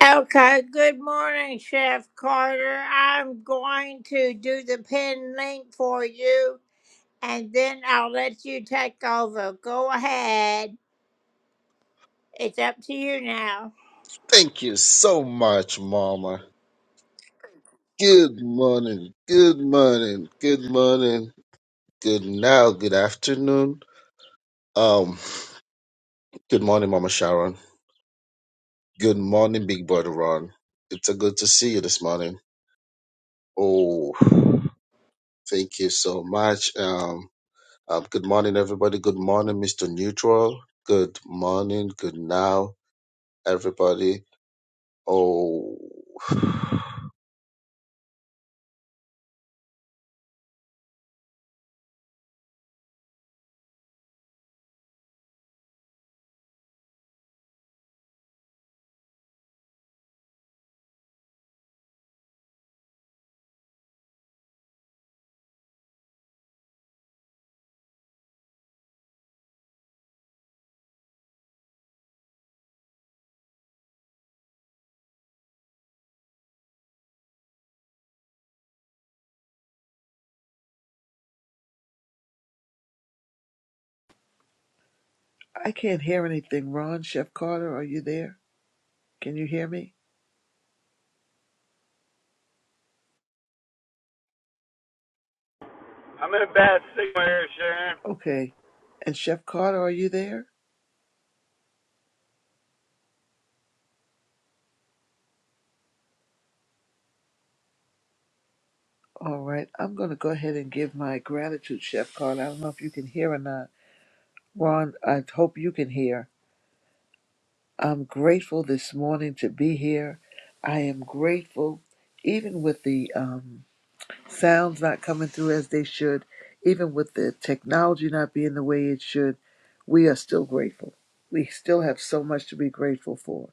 Okay, good morning, Chef Carter. I'm going to do the pin link for you and then I'll let you take over. Go ahead. It's up to you now. Thank you so much, Mama. Good morning, good morning, good morning, good now, good afternoon. Um, good morning, Mama Sharon. Good morning, Big Brother Ron. It's a good to see you this morning. Oh, thank you so much. Um, um, good morning, everybody. Good morning, Mr. Neutral. Good morning, good now, everybody. Oh, I can't hear anything, Ron. Chef Carter, are you there? Can you hear me? I'm in a bad signal here, Sharon. Okay. And Chef Carter, are you there? All right. I'm going to go ahead and give my gratitude, Chef Carter. I don't know if you can hear or not. Ron, I hope you can hear. I'm grateful this morning to be here. I am grateful, even with the um, sounds not coming through as they should, even with the technology not being the way it should, we are still grateful. We still have so much to be grateful for.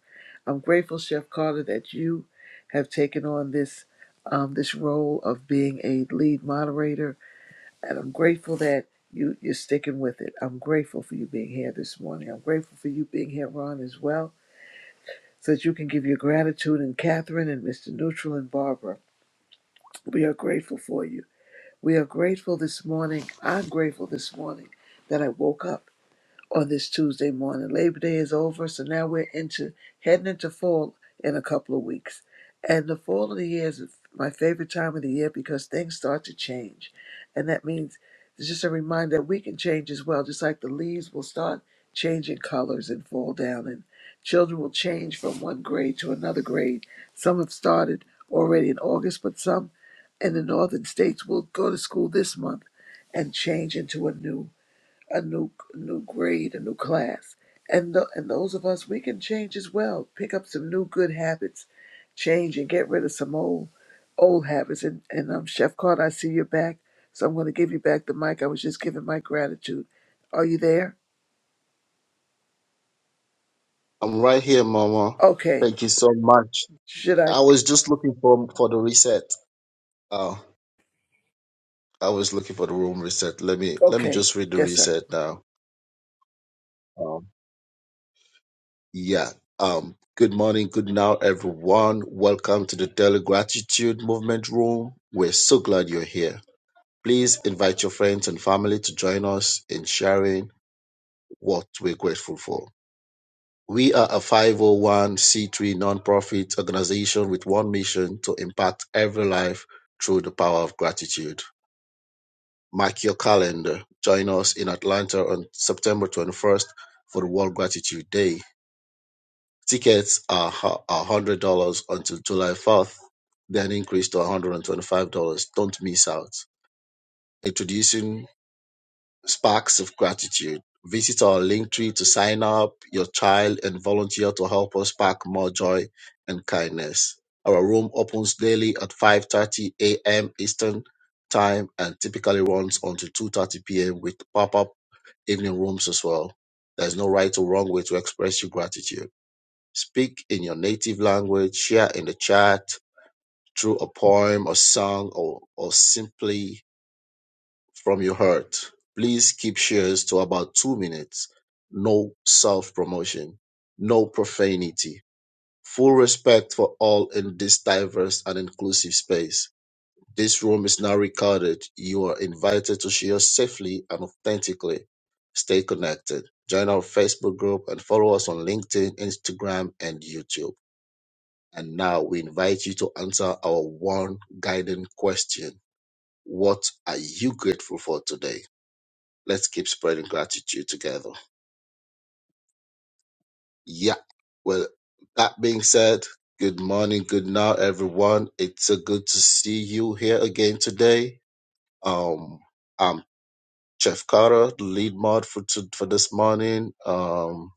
I'm grateful, Chef Carter, that you have taken on this um, this role of being a lead moderator, and I'm grateful that you you're sticking with it. I'm grateful for you being here this morning. I'm grateful for you being here, Ron, as well, so that you can give your gratitude and Catherine and Mr. Neutral and Barbara. We are grateful for you. We are grateful this morning. I'm grateful this morning that I woke up on this Tuesday morning. Labor Day is over, so now we're into heading into fall in a couple of weeks. And the fall of the year is my favorite time of the year because things start to change. And that means it's just a reminder that we can change as well, just like the leaves will start changing colors and fall down and children will change from one grade to another grade. Some have started already in August, but some in the northern states will go to school this month and change into a new a new new grade, a new class. And th- and those of us we can change as well. Pick up some new good habits, change and get rid of some old old habits. And and um, Chef Carter, I see you're back, so I'm going to give you back the mic. I was just giving my gratitude. Are you there? I'm right here, Mama. Okay. Thank you so much. Should I? I was just looking for for the reset. Oh, I was looking for the room reset. Let me let me Okay. just read the Yes, sir. reset now. Um, yeah. Um. Good morning. Good now, everyone. Welcome to the Daily Gratitude Movement Room. We're so glad you're here. Please invite your friends and family to join us in sharing what we're grateful for. We are a 501c3 nonprofit organization with one mission to impact every life through the power of gratitude. Mark your calendar. Join us in Atlanta on September 21st for the World Gratitude Day. Tickets are hu- are $100 until July 4th, then increase to $125. Don't miss out. Introducing Sparks of Gratitude. Visit our link tree to sign up your child and volunteer to help us spark more joy and kindness. Our room opens daily at 5:30 a.m. Eastern Time and typically runs until 2:30 p.m. with pop-up evening rooms as well. There's no right or wrong way to express your gratitude. Speak in your native language, share in the chat through a poem or song or, or simply from your heart. Please keep shares to about two minutes. No self promotion, no profanity. Full respect for all in this diverse and inclusive space. This room is now recorded. You are invited to share safely and authentically. Stay connected. Join our Facebook group and follow us on LinkedIn, Instagram, and YouTube. And now we invite you to answer our one guiding question What are you grateful for today? Let's keep spreading gratitude together. Yeah. Well, that being said, good morning, good now, everyone. It's so good to see you here again today. Um, I'm Chef Carter, the lead mod for to, for this morning. Um,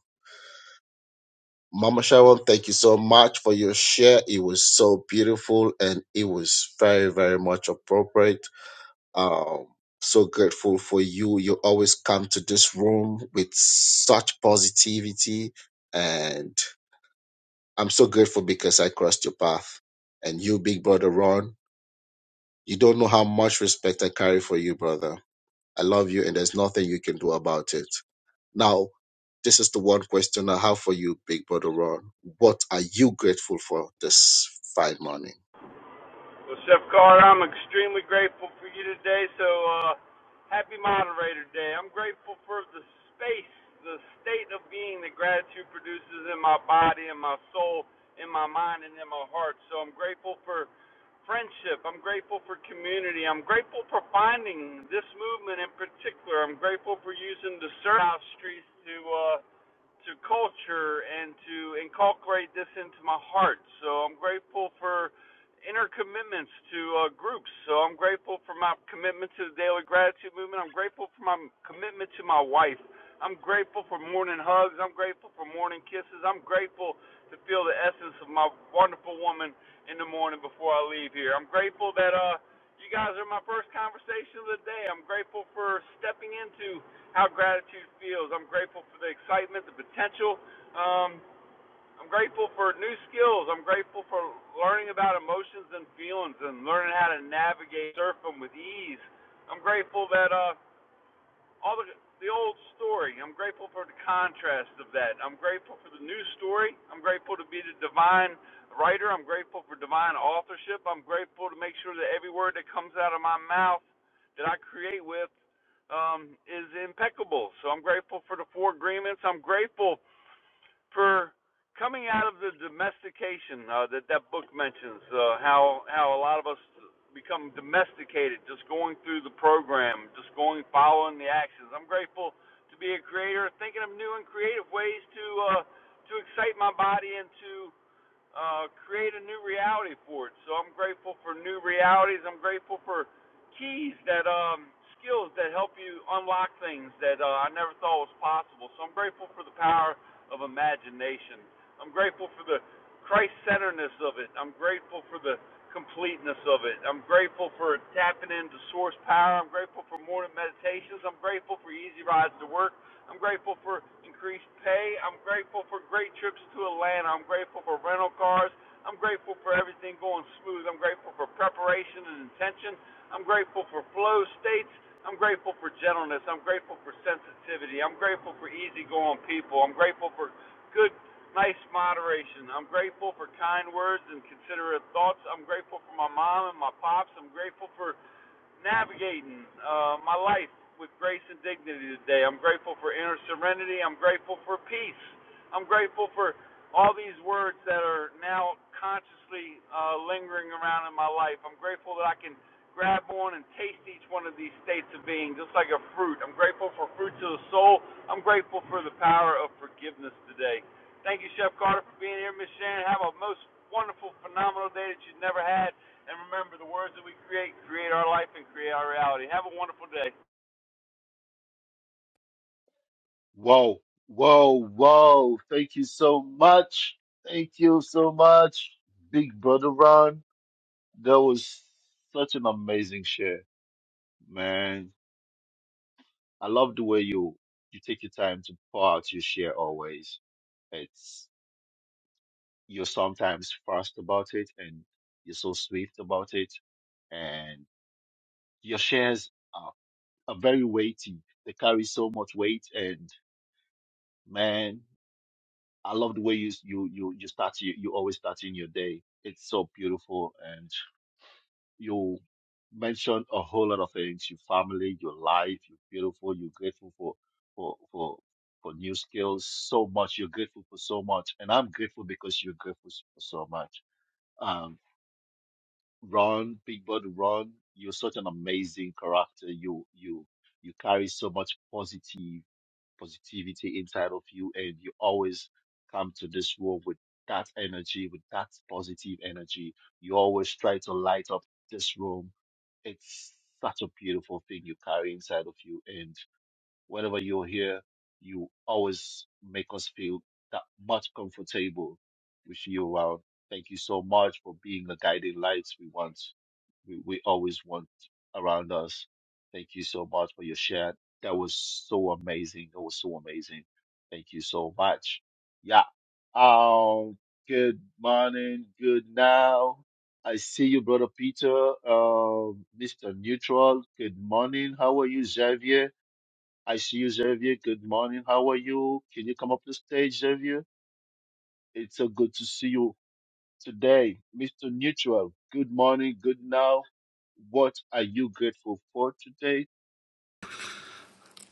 Mama Sharon, thank you so much for your share. It was so beautiful and it was very, very much appropriate Um, so grateful for you. You always come to this room with such positivity, and I'm so grateful because I crossed your path. And you, big brother Ron, you don't know how much respect I carry for you, brother. I love you, and there's nothing you can do about it. Now, this is the one question I have for you, big brother Ron. What are you grateful for this fine morning? Well, Chef Carter, I'm extremely grateful for you today. So, uh, happy moderator day. I'm grateful for the space, the state of being that gratitude produces in my body, in my soul, in my mind, and in my heart. So, I'm grateful for friendship. I'm grateful for community. I'm grateful for finding this movement in particular. I'm grateful for using the service streets to, uh, to culture and to inculcate this into my heart. So I'm grateful for inner commitments to uh, groups. So I'm grateful for my commitment to the daily gratitude movement. I'm grateful for my commitment to my wife. I'm grateful for morning hugs. I'm grateful for morning kisses. I'm grateful to feel the essence of my wonderful woman in the morning before I leave here. I'm grateful that uh you guys are my first conversation of the day. I'm grateful for stepping into how gratitude feels. I'm grateful for the excitement, the potential. Um, I'm grateful for new skills. I'm grateful for learning about emotions and feelings and learning how to navigate, surf them with ease. I'm grateful that uh, all the the old story. I'm grateful for the contrast of that. I'm grateful for the new story. I'm grateful to be the divine writer. I'm grateful for divine authorship. I'm grateful to make sure that every word that comes out of my mouth that I create with um, is impeccable. So I'm grateful for the four agreements. I'm grateful for coming out of the domestication uh, that that book mentions. Uh, how how a lot of us become domesticated, just going through the program, just going following the actions. I'm grateful to be a creator, thinking of new and creative ways to uh, to excite my body and to uh, create a new reality for it. So I'm grateful for new realities. I'm grateful for keys that um, skills that help you unlock things that uh, I never thought was possible. So I'm grateful for the power of imagination. I'm grateful for the Christ-centeredness of it. I'm grateful for the completeness of it. I'm grateful for tapping into source power. I'm grateful for morning meditations. I'm grateful for easy rides to work. I'm grateful for increased pay. I'm grateful for great trips to Atlanta. I'm grateful for rental cars. I'm grateful for everything going smooth. I'm grateful for preparation and intention. I'm grateful for flow states. I'm grateful for gentleness. I'm grateful for sensitivity. I'm grateful for easygoing people. I'm grateful for good, nice moderation. I'm grateful for kind words and considerate thoughts. I'm grateful for my mom and my pops. I'm grateful for navigating uh, my life with grace and dignity today. I'm grateful for inner serenity. I'm grateful for peace. I'm grateful for all these words that are now consciously uh, lingering around in my life. I'm grateful that I can grab on and taste each one of these states of being just like a fruit. I'm grateful for fruits of the soul. I'm grateful for the power of forgiveness today. Thank you, Chef Carter, for being here. Miss Shannon, have a most wonderful, phenomenal day that you've never had. And remember, the words that we create create our life and create our reality. Have a wonderful day.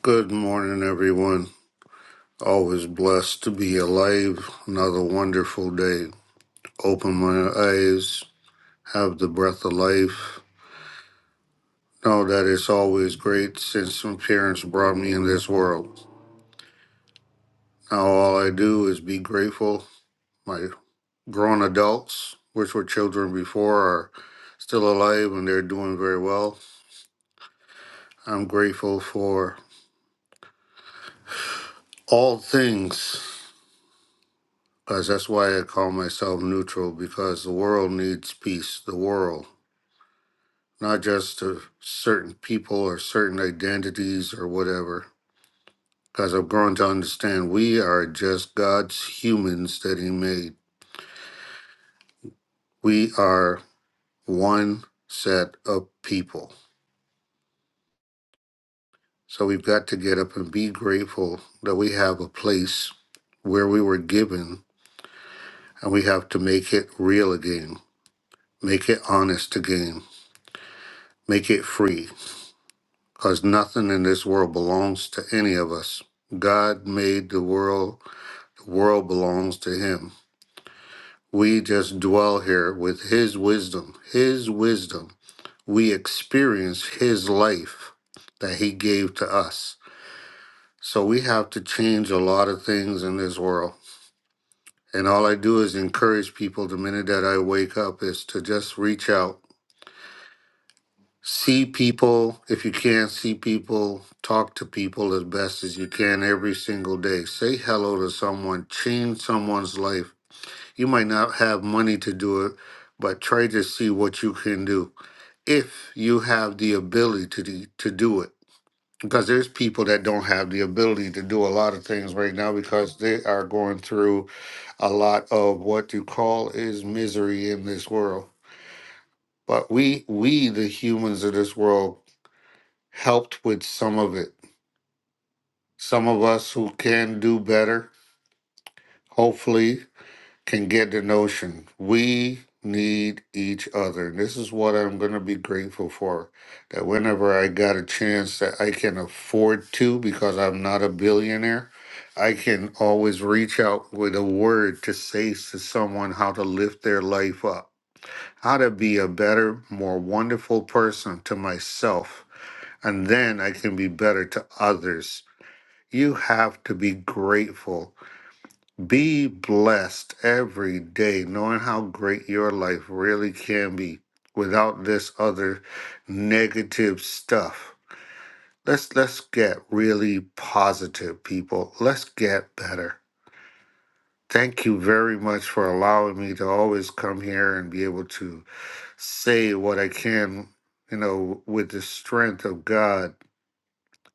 Good morning, everyone. Always blessed to be alive. Another wonderful day. Open my eyes, have the breath of life. Know that it's always great since my parents brought me in this world. Now, all I do is be grateful. My grown adults, which were children before, are still alive and they're doing very well. I'm grateful for all things because that's why I call myself neutral because the world needs peace. The world. not just to certain people or certain identities or whatever. Because I've grown to understand we are just God's humans that He made. We are one set of people. So we've got to get up and be grateful that we have a place where we were given and we have to make it real again, make it honest again, make it free. Because nothing in this world belongs to any of us. God made the world The world belongs to him. We just dwell here with his wisdom, his wisdom. We experience his life that he gave to us. So we have to change a lot of things in this world. And all I do is encourage people the minute that I wake up is to just reach out, see people. If you can't see people, talk to people as best as you can every single day. Say hello to someone, change someone's life You might not have money to do it, but try to see what you can do if you have the ability to do, to do it. Because there's people that don't have the ability to do a lot of things right now because they are going through a lot of what you call is misery in this world. But we we the humans of this world helped with some of it. Some of us who can do better, hopefully can get the notion we need each other. And this is what I'm going to be grateful for that whenever I got a chance that I can afford to, because I'm not a billionaire, I can always reach out with a word to say to someone how to lift their life up, how to be a better, more wonderful person to myself. And then I can be better to others. You have to be grateful be blessed every day, knowing how great your life really can be without this other negative stuff. Let's let's get really positive, people. Let's get better. Thank you very much for allowing me to always come here and be able to say what I can, you know, with the strength of God.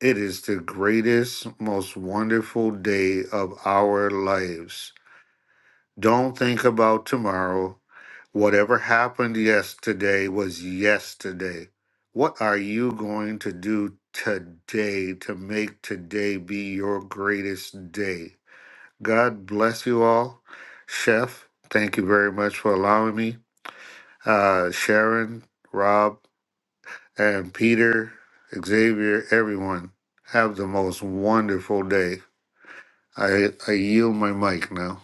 It is the greatest, most wonderful day of our lives. Don't think about tomorrow. Whatever happened yesterday was yesterday. What are you going to do today to make today be your greatest day? God bless you all. Chef, thank you very much for allowing me. Uh, Sharon, Rob, and Peter, Xavier, everyone, have the most wonderful day. I, I yield my mic now.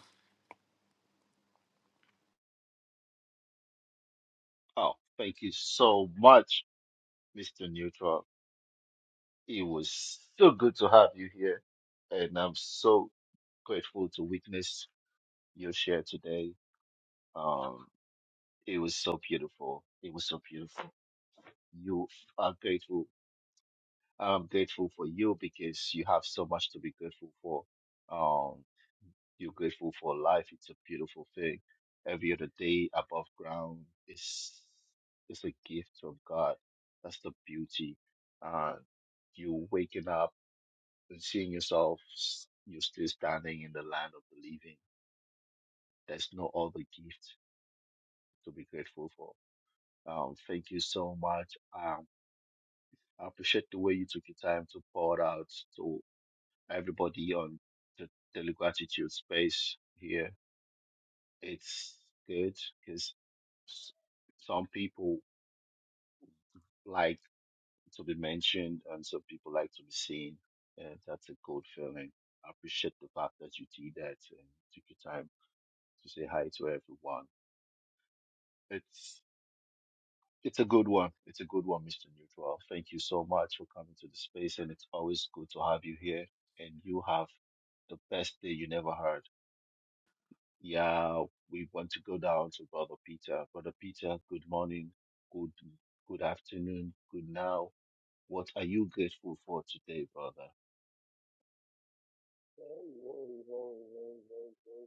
Hey, hey, hey, hey, hey, hey.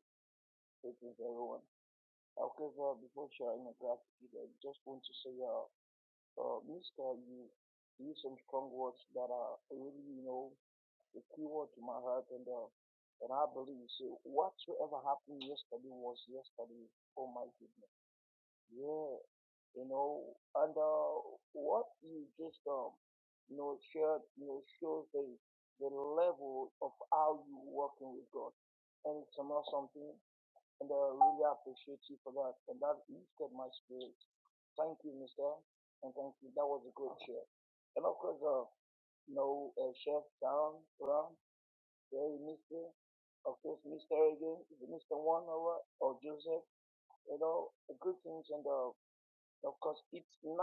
Greetings, everyone. However, before sharing a gratitude, I just want to say, uh, uh, Mr. You use some strong words that are really, you know, the key word to my heart, and uh, and I believe so. Whatsoever happened yesterday was yesterday. Oh my goodness. Yeah, you know, and uh, what you just um, you know, shared, you know, shows the the level of how you working with God, and it's not something. And I really appreciate you for that, and that lifted my spirit. Thank you, Mister, and thank you. That was a good share. And of course, uh, you know, uh, Chef Down, Ram, Jerry, Mister, of course, Mister again, Mister One, or or Joseph. You know, good things and uh. Of course, it's 9:53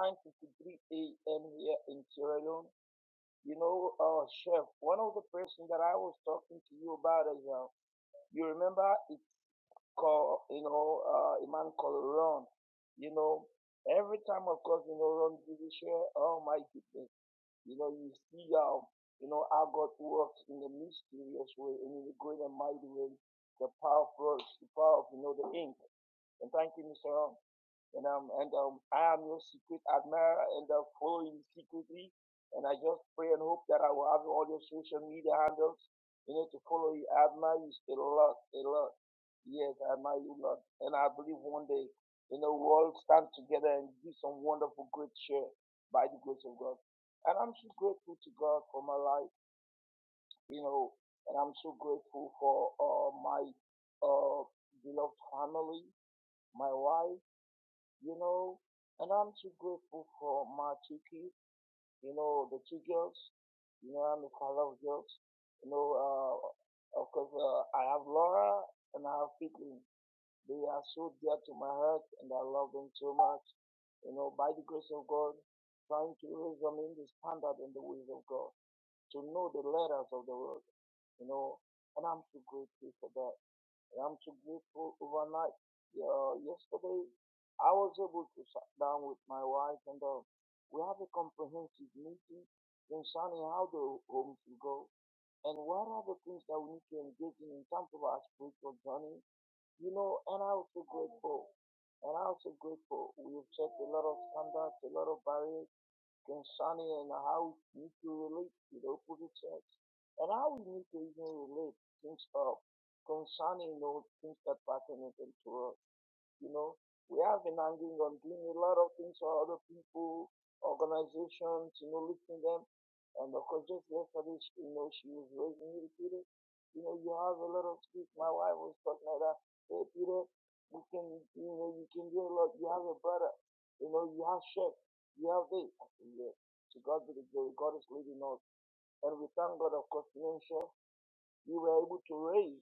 a.m. here in Sierra Leone. You know, uh, chef, one of the person that I was talking to you about is, uh, you remember it's called, you know, uh, a man called Ron. You know, every time, of course, you know, Ron did his share. Oh my goodness, you know, you see how, you know, how God works in a mysterious way and in a great and mighty way. The power of, the power of, you know, the ink. And thank you, Mr. Ron and um and um I am your secret admirer and uh, follow you secretly. And I just pray and hope that I will have all your social media handles, you know, to follow you. I admire you a lot, a lot. Yes, I admire you a lot. And I believe one day, you know, we'll all stand together and do some wonderful great share by the grace of God. And I'm so grateful to God for my life, you know, and I'm so grateful for uh, my uh, beloved family, my wife you know. And I'm too grateful for my Chiki, you know, the two girls, you know, I'm the father of girls, you know, uh, of course, uh, I have Laura and I have Pitlin. They are so dear to my heart and I love them so much, you know, by the grace of God, trying to raise them in the standard and the ways of God, to know the letters of the word, you know, and I'm so grateful for that. And I'm so grateful overnight. Uh, yesterday, I was able to sit down with my wife and uh, we have a comprehensive meeting concerning how the home should go and what are the things that we need to engage in in terms of our spiritual journey. You know, and I'm so grateful. And I'm so grateful. We have set a lot of standards, a lot of barriers then Sonny and how you can relate to the opposite sex. And how we need to even relate things up. Concerning those things that pertain to us. You know, we have been hanging on doing a lot of things for other people, organizations, you know, lifting them. And of course, just yesterday, she- you know, she was raising me, Peter. You know, you have a lot of skills. My wife was talking like that. Hey, Peter, you can, you know, you can do a lot. You have a brother. You know, you have chef. You have this. I said, yeah. To God be the glory. God is leading us. And we thank God, of course, financial. We were able to raise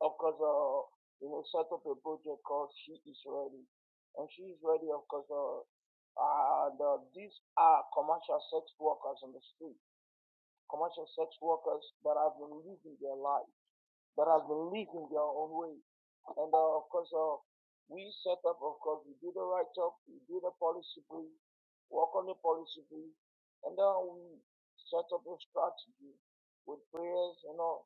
of course, uh, you know, set up a project called She Is Ready. And She Is Ready, of course, uh, and uh, these are commercial sex workers on the street, commercial sex workers that have been living their life, that have been living their own way. And uh, of course, uh, we set up, of course, we do the write up, we do the policy brief, work on the policy brief, and then we set up a strategy with prayers, you know,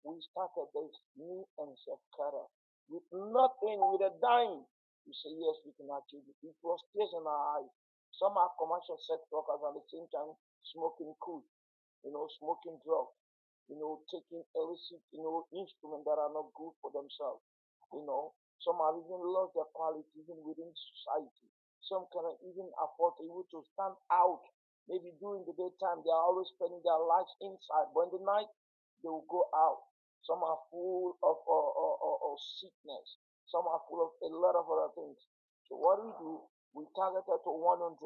we started this new and self Shakara with nothing, with a dime. We say, yes, we can achieve it. It was tears in our eyes. Some are commercial sex workers at the same time smoking cool, you know, smoking drugs you know, taking illicit, you know, instruments that are not good for themselves. You know, some have even lost their quality even within society. Some cannot even afford to even to stand out. Maybe during the daytime they are always spending their lives inside, but in the night they will go out. Some are full of uh, uh, uh, uh, sickness. Some are full of a lot of other things. So what we do, we target her to 100.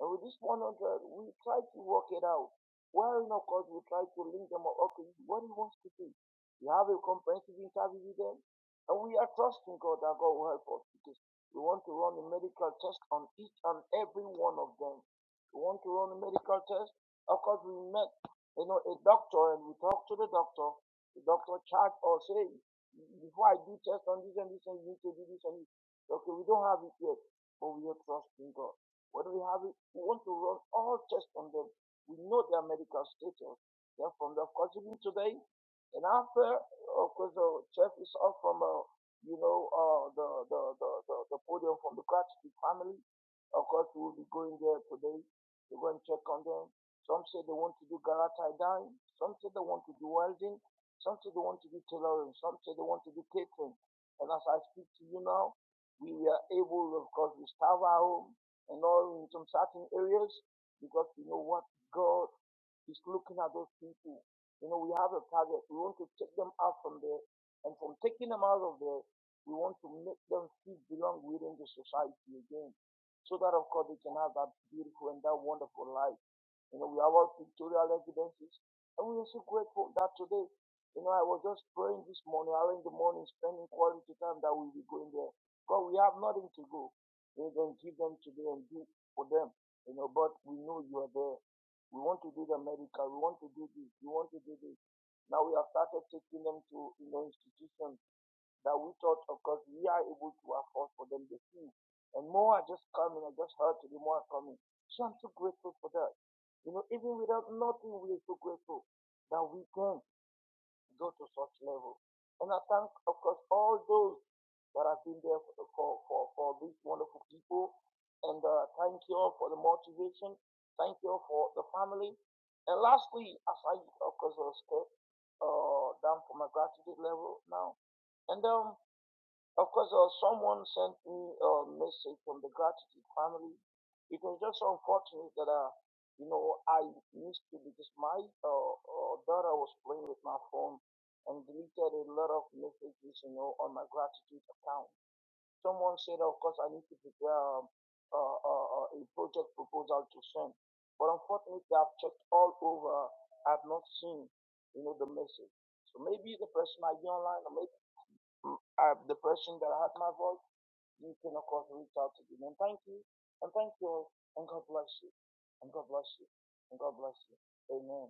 And with this 100, we try to work it out well, you know, because we try to link them up. Okay, what he wants to do. We have a comprehensive interview with them, and we are trusting God that God will help us because we want to run a medical test on each and every one of them. We want to run a medical test. Of course, we met, you know, a doctor, and we talked to the doctor. The doctor charged us, hey, before I do test on this and this, and you need to do this and this. Okay, we don't have it yet, but we are trusting God. What do we have? It? We want to run all tests on them we know their medical status. They're from the hospital today. And after, of course, the chef is off from, uh, you know, uh, the, the, the, the, the podium from the Kratky family. Of course, we will be going there today to go and check on them. Some say they want to do Galatai dyeing. Some say they want to do welding. Some say they want to do tailoring. Some say they want to do catering. And as I speak to you now, we were able, of course, to starve our home and all in some certain areas because we know what God is looking at those people. You know, we have a target. We want to take them out from there. And from taking them out of there, we want to make them feel belong within the society again. So that, of course, they can have that beautiful and that wonderful life. You know, we have all pictorial evidences. And we are so grateful that today, you know, I was just praying this morning, early in the morning, spending quality time that we'll be going there. God, we have nothing to go. We can give them today and do for them, you know, but we know you are there. We want to do the medical. We want to do this. We want to do this. Now we have started taking them to you know, institutions that we thought, of course, we are able to afford for them the fees. And more are just coming. I just heard today more are coming. So I'm so grateful for that. You know, even without nothing, we are so grateful that we can go to such level. And I thank, of course, all those that have been there for, for, for, for these wonderful people. And uh, thank you all for the motivation. Thank you all for the family. And lastly, as I, of course, was cut, uh, down for my gratitude level now. And um, of course, uh, someone sent me a message from the gratitude family. It was just so unfortunate that, uh, you know, I missed it because my uh, uh, daughter was playing with my phone and deleted a lot of messages, you know, on my gratitude account. Someone said, of course, I need to prepare um, uh, uh, uh, a project proposal to send. But unfortunately, I've checked all over. I've not seen, you know, the message. So maybe the person might be online, or uh, the person that heard my voice, you can of course reach out to them. And thank you, and thank you all, and God bless you, and God bless you, and God bless you. Amen.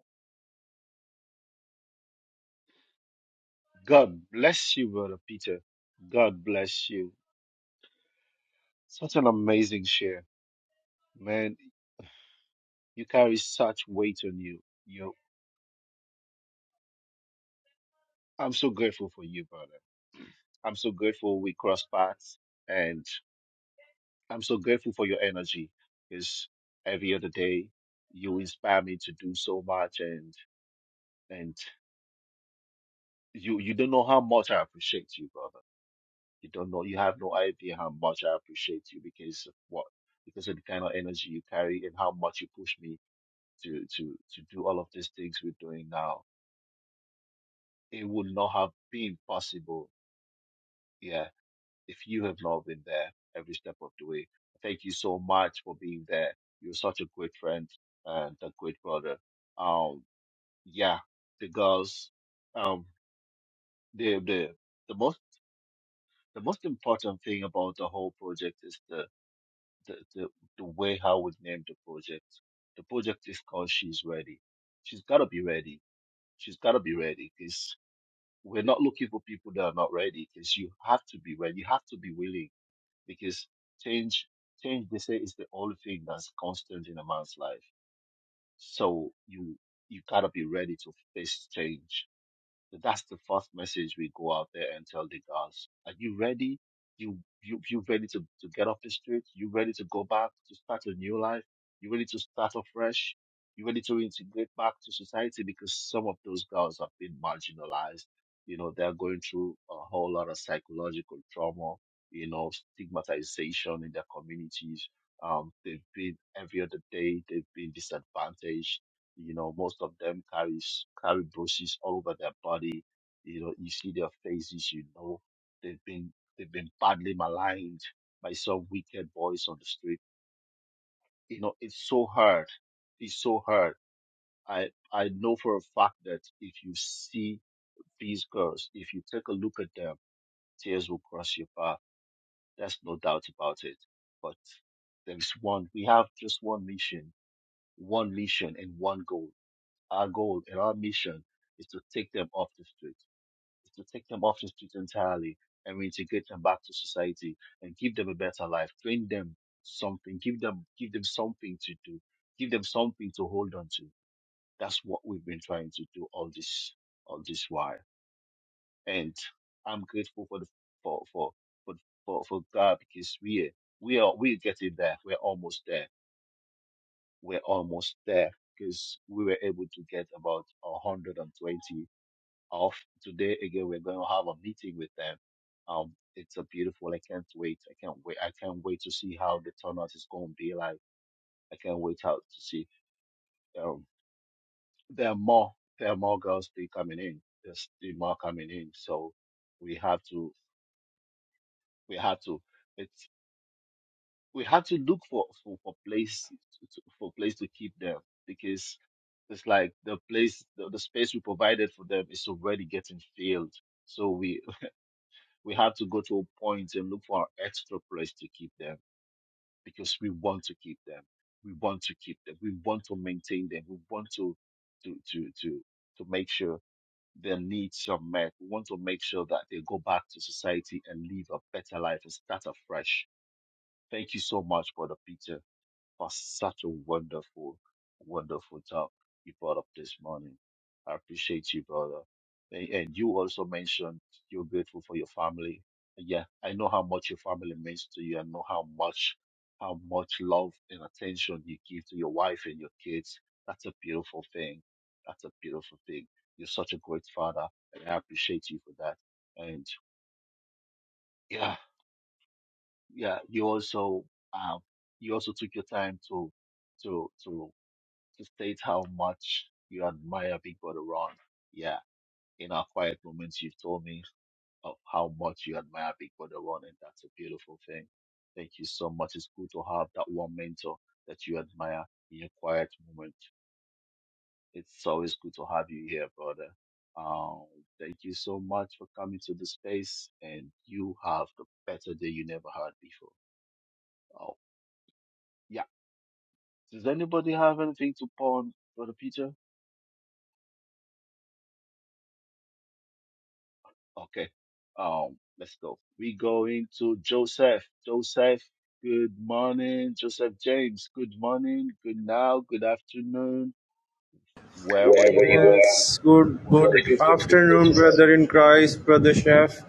wherever you are. Yes, are. good Lord, good Thank you will be afternoon, praised. brother in Christ, brother Chef,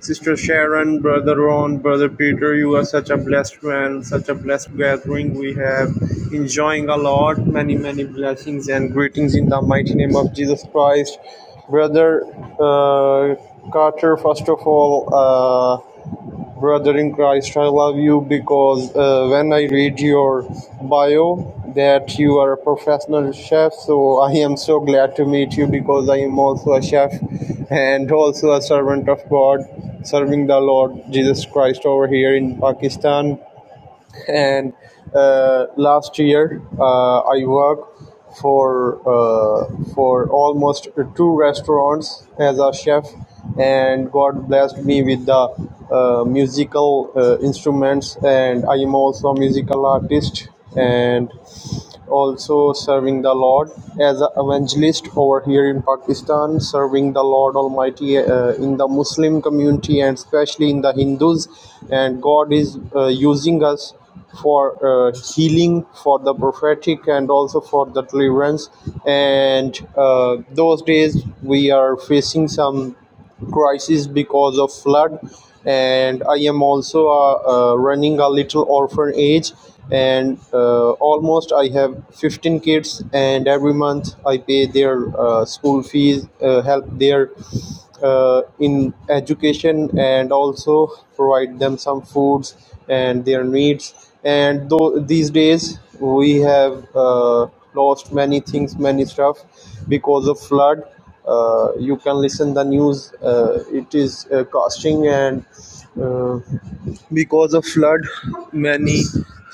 sister Sharon, brother Ron, brother Peter. You are such a blessed man, such a blessed gathering. We have enjoying a lot, many many blessings and greetings in the mighty name of Jesus Christ, brother uh, Carter. First of all, uh, brother in Christ, I love you because uh, when I read your bio that you are a professional chef, so I am so glad to meet you because I am also a chef and also a servant of God, serving the Lord Jesus Christ over here in Pakistan and uh, last year uh, I worked for uh, for almost two restaurants as a chef, and God blessed me with the uh, musical uh, instruments, and I am also a musical artist, and also serving the Lord as an evangelist over here in Pakistan, serving the Lord Almighty uh, in the Muslim community and especially in the Hindus. And God is uh, using us for uh, healing, for the prophetic, and also for the deliverance. And uh, those days we are facing some crisis because of flood and i am also uh, uh, running a little orphanage and uh, almost i have 15 kids and every month i pay their uh, school fees uh, help their uh, in education and also provide them some foods and their needs and though these days we have uh, lost many things many stuff because of flood uh, you can listen the news uh, it is uh, costing and uh, because of flood many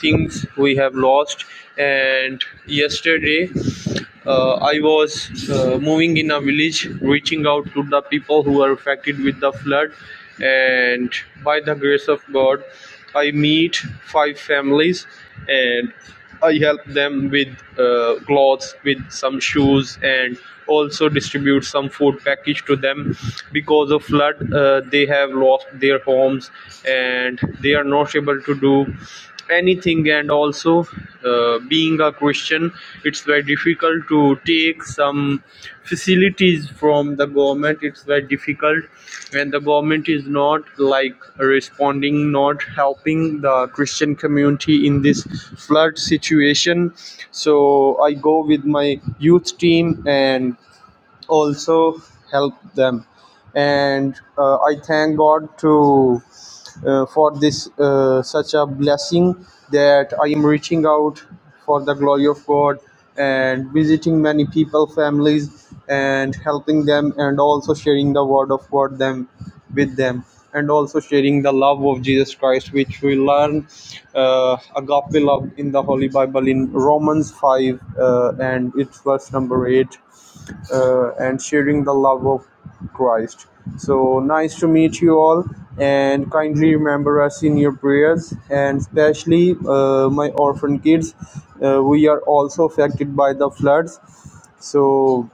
things we have lost and yesterday uh, i was uh, moving in a village reaching out to the people who are affected with the flood and by the grace of god i meet five families and I help them with uh, clothes, with some shoes, and also distribute some food package to them. Because of flood, uh, they have lost their homes and they are not able to do anything. And also, uh, being a Christian, it's very difficult to take some facilities from the government it's very difficult when the government is not like responding not helping the christian community in this flood situation so i go with my youth team and also help them and uh, i thank god to uh, for this uh, such a blessing that i am reaching out for the glory of god and visiting many people families and helping them and also sharing the word of god them with them and also sharing the love of jesus christ which we learn uh, agape love in the holy bible in romans 5 uh, and it's verse number 8 uh, and sharing the love of Christ. So nice to meet you all, and kindly remember us in your prayers, and especially uh, my orphan kids. Uh, we are also affected by the floods, so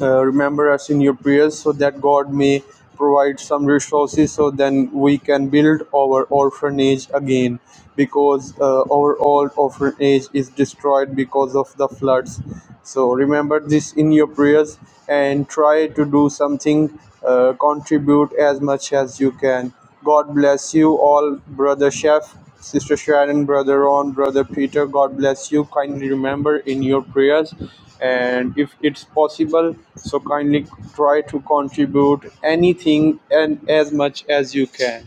uh, remember us in your prayers so that God may provide some resources so then we can build our orphanage again because uh, our old orphanage is destroyed because of the floods so remember this in your prayers and try to do something uh, contribute as much as you can God bless you all, Brother Chef, Sister Sharon, Brother Ron, Brother Peter. God bless you. Kindly remember in your prayers, and if it's possible, so kindly try to contribute anything and as much as you can.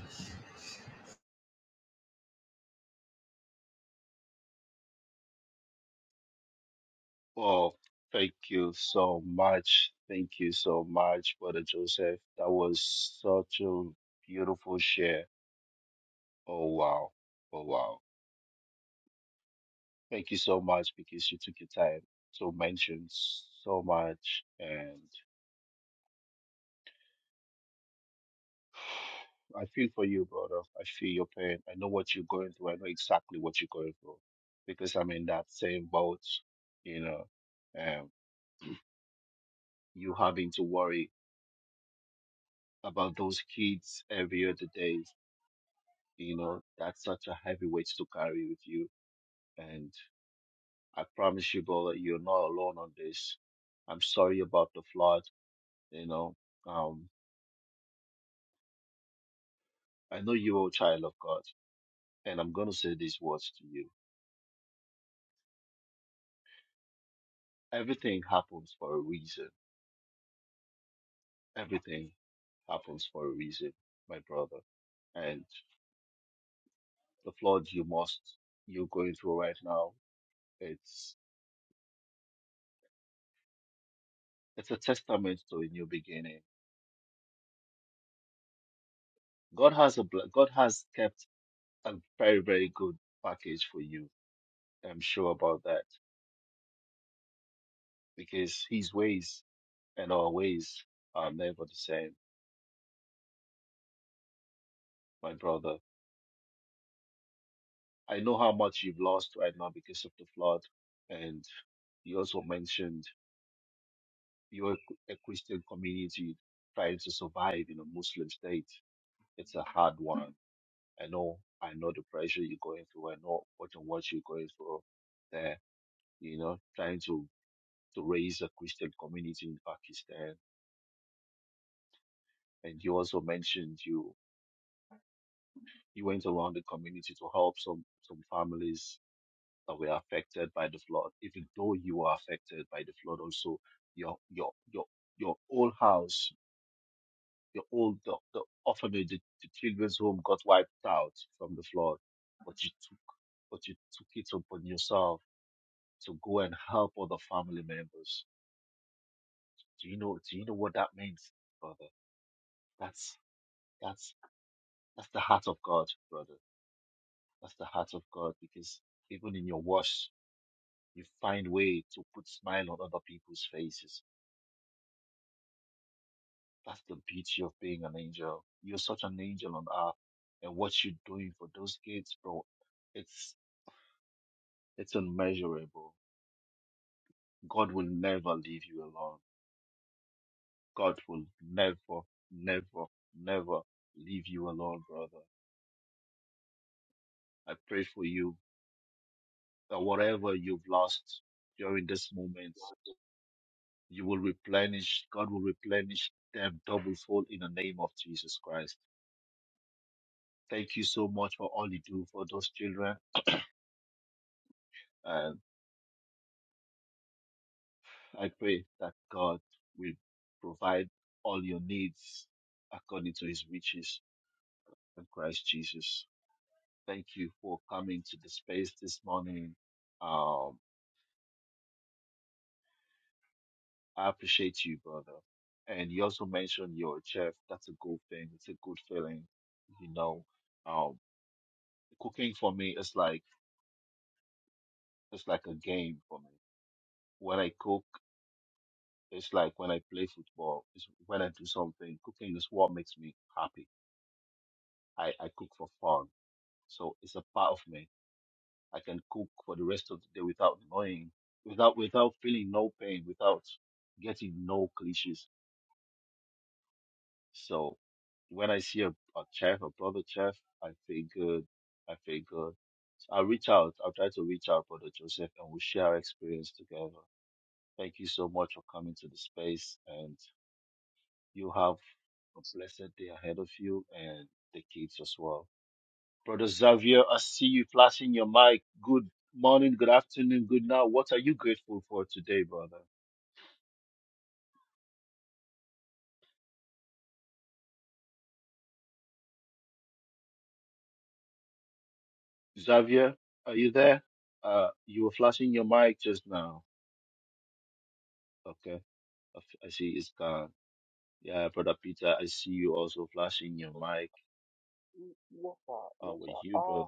Yes, sir. Yes, sir. Uh,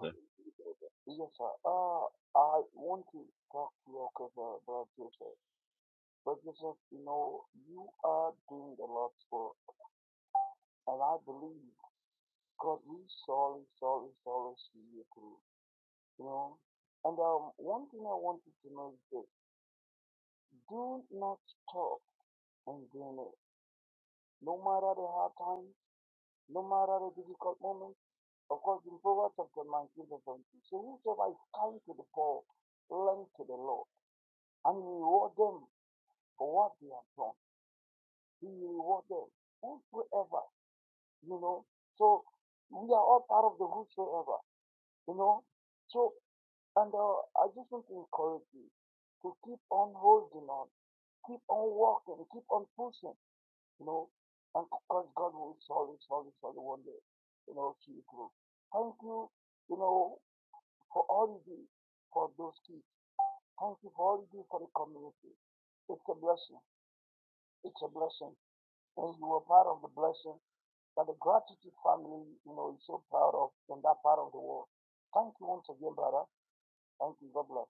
yes, sir. Uh, I want to talk to you, okay, brother. bro, Joseph. But Joseph, you know, you are doing a lot for, and I believe God will surely, surely, surely see you through. You know, and um, one thing I wanted to know is this: Do not stop and DNA. No matter the hard times, no matter the difficult moments, of course, in Proverbs chapter 19, verse 17, so whosoever is kind to the poor, lend to the Lord, and he reward them for what they have done. He will reward them, whosoever, you know. So we are all part of the whosoever, you know. So, and uh, I just want to encourage you to keep on holding on, keep on walking, keep on pushing. you know, and because God will solve it, solve it, solve it one day, you know, see it through. Thank you, you know, for all you do for those kids. Thank you for all you do for the community. It's a blessing. It's a blessing. And you were part of the blessing that the gratitude family, you know, is so proud of in that part of the world. Thank you once again, brother. Thank you. God bless.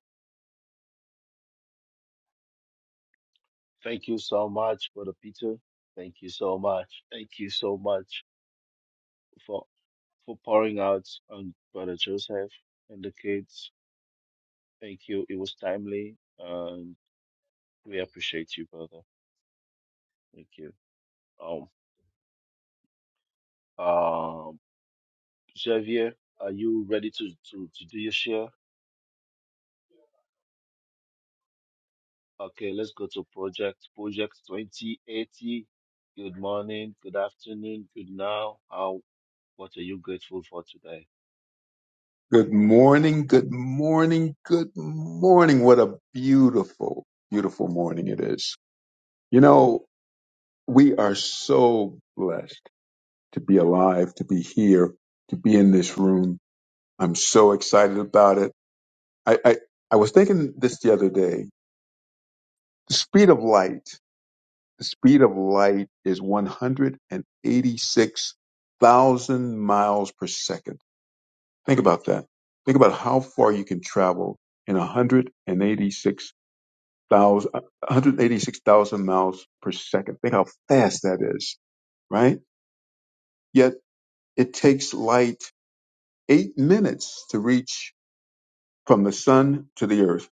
Good morning, good morning, good morning. What a beautiful, beautiful morning it is. You know, we are so blessed to be alive, to be here, to be in this room. I'm so excited about it. I, I, I was thinking this the other day. The speed of light, the speed of light is 186,000 miles per second. Think about that. Think about how far you can travel in 186 186,000 miles per second. Think how fast that is, right? Yet it takes light eight minutes to reach from the sun to the earth.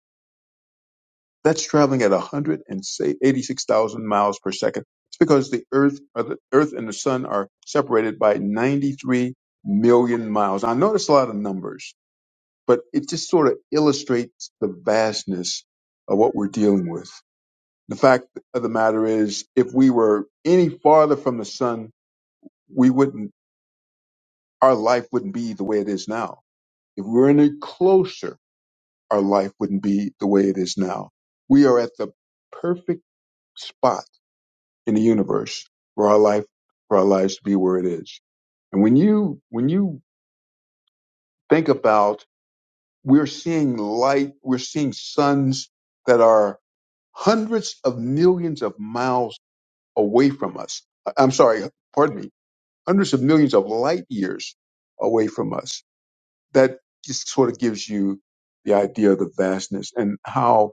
That's traveling at 186,000 miles per second. It's because the earth, or the earth and the sun are separated by 93 million miles. I notice a lot of numbers, but it just sort of illustrates the vastness of what we're dealing with. The fact of the matter is, if we were any farther from the sun, we wouldn't, our life wouldn't be the way it is now. If we were any closer, our life wouldn't be the way it is now. We are at the perfect spot in the universe for our life, for our lives to be where it is. And when you, when you think about we're seeing light, we're seeing suns that are hundreds of millions of miles away from us. I'm sorry, pardon me, hundreds of millions of light years away from us. That just sort of gives you the idea of the vastness and how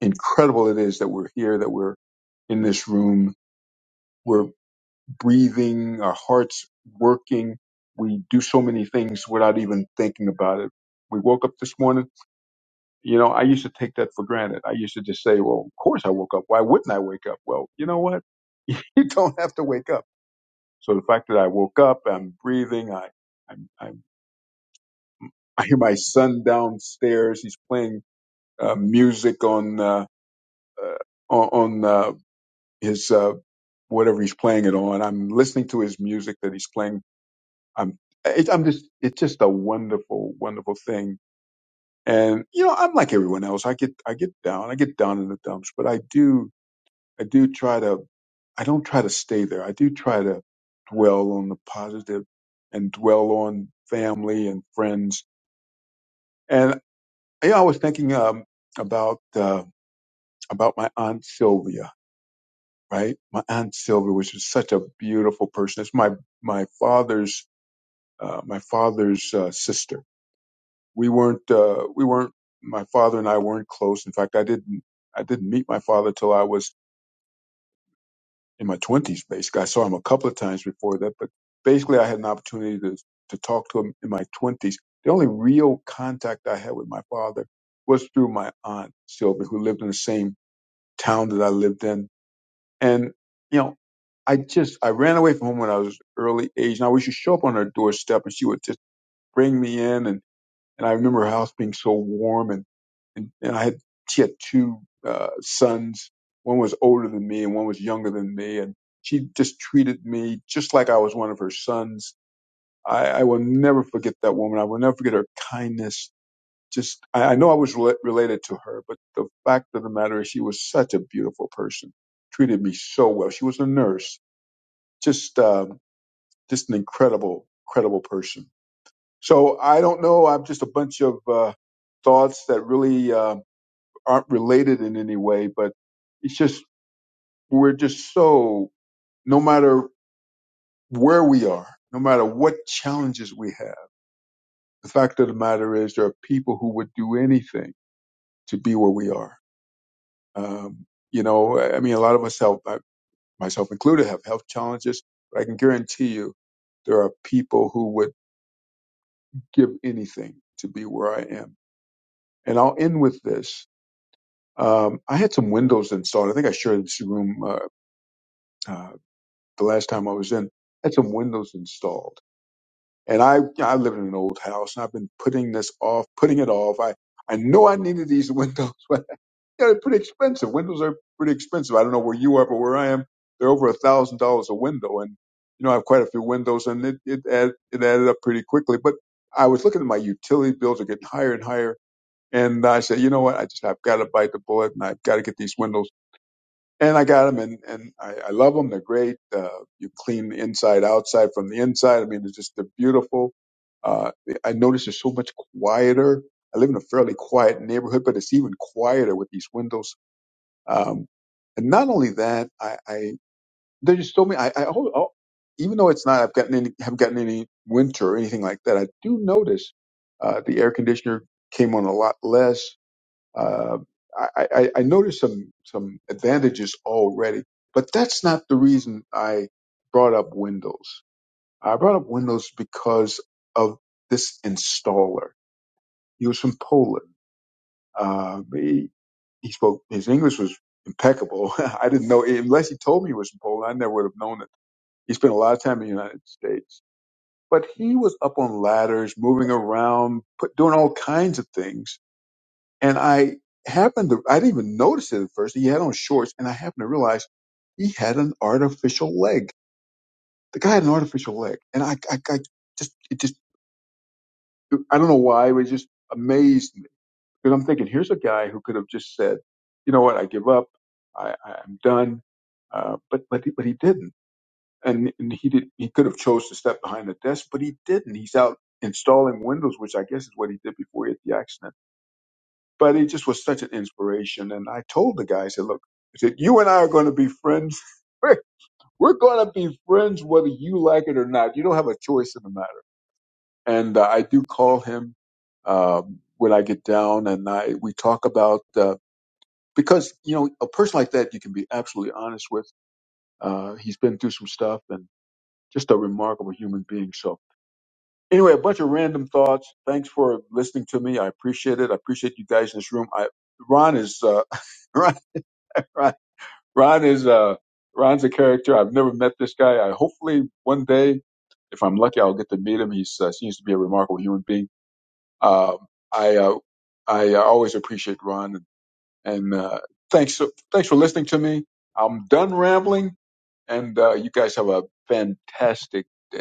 incredible it is that we're here, that we're in this room, we're breathing, our hearts working. We do so many things without even thinking about it. We woke up this morning. You know, I used to take that for granted. I used to just say, well, of course I woke up. Why wouldn't I wake up? Well, you know what? You don't have to wake up. So the fact that I woke up, I'm breathing, I, I'm, I'm I hear my son downstairs. He's playing uh, music on uh, uh, on uh, his uh, whatever he's playing it on. I'm listening to his music that he's playing. I'm it, I'm just it's just a wonderful wonderful thing. And you know I'm like everyone else. I get I get down. I get down in the dumps, but I do I do try to I don't try to stay there. I do try to dwell on the positive and dwell on family and friends. And you know I was thinking um, about. Uh, about my aunt Sylvia, right? My aunt Sylvia was just such a beautiful person. It's my my father's uh, my father's uh, sister. We weren't uh, we weren't my father and I weren't close. In fact, I didn't I didn't meet my father till I was in my twenties. Basically, I saw him a couple of times before that, but basically, I had an opportunity to to talk to him in my twenties. The only real contact I had with my father was through my aunt Sylvia, who lived in the same town that I lived in And, you know, I just, I ran away from home when I was early age. And I used to show up on her doorstep and she would just bring me in. And, and I remember her house being so warm. And, and, and I had, she had two uh, sons. One was older than me and one was younger than me. And she just treated me just like I was one of her sons. I, I will never forget that woman. I will never forget her kindness just I, I know I was rela- related to her, but the fact of the matter is she was such a beautiful person, treated me so well. She was a nurse, just um, just an incredible, incredible person. So I don't know. I'm just a bunch of uh, thoughts that really uh, aren't related in any way, but it's just we're just so no matter where we are, no matter what challenges we have, the fact of the matter is there are people who would do anything to be where we are Um, you know, I mean, a lot of us have, I- myself included, have health challenges, but I can guarantee you there are people who would give anything to be where I am. And I'll end with this. Um, I had some windows installed. I think I shared this room uh, uh, the last time I was in. I had some windows installed, and I I live in an old house, and I've been putting this off, putting it off. I I know I needed these windows, Yeah, they're pretty expensive. Windows are pretty expensive. I don't know where you are, but where I am, they're over a thousand dollars a window, and you know I have quite a few windows, and it it add, it added up pretty quickly. But I was looking at my utility bills are getting higher and higher, and I said, you know what, I just I've got to bite the bullet, and I've got to get these windows, and I got them, and and I, I love them. They're great. Uh, you clean inside, outside, from the inside. I mean, they're just they're beautiful. Uh, I noticed they're so much quieter. I live in a fairly quiet neighborhood, but it's even quieter with these windows um, and not only that, I, I they just told me I, I oh, oh, even though it's not I've gotten any haven't gotten any winter or anything like that, I do notice uh, the air conditioner came on a lot less. Uh, I, I, I noticed some some advantages already, but that's not the reason I brought up Windows. I brought up Windows because of this installer. He was from Poland uh, he, he spoke, his English was impeccable. I didn't know, unless he told me he was from Poland, I never would have known it. He spent a lot of time in the United States. But he was up on ladders, moving around, put, doing all kinds of things. And I happened to, I didn't even notice it at first. He had on shorts, and I happened to realize he had an artificial leg. The guy had an artificial leg. And I, I, I just, it just, I don't know why, it was just amazed Because I'm thinking, here's a guy who could have just said, you know what, I give up, I, I- am done. Uh, but but he, but he didn't, and, and he did. He could have chose to step behind the desk, but he didn't. He's out installing windows, which I guess is what he did before he had the accident. But it just was such an inspiration. And I told the guy, I said, look, I said, you and I are going to be friends. We're, we're going to be friends whether you like it or not. You don't have a choice in the matter. And uh, I do call him um, when I get down, and I we talk about. Uh, because you know a person like that you can be absolutely honest with. Uh, he's been through some stuff and just a remarkable human being. So anyway, a bunch of random thoughts. Thanks for listening to me. I appreciate it. I appreciate you guys in this room. I Ron is uh, Ron, Ron Ron is uh, Ron's a character. I've never met this guy. I hopefully one day, if I'm lucky, I'll get to meet him. He uh, seems to be a remarkable human being. Um I uh, I uh, always appreciate Ron. And uh, thanks, thanks for listening to me. I'm done rambling, and uh, you guys have a fantastic day.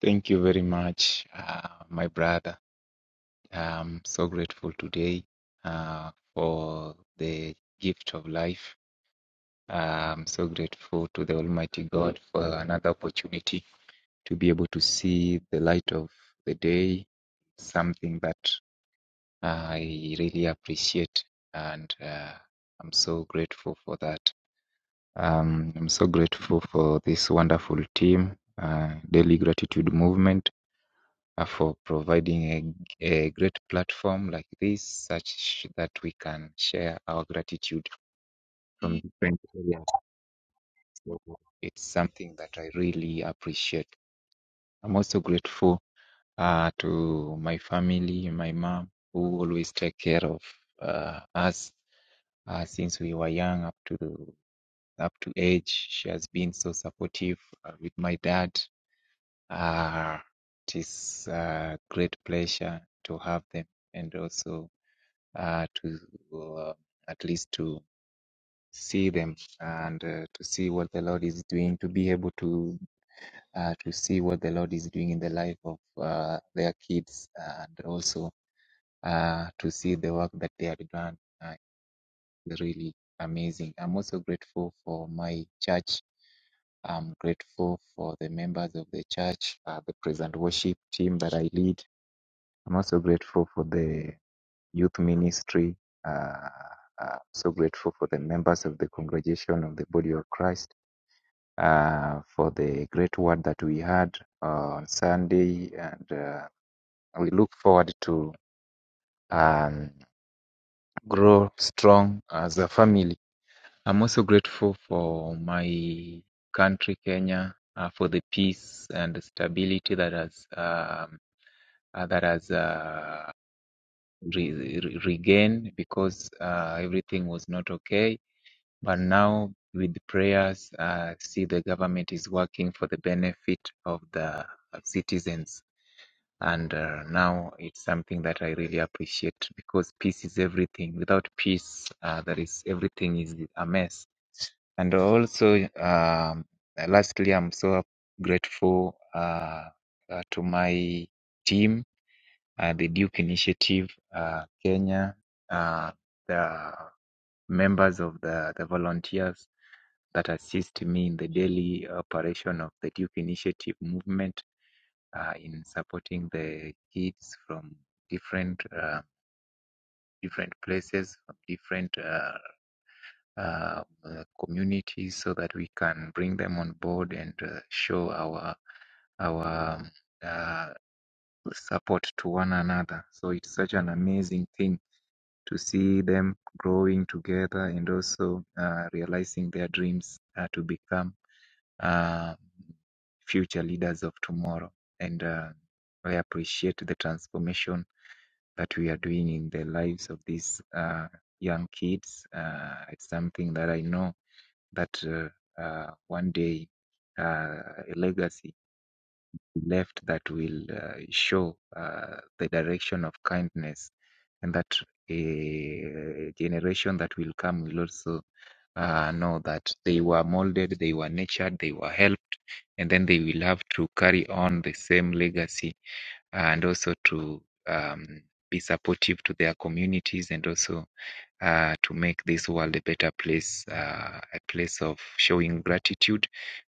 Thank you very much, uh, my brother. I'm so grateful today uh, for the gift of life. Uh, I'm so grateful to the Almighty God for another opportunity to be able to see the light of the day, something that I really appreciate. And uh, I'm so grateful for that. Um, I'm so grateful for this wonderful team, uh, Daily Gratitude Movement uh, for providing a, a great platform like this, such that we can share our gratitude from different areas. So it's something that I really appreciate. I'm also grateful uh, to my family, my mom, who always take care of uh, us uh, since we were young up to up to age. She has been so supportive uh, with my dad. Uh, it is a great pleasure to have them and also uh, to uh, at least to see them and uh, to see what the Lord is doing, to be able to uh, to see what the Lord is doing in the life of uh, their kids, and also uh, to see the work that they have done. Uh, it's really amazing. I'm also grateful for my church. I'm grateful for the members of the church, uh, the present worship team that I lead. I'm also grateful for the youth ministry. Uh, I'm so grateful for the members of the congregation of the Body of Christ uh, for the great word that we had on Sunday, and uh, we look forward to um, grow strong as a family. I'm also grateful for my country, Kenya, uh, for the peace and stability that has um, uh, that has uh, re- re- regained because uh, everything was not okay But now with prayers, uh, see the government is working for the benefit of the citizens. And uh, now it's something that I really appreciate because peace is everything. Without peace, uh, there is everything is a mess. And also, um, lastly, I'm so grateful uh, uh, to my team, uh, the Duke Initiative uh, Kenya, uh, the members of the, the volunteers that assist me in the daily operation of the Duke Initiative movement uh, in supporting the kids from different uh, different places, from different uh, uh, uh, communities, so that we can bring them on board and uh, show our our um, uh, support to one another. So it's such an amazing thing to see them growing together and also uh, realizing their dreams uh, to become uh, future leaders of tomorrow. And uh, I appreciate the transformation that we are doing in the lives of these uh, young kids. Uh, it's something that I know that uh, uh, one day uh, a legacy left that will uh, show uh, the direction of kindness and that a generation that will come will also uh, know that they were molded, they were nurtured, they were helped, and then they will have to carry on the same legacy and also to um, be supportive to their communities and also uh, to make this world a better place, uh, a place of showing gratitude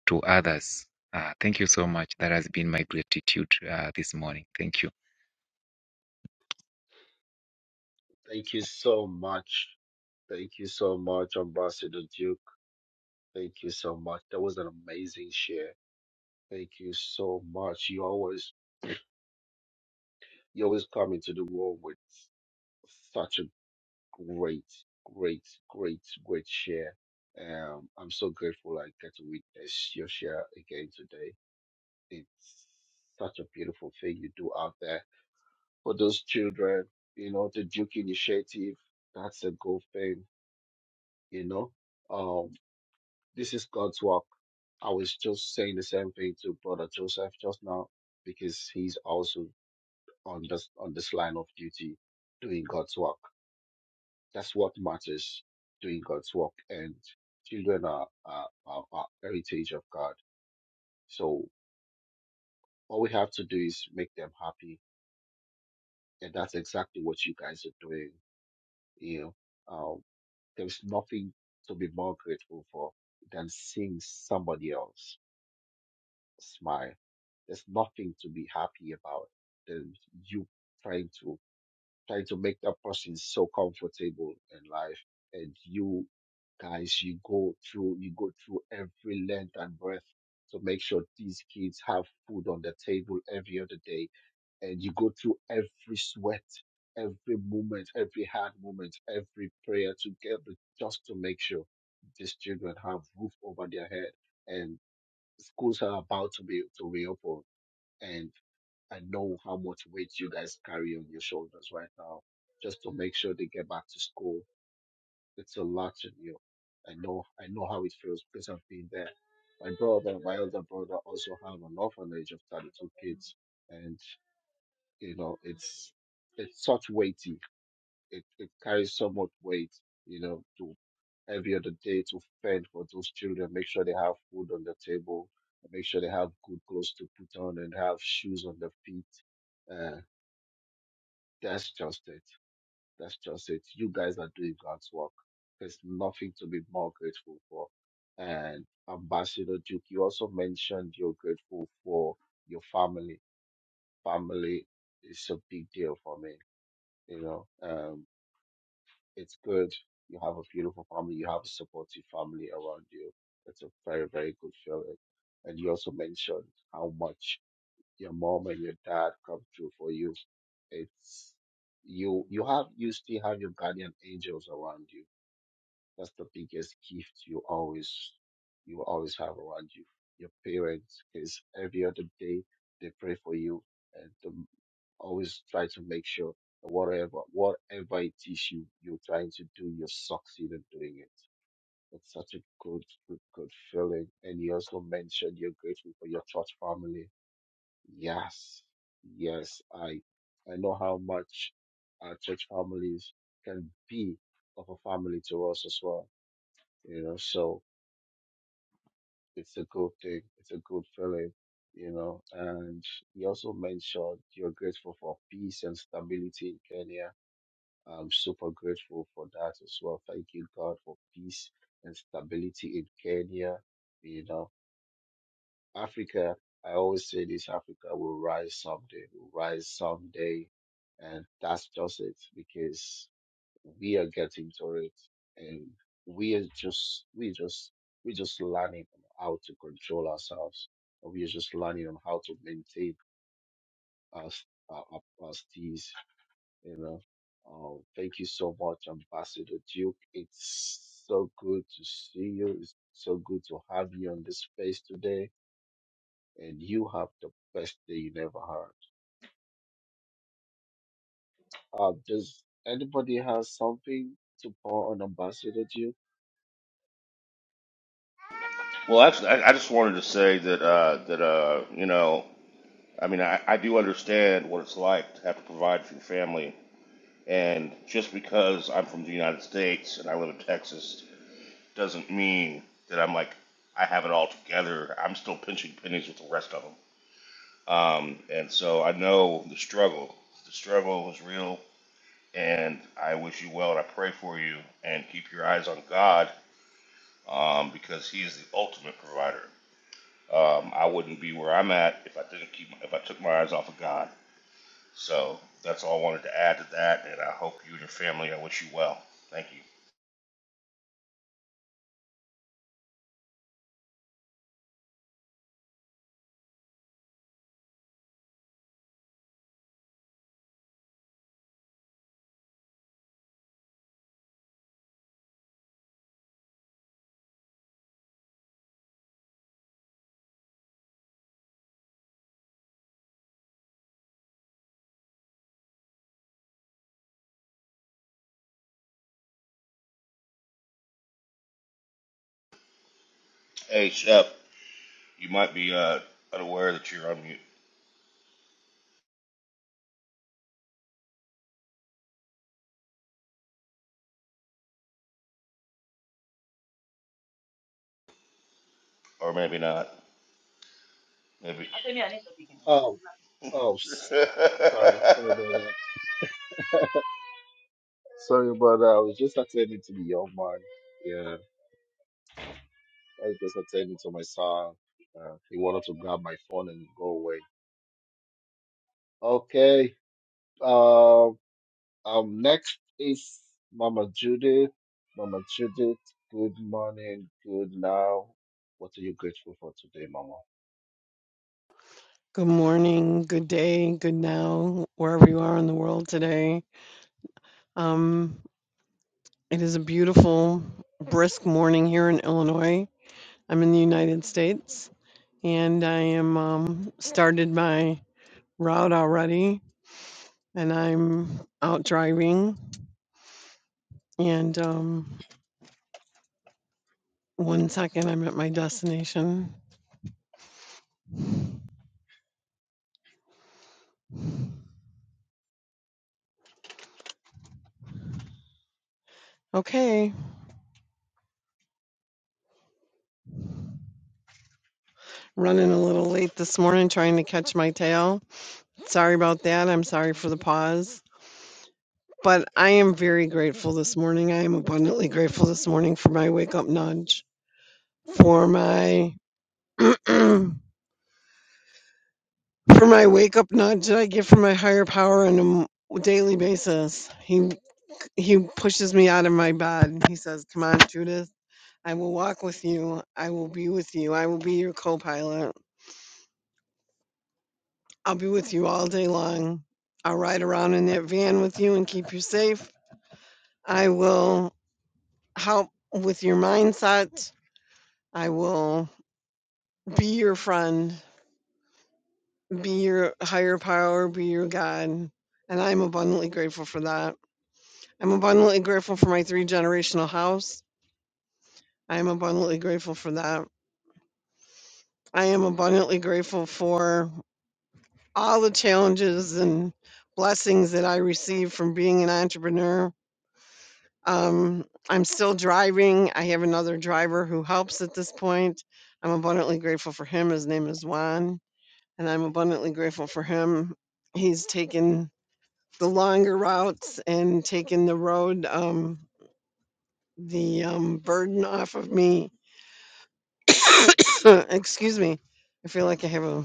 to others. Uh, thank you so much. That has been my gratitude uh, this morning. Thank you. Well, actually, I, I just wanted to say that uh, that uh, you know, I mean, I, I do understand what it's like to have to provide for your family, and just because I'm from the United States and I live in Texas doesn't mean that I'm like I have it all together. I'm still pinching pennies with the rest of them, um, and so I know the struggle. The struggle is real, and I wish you well, and I pray for you, and keep your eyes on God um, because He is the ultimate provider. Um, I wouldn't be where I'm at if I didn't keep if I took my eyes off of God. So that's all I wanted to add to that, and I hope you and your family. I wish you well. Thank you. Hey, Shep, you might be uh, unaware that you're on mute, or maybe not. Maybe. Good morning, good day, good now, wherever you are in the world today. Um, it is a beautiful, brisk morning here in Illinois. I'm in the United States, and I am um, started my route already, and I'm out driving. And um, one second, I'm at my destination. Okay, running a little late this morning, trying to catch my tail. Sorry about that. I'm sorry for the pause. But I am very grateful this morning. I am abundantly grateful this morning for my wake up nudge, for my for my wake up nudge that I get from my higher power on a m- daily basis. He he pushes me out of my bed. He says, "Come on, Judith. I will walk with you. I will be with you. I will be your co-pilot. I'll be with you all day long. I'll ride around in that van with you and keep you safe. I will help with your mindset. I will." be your friend, be your higher power, be your God. And I'm abundantly grateful for that. I'm abundantly grateful for my three generational house. I am abundantly grateful for that. I am abundantly grateful for all the challenges and blessings that I receive from being an entrepreneur. Um, I'm still driving. I have another driver who helps at this point. I'm abundantly grateful for him. His name is Juan, and I'm abundantly grateful for him. He's taken the longer routes and taking the road, um, the um, burden off of me. Excuse me. I feel like I have a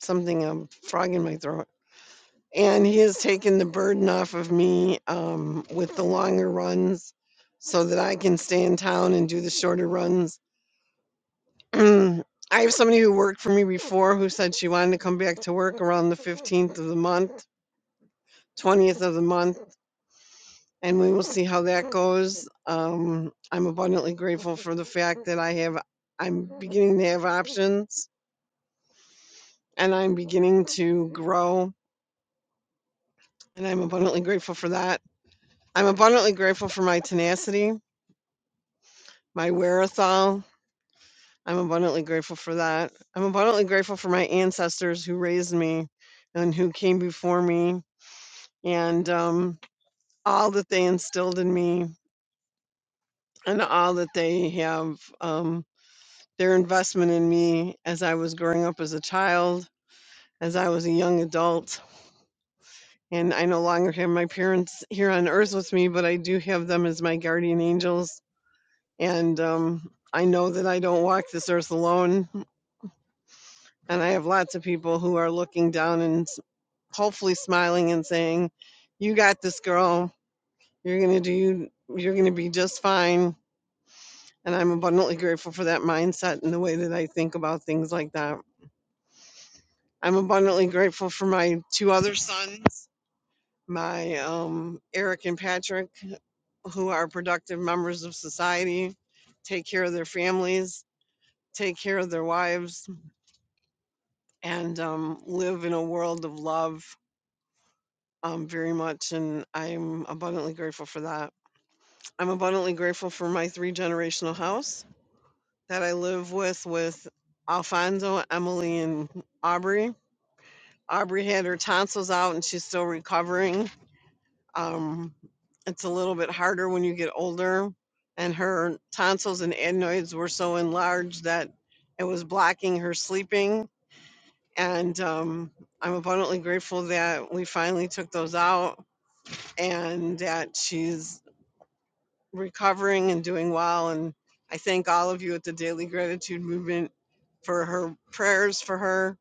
something, a frog in my throat. And he has taken the burden off of me um, with the longer runs so that I can stay in town and do the shorter runs. I have somebody who worked for me before who said she wanted to come back to work around the 15th of the month, 20th of the month and we will see how that goes. Um, I'm abundantly grateful for the fact that I have, I'm beginning to have options and I'm beginning to grow, and I'm abundantly grateful for that. I'm abundantly grateful for my tenacity, my wherewithal. I'm abundantly grateful for that. I'm abundantly grateful for my ancestors who raised me and who came before me and um, all that they instilled in me and all that they have. um, their investment in me as I was growing up as a child, as I was a young adult. And I no longer have my parents here on earth with me, but I do have them as my guardian angels. And um, I know that I don't walk this earth alone. And I have lots of people who are looking down and s- hopefully smiling and saying, You got this, girl. You're going to do, you're going to be just fine. And I'm abundantly grateful for that mindset and the way that I think about things like that. I'm abundantly grateful for my two other sons, my um, Eric and Patrick, who are productive members of society, take care of their families, take care of their wives, and um, live in a world of love um, very much. And I'm abundantly grateful for that. I'm abundantly grateful for my three generational house that I live with, with Alfonso, Emily, and Aubrey. Aubrey had her tonsils out and she's still recovering Um, it's a little bit harder when you get older. And her tonsils and adenoids were so enlarged that it was blocking her sleeping. And um, I'm abundantly grateful that we finally took those out and that she's recovering and doing well. And I thank all of you at the Daily Gratitude Movement for her prayers for her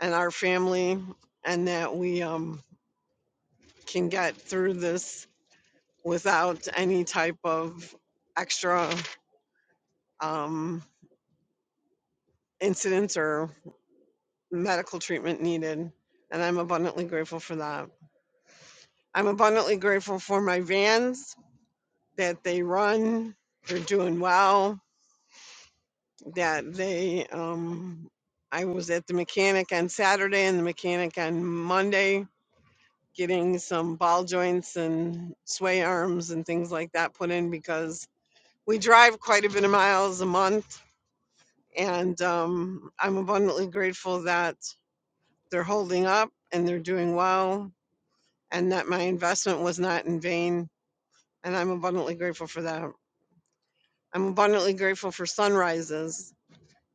and our family, and that we um, can get through this without any type of extra um, incidents or medical treatment needed. And I'm abundantly grateful for that. I'm abundantly grateful for my vans that they run, they're doing well, that they, um, I was at the mechanic on Saturday and the mechanic on Monday getting some ball joints and sway arms and things like that put in because we drive quite a bit of miles a month And um, I'm abundantly grateful that they're holding up and they're doing well and that my investment was not in vain. And I'm abundantly grateful for that. I'm abundantly grateful for sunrises.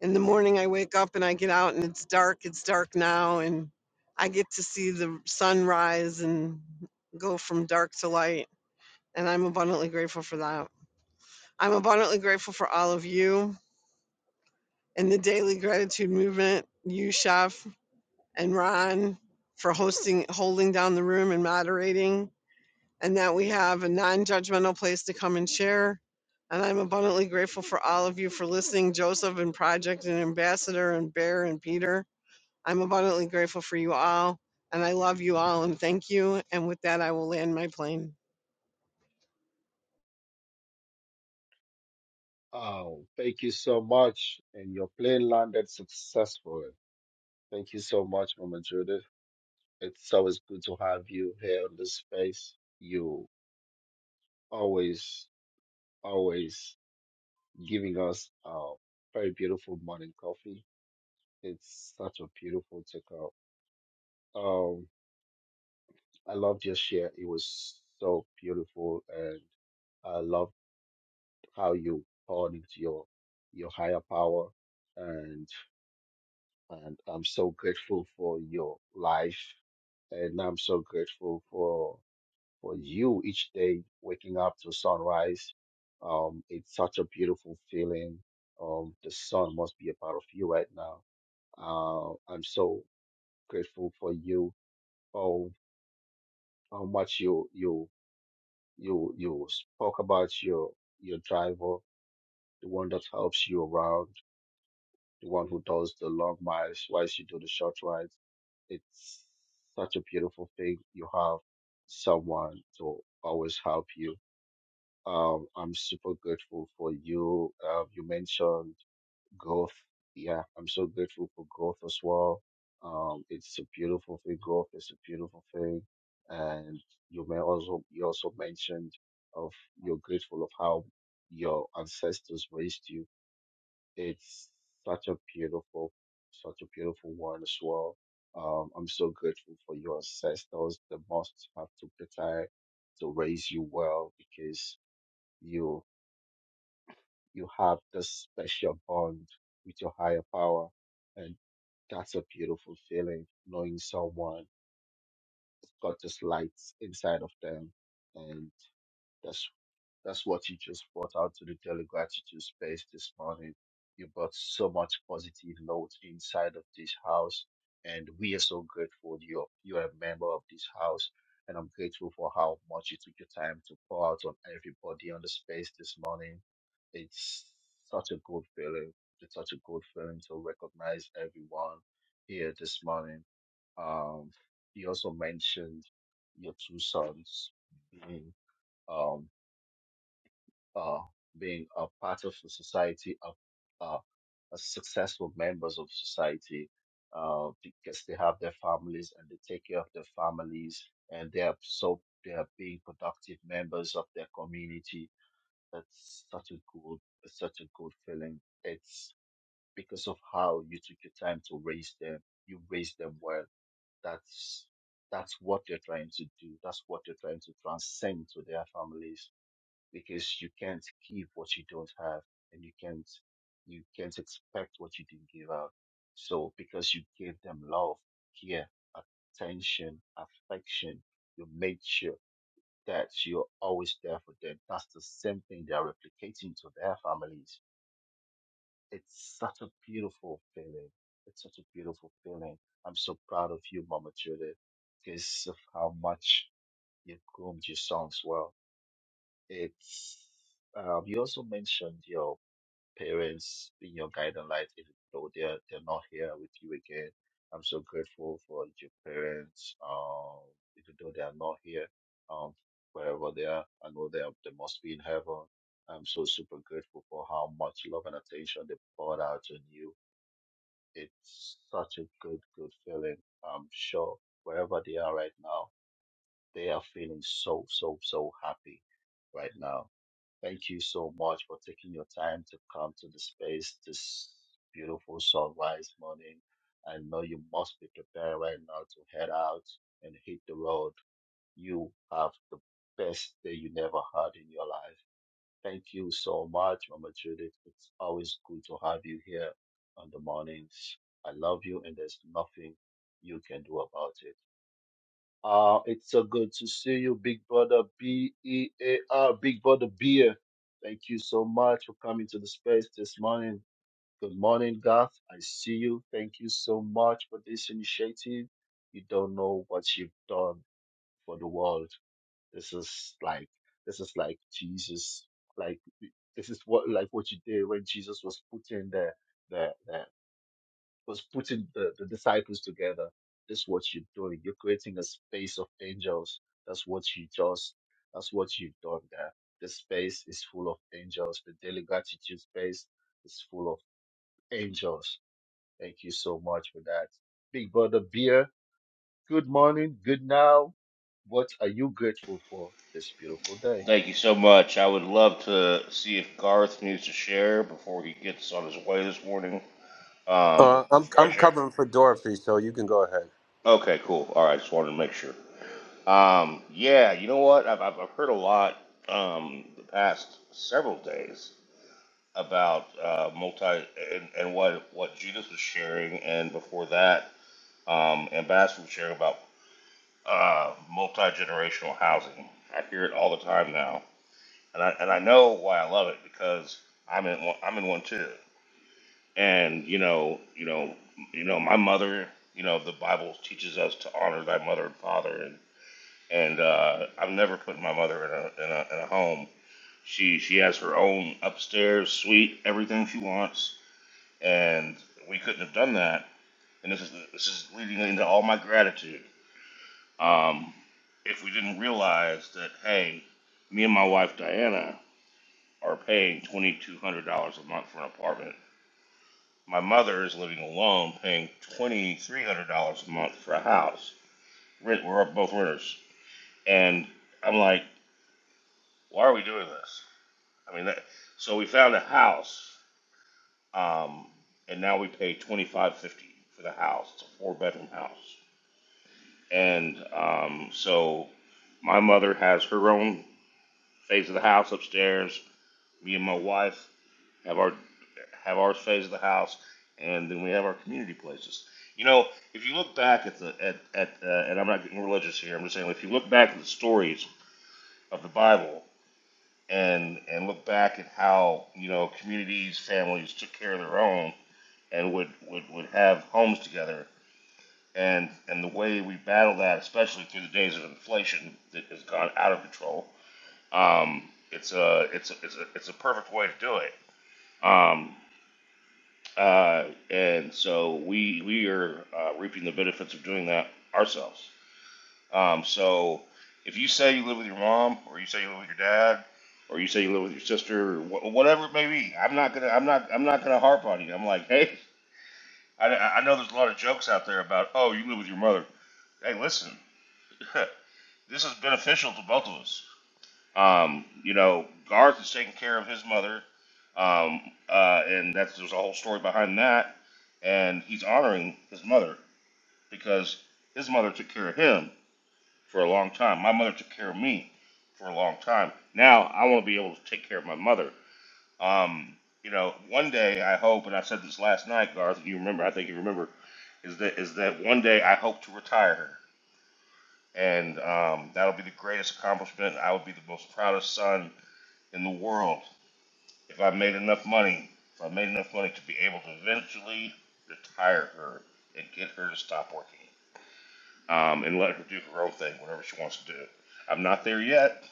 In the morning, I wake up and I get out and it's dark. It's dark now. And I get to see the sunrise and go from dark to light. And I'm abundantly grateful for that. I'm abundantly grateful for all of you in the daily gratitude movement, you, Chef. and Ron for hosting, holding down the room and moderating, and that we have a non judgmental place to come and share. And I'm abundantly grateful for all of you for listening, Joseph and Project and Ambassador and Bear and Peter. I'm abundantly grateful for you all, and I love you all, and thank you. And with that, I will land my plane. Thank you so much. I would love to see if Garth needs to share before he gets on his way this morning. Um, but Uh, I'm before I I'm share, covering for Dorothy, so you can go ahead. okay, cool. All right, just wanted to make sure. Um, yeah, you know what? I've, I've I've heard a lot um, the past several days about uh, multi and, and what what Judas was sharing, and before that, um, Ambassador was sharing about uh, multi generational housing. I hear it all the time now, and I and I know why I love it because I'm in one, I'm in one too. And you know, you know, you know, my mother. You know, the Bible teaches us to honor thy mother and father, and and uh, I've never put my mother in a, in a in a home. She she has her own upstairs suite, everything she wants, and we couldn't have done that. And this is this is leading into all my gratitude. Um, if we didn't realize that, hey, me and my wife Diana are paying twenty two hundred dollars a month for an apartment. My mother is living alone, paying twenty three hundred dollars a month for a house. Rent, we're both renters, and I'm like, why are we doing this? I mean, that, so we found a house, um, and now we pay twenty five fifty for the house. It's a four bedroom house, and um, so my mother has her own phase of the house upstairs. Me and my wife have our have our phase of the house, and then we have our community places. You know, if you look back at the at at uh, and I'm not getting religious here. I'm just saying, if you look back at the stories of the Bible and and look back at how you know communities, families took care of their own and would, would, would have homes together. And, and the way we battle that, especially through the days of inflation that has gone out of control, um, it's, a, it's, a, it's, a, it's a perfect way to do it. Um, uh, and so we, we are uh, reaping the benefits of doing that ourselves. Um, so if you say you live with your mom, or you say you live with your dad, or you say you live with your sister, or wh- whatever it may be, I'm not gonna, I'm not, I'm not gonna harp on you. I'm like, hey, I, I know there's a lot of jokes out there about, oh, you live with your mother. Hey, listen, this is beneficial to both of us. Um, you know, Garth is taking care of his mother, um, uh, and that's there's a whole story behind that. And he's honoring his mother because his mother took care of him for a long time. My mother took care of me for a long time. Now I want to be able to take care of my mother. Um, you know, one day I hope, and I said this last night, Garth, if you remember, I think you remember, is that is that one day I hope to retire her, and um, that'll be the greatest accomplishment. I would be the most proudest son in the world if I made enough money. If I made enough money to be able to eventually retire her and get her to stop working, um, and let her do her own thing, whatever she wants to do. I'm not there yet,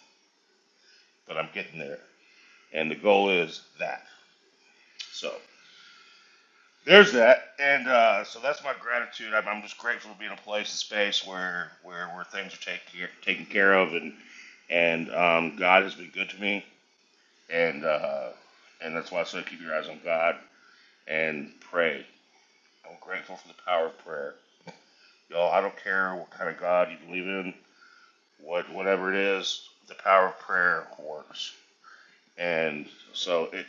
but I'm getting there, and the goal is that. So. There's that, and uh, so that's my gratitude. I'm, I'm just grateful to be in a place, and space where where where things are taken care, taken care of, and and um, God has been good to me, and uh, and that's why I say keep your eyes on God and pray. I'm grateful for the power of prayer, y'all. I don't care what kind of God you believe in, what whatever it is, the power of prayer works, and so it,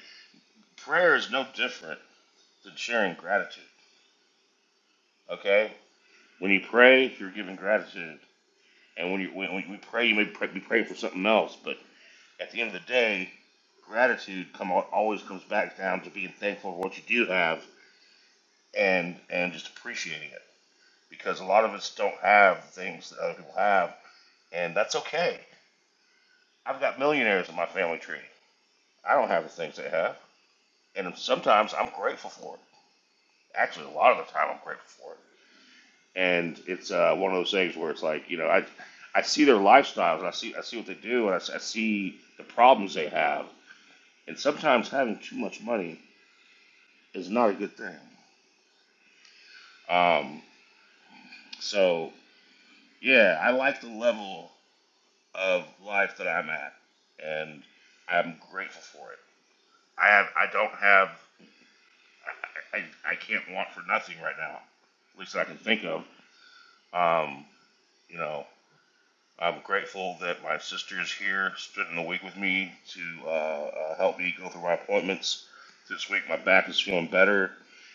prayer is no different than sharing gratitude. Okay, when you pray, you're giving gratitude And when you when we pray, you may pray, be praying for something else. But at the end of the day, gratitude come always comes back down to being thankful for what you do have and and just appreciating it. Because a lot of us don't have things that other people have, and that's okay. I've got millionaires in my family tree. I don't have the things they have, and sometimes I'm grateful for it. Actually, a lot of the time I'm grateful for it. And it's uh, one of those things where it's like you know I I see their lifestyles and I see I see what they do and I I see the problems they have And sometimes having too much money is not a good thing. Um, so, yeah, I like the level of life that I'm at, and I'm grateful for it. I have, I don't have, I, I, I can't want for nothing right now, at least I can think of. Um, you know, I'm grateful that my sister is here, spending the week with me to uh, uh, help me go through my appointments. This week, my back is feeling better.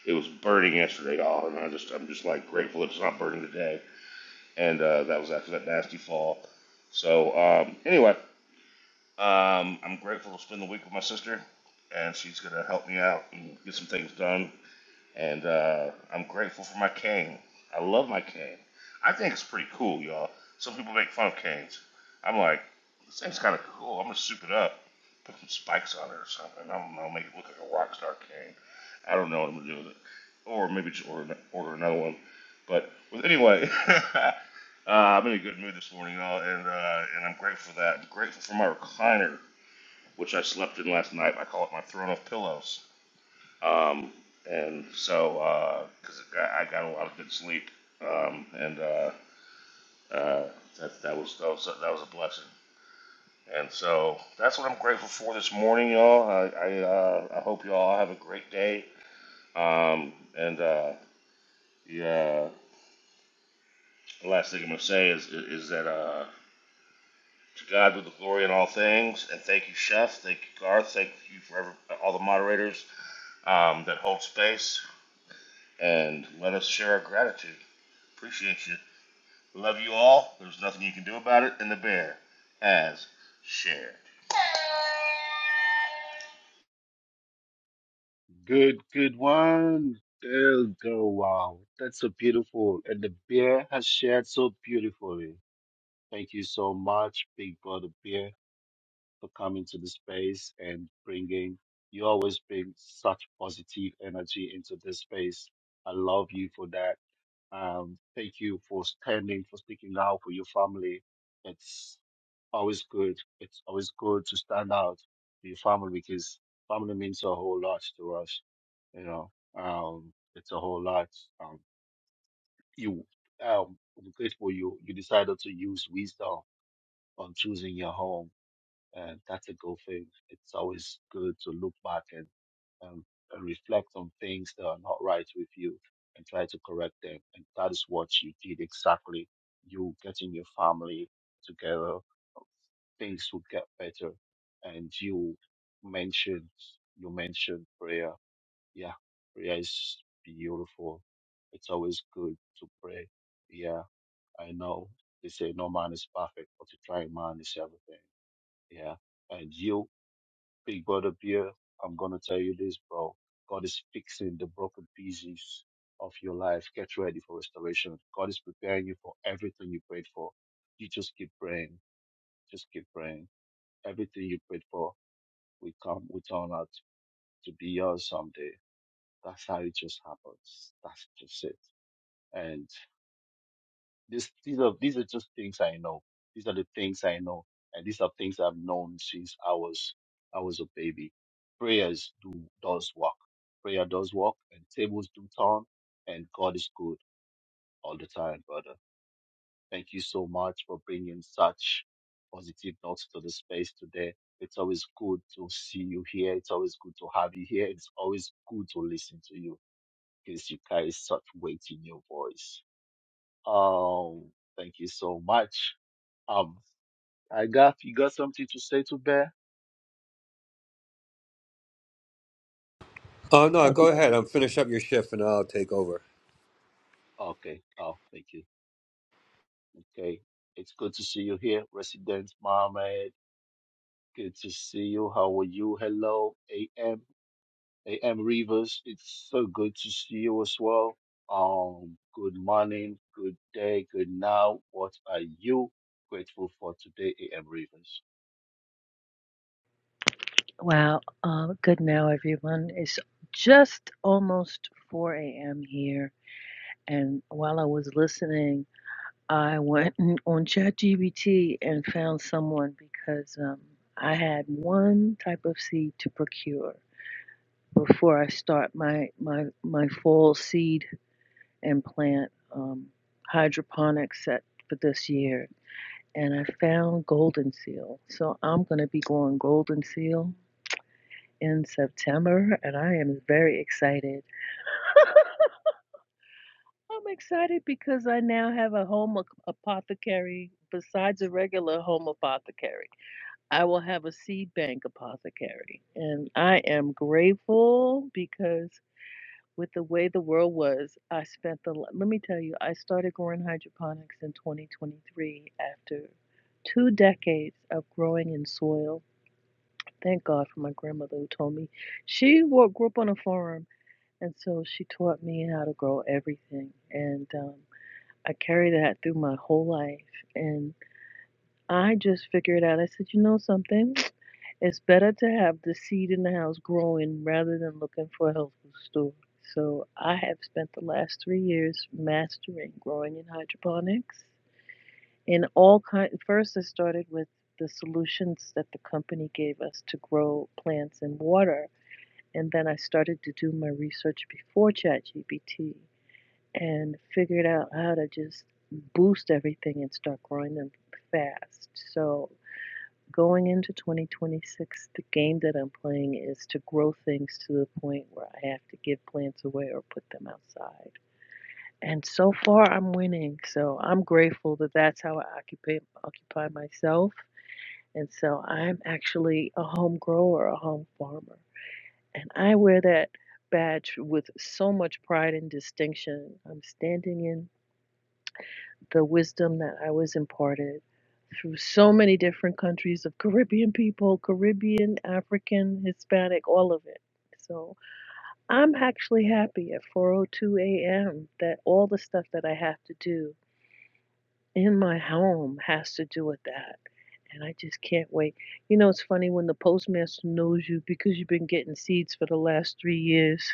It was burning yesterday, y'all, and I just I'm just like grateful it's not burning today. And uh, that was after that nasty fall. So um, anyway, um, I'm grateful to spend the week with my sister, and she's gonna help me out and get some things done and uh, I'm grateful for my cane. I love my cane. I think it's pretty cool, y'all. Some people make fun of canes. I'm like, this thing's kind of cool. I'm gonna soup it up, put some spikes on it or something. I don't know, make it look like a rock star cane. I don't know what I'm gonna do with it, or maybe just order, order another one. But well, anyway, uh, I'm in a good mood this morning, y'all, and uh, and I'm grateful for that. I'm grateful for my recliner, which I slept in last night. I call it my throne of pillows um, and so, because I, got, a lot of good sleep, um, and uh, uh, that, that was that was a, that was a blessing. And so that's what I'm grateful for this morning, y'all. I I, uh, I hope y'all have a great day. Um, and uh, yeah, the last thing I'm gonna say is is is that uh, to God be the glory in all things. And thank you, Chef. Thank you, Garth. Thank you for every, all the moderators um, that hold space and let us share our gratitude. Appreciate you. Love you all. There's nothing you can do about it. And the bear has shared. Oh no, Thank you. go ahead. I'm finish up your shift and I'll take over. Wow, uh, good now, everyone. It's just almost 4 a.m. here, and while I was listening, I went on ChatGPT and found someone because um, I had one type of seed to procure before I start my my my fall seed and plant um, hydroponic set for this year, and I found golden seal. So I'm gonna be going golden seal in September, and I am very excited. I'm excited because I now have a home apothecary besides a regular home apothecary. I will have a seed bank apothecary. And I am grateful because with the way the world was, I spent the let me tell you, I started growing hydroponics in 2023 after two decades of growing in soil. Thank God for my grandmother who told me she grew up on a farm And so she taught me how to grow everything. And um, I carried that through my whole life. And I just figured out, I said, you know something? It's better to have the seed in the house growing rather than looking for a health food store. So I have spent the last three years mastering growing in hydroponics. In all kind, first I started with the solutions that the company gave us to grow plants in water, and then I started to do my research before ChatGPT and figured out how to just boost everything and start growing them fast. So going into 2026, the game that I'm playing is to grow things to the point where I have to give plants away or put them outside. And so far, I'm winning. So I'm grateful that that's how I occupy occupy myself. And so I'm actually a home grower, a home farmer, and I wear that badge with so much pride and distinction. I'm standing in the wisdom that I was imparted through so many different countries of Caribbean people, Caribbean, African, Hispanic, all of it. So I'm actually happy at 4:02 a.m. that all the stuff that I have to do in my home has to do with that. And I just can't wait. You know, it's funny when the postmaster knows you because you've been getting seeds for the last three years.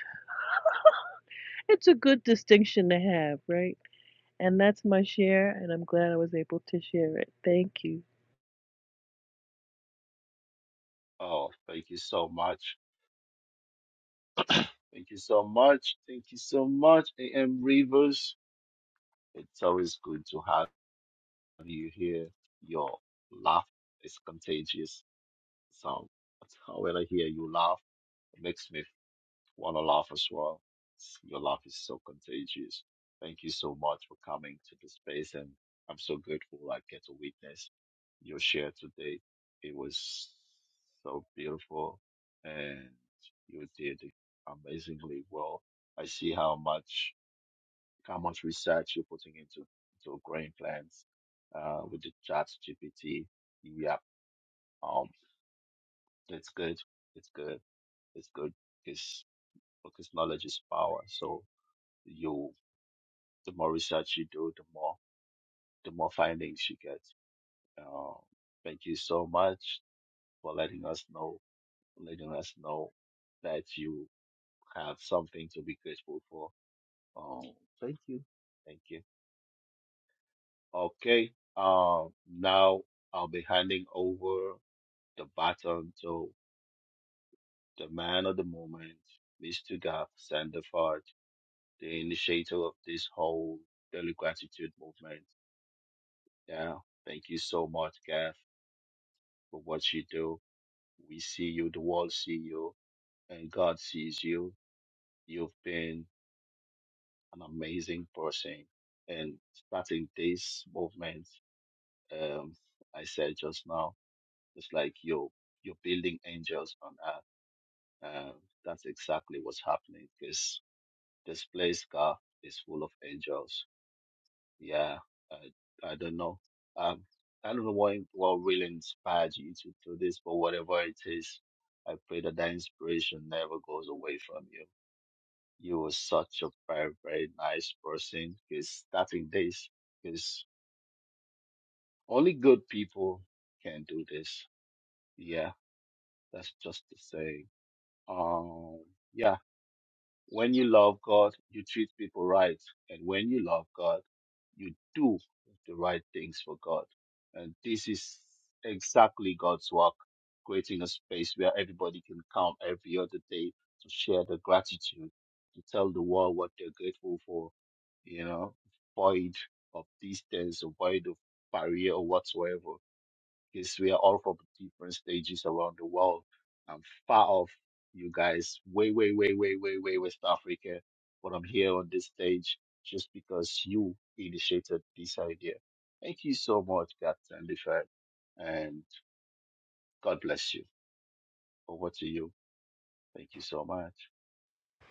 It's a good distinction to have, right? And that's my share, and I'm glad I was able to share it. Thank you.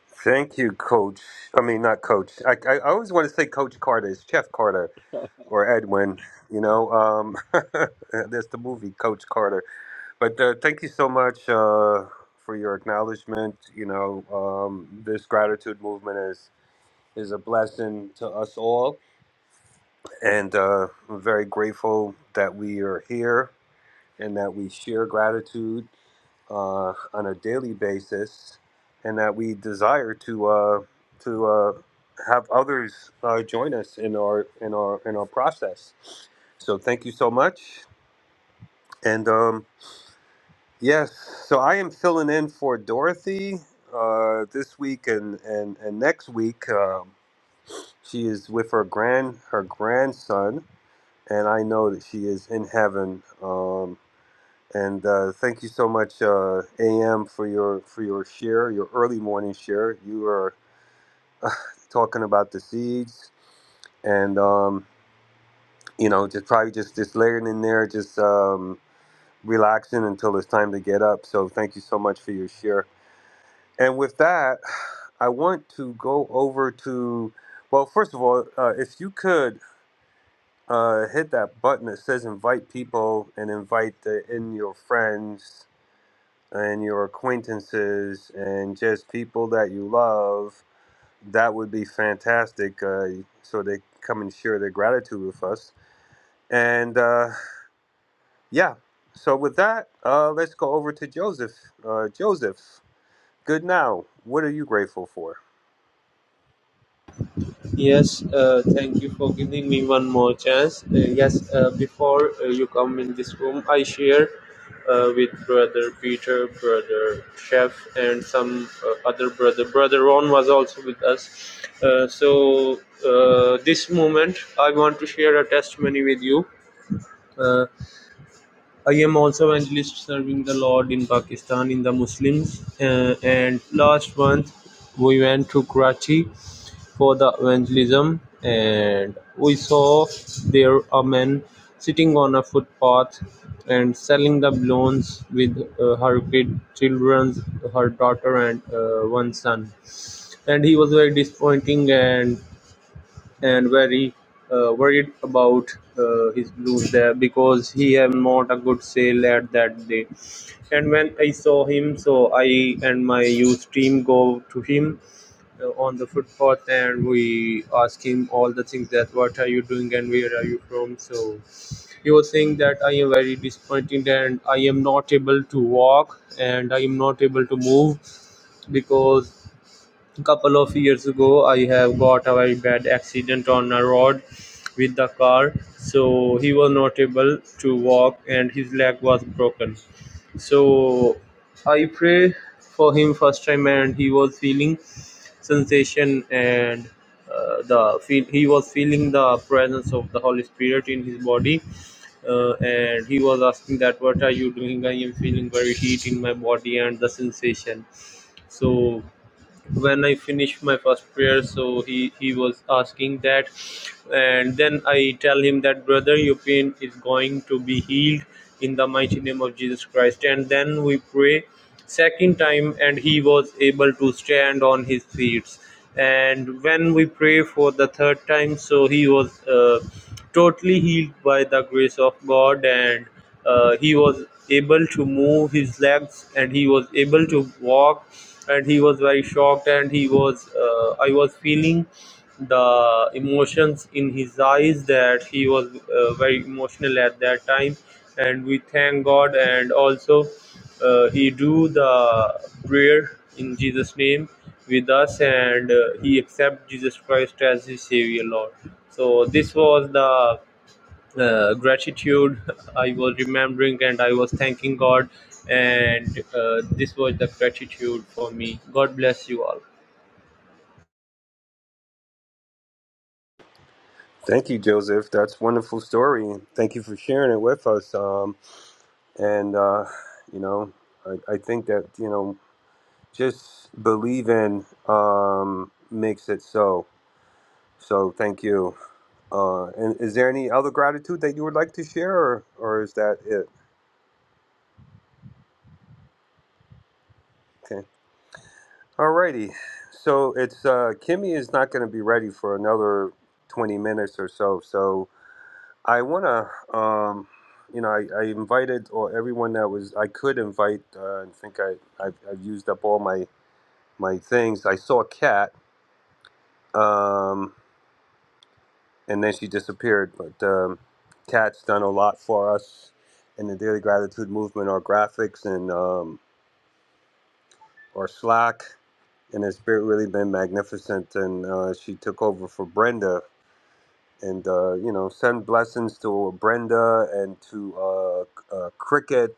Thank you, Coach. I mean, not Coach. I, I I always want to say Coach Carter. It's Jeff Carter or Edwin. You know, um, there's the movie Coach Carter. But uh, thank you so much uh, for your acknowledgement. You know, um, this gratitude movement is is a blessing to us all, and uh, I'm very grateful that we are here and that we share gratitude. uh, on a daily basis, and that we desire to uh, to uh, have others uh, join us in our in our in our process. So thank you so much, and um, yes, so I am filling in for Dorothy uh, this week and and and next week. Um, she is with her grand her grandson, and I know that she is in heaven. Um, And uh, thank you so much, uh, AM, for your for your share, your early morning share. You are talking about the seeds, and um, you know, just probably just just layering in there, just um, relaxing until it's time to get up. So thank you so much for your share. And with that, I want to go over to, well, first of all, uh, if you could uh, hit that button that says invite people and invite the, in your friends and your acquaintances and just people that you love, that would be fantastic. Uh, so they come and share their gratitude with us. And uh, yeah, so with that, uh, let's go over to Joseph. Uh, Joseph, good now. What are you grateful for? Yes, uh, thank you for giving me one more chance. Uh, yes, uh, before uh, you come in this room, I share uh, with brother Peter, brother Chef, and some uh, other brother. Brother Ron was also with us. Uh, so, uh, this moment, I want to share a testimony with you. Uh, I am also evangelist serving the Lord in Pakistan in the Muslims. Uh, and last month, we went to Karachi for the evangelism, and we saw there a man sitting on a footpath and selling the balloons with uh, her kid children her daughter and uh, one son and he was very disappointing and and very uh, worried about uh, his balloons there because he have not a good sale at that day and when i saw him so i and my youth team go to him uh, on the footpath and we asked him all the things that what are you doing and where are you from so he was saying that i am very disappointed and i am not able to walk and i am not able to move because couple of years ago i have got a very bad accident on a road with the car so he was not able to walk and his leg was broken so i pray for him first time and he was feeling sensation and uh, the feel he was feeling the presence of the holy spirit in his body uh, and he was asking that what are you doing i am feeling very heat in my body and the sensation so when I finished my first prayer. So he, he was asking that. And then I tell him that, brother, your pain is going to be healed in the mighty name of Jesus Christ. And then we pray second time and he was able to stand on his feet and when we pray for the third time so he was uh, totally healed by the grace of god and uh, he was able to move his legs and he was able to walk and he was very shocked and he was uh, i was feeling the emotions in his eyes that he was uh, very emotional at that time and we thank god and also uh, he do the prayer in jesus name with us and uh, he accept jesus christ as his savior lord so this was the uh, gratitude i was remembering and i was thanking god and uh, this was the gratitude for me god bless you all Thank you, Joseph. That's a wonderful story. Thank you for sharing it with us. Um, and uh, you know, I, I think that you know, just believing um, makes it so. So thank you. Uh, and is there any other gratitude that you would like to share, or, or is that it? Okay. Alrighty. So it's uh, Kimmy is not going to be ready for another 20 minutes or so. So I want to, um, you know, I, I invited or everyone that was I could invite. Uh, I think I I've, I've used up all my my things. I saw Kat. Um, and then she disappeared. But um, Kat's done a lot for us in the Daily Gratitude Movement, our graphics and um, our Slack, and it's been really been magnificent. And uh, she took over for Brenda, and uh, you know, send blessings to Brenda and to uh, uh, Cricket.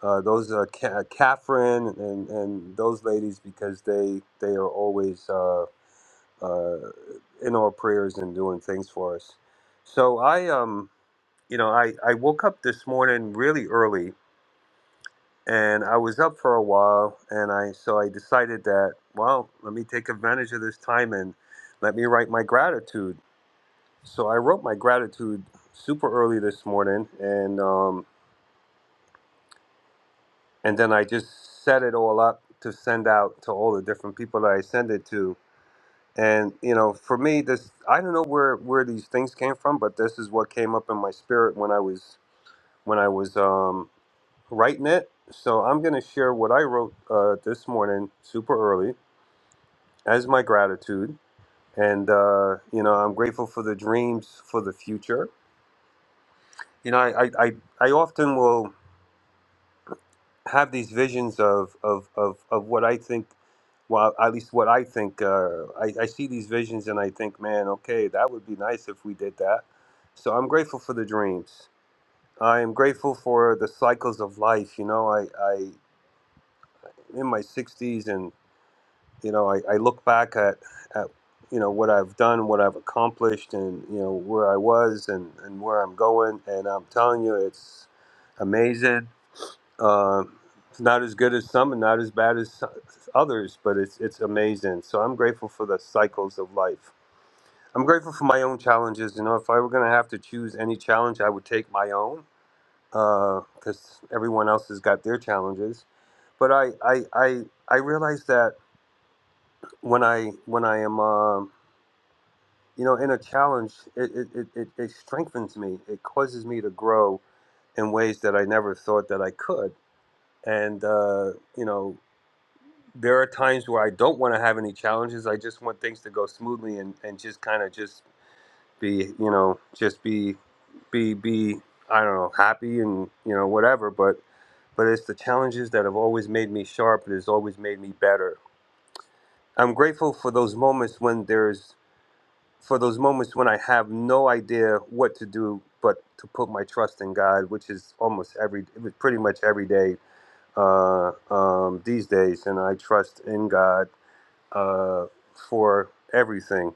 Uh, those are Ca- Catherine and, and those ladies because they they are always uh, uh, in our prayers and doing things for us. So I um you know, I, I woke up this morning really early and I was up for a while and I so I decided that, well, let me take advantage of this time and let me write my gratitude. So I wrote my gratitude super early this morning and um and then I just set it all up to send out to all the different people that I send it to. And you know, for me this I don't know where where these things came from, but this is what came up in my spirit when I was when I was um Writing it, So I'm going to share what I wrote uh, this morning, super early, as my gratitude. And, uh, you know, I'm grateful for the dreams for the future. You know, I, I, I, I often will have these visions of, of, of, of what I think, well, at least what I think. Uh, I, I see these visions and I think, man, okay, that would be nice if we did that. So I'm grateful for the dreams. I am grateful for the cycles of life. You know, I, I in my 60s you know, I, I look back at, at, you know, what I've done, what I've accomplished, and, you know, where I was and, and where I'm going. And I'm telling you, it's amazing. Uh, it's not as good as some and not as bad as so- others, but it's, it's amazing. So I'm grateful for the cycles of life. I'm grateful for my own challenges. You know, if I were going to have to choose any challenge, I would take my own because everyone else has got their challenges. But I, I, I, I realize that when I when I am um you know, in a challenge, it, it, it, it it strengthens me. It causes me to grow in ways that I never thought that I could. And, uh, you know, there are times where I don't want to have any challenges. I just want things to go smoothly and, and just kind of just be, you know, just be, be, be, I don't know, happy and, you know, whatever. But, but it's the challenges that have always made me sharp. It has always made me better. I'm grateful for those moments when there's for those moments when I have no idea what to do but to put my trust in God, which is almost every, it was pretty much every day uh, um, these days. And I trust in God uh, for everything.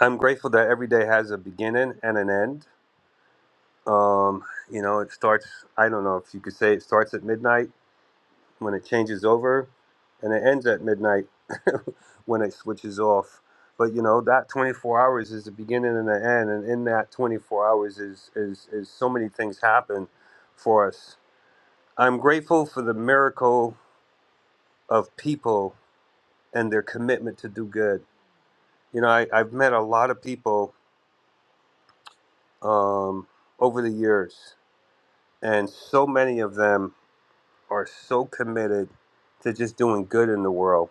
I'm grateful that every day has a beginning and an end. Um, you know, it starts, I don't know if you could say it starts at midnight when it changes over and it ends at midnight when it switches off but you know that 24 hours is the beginning and the end and in that 24 hours is is is so many things happen for us i'm grateful for the miracle of people and their commitment to do good you know I, i've met a lot of people um, over the years and so many of them are so committed to just doing good in the world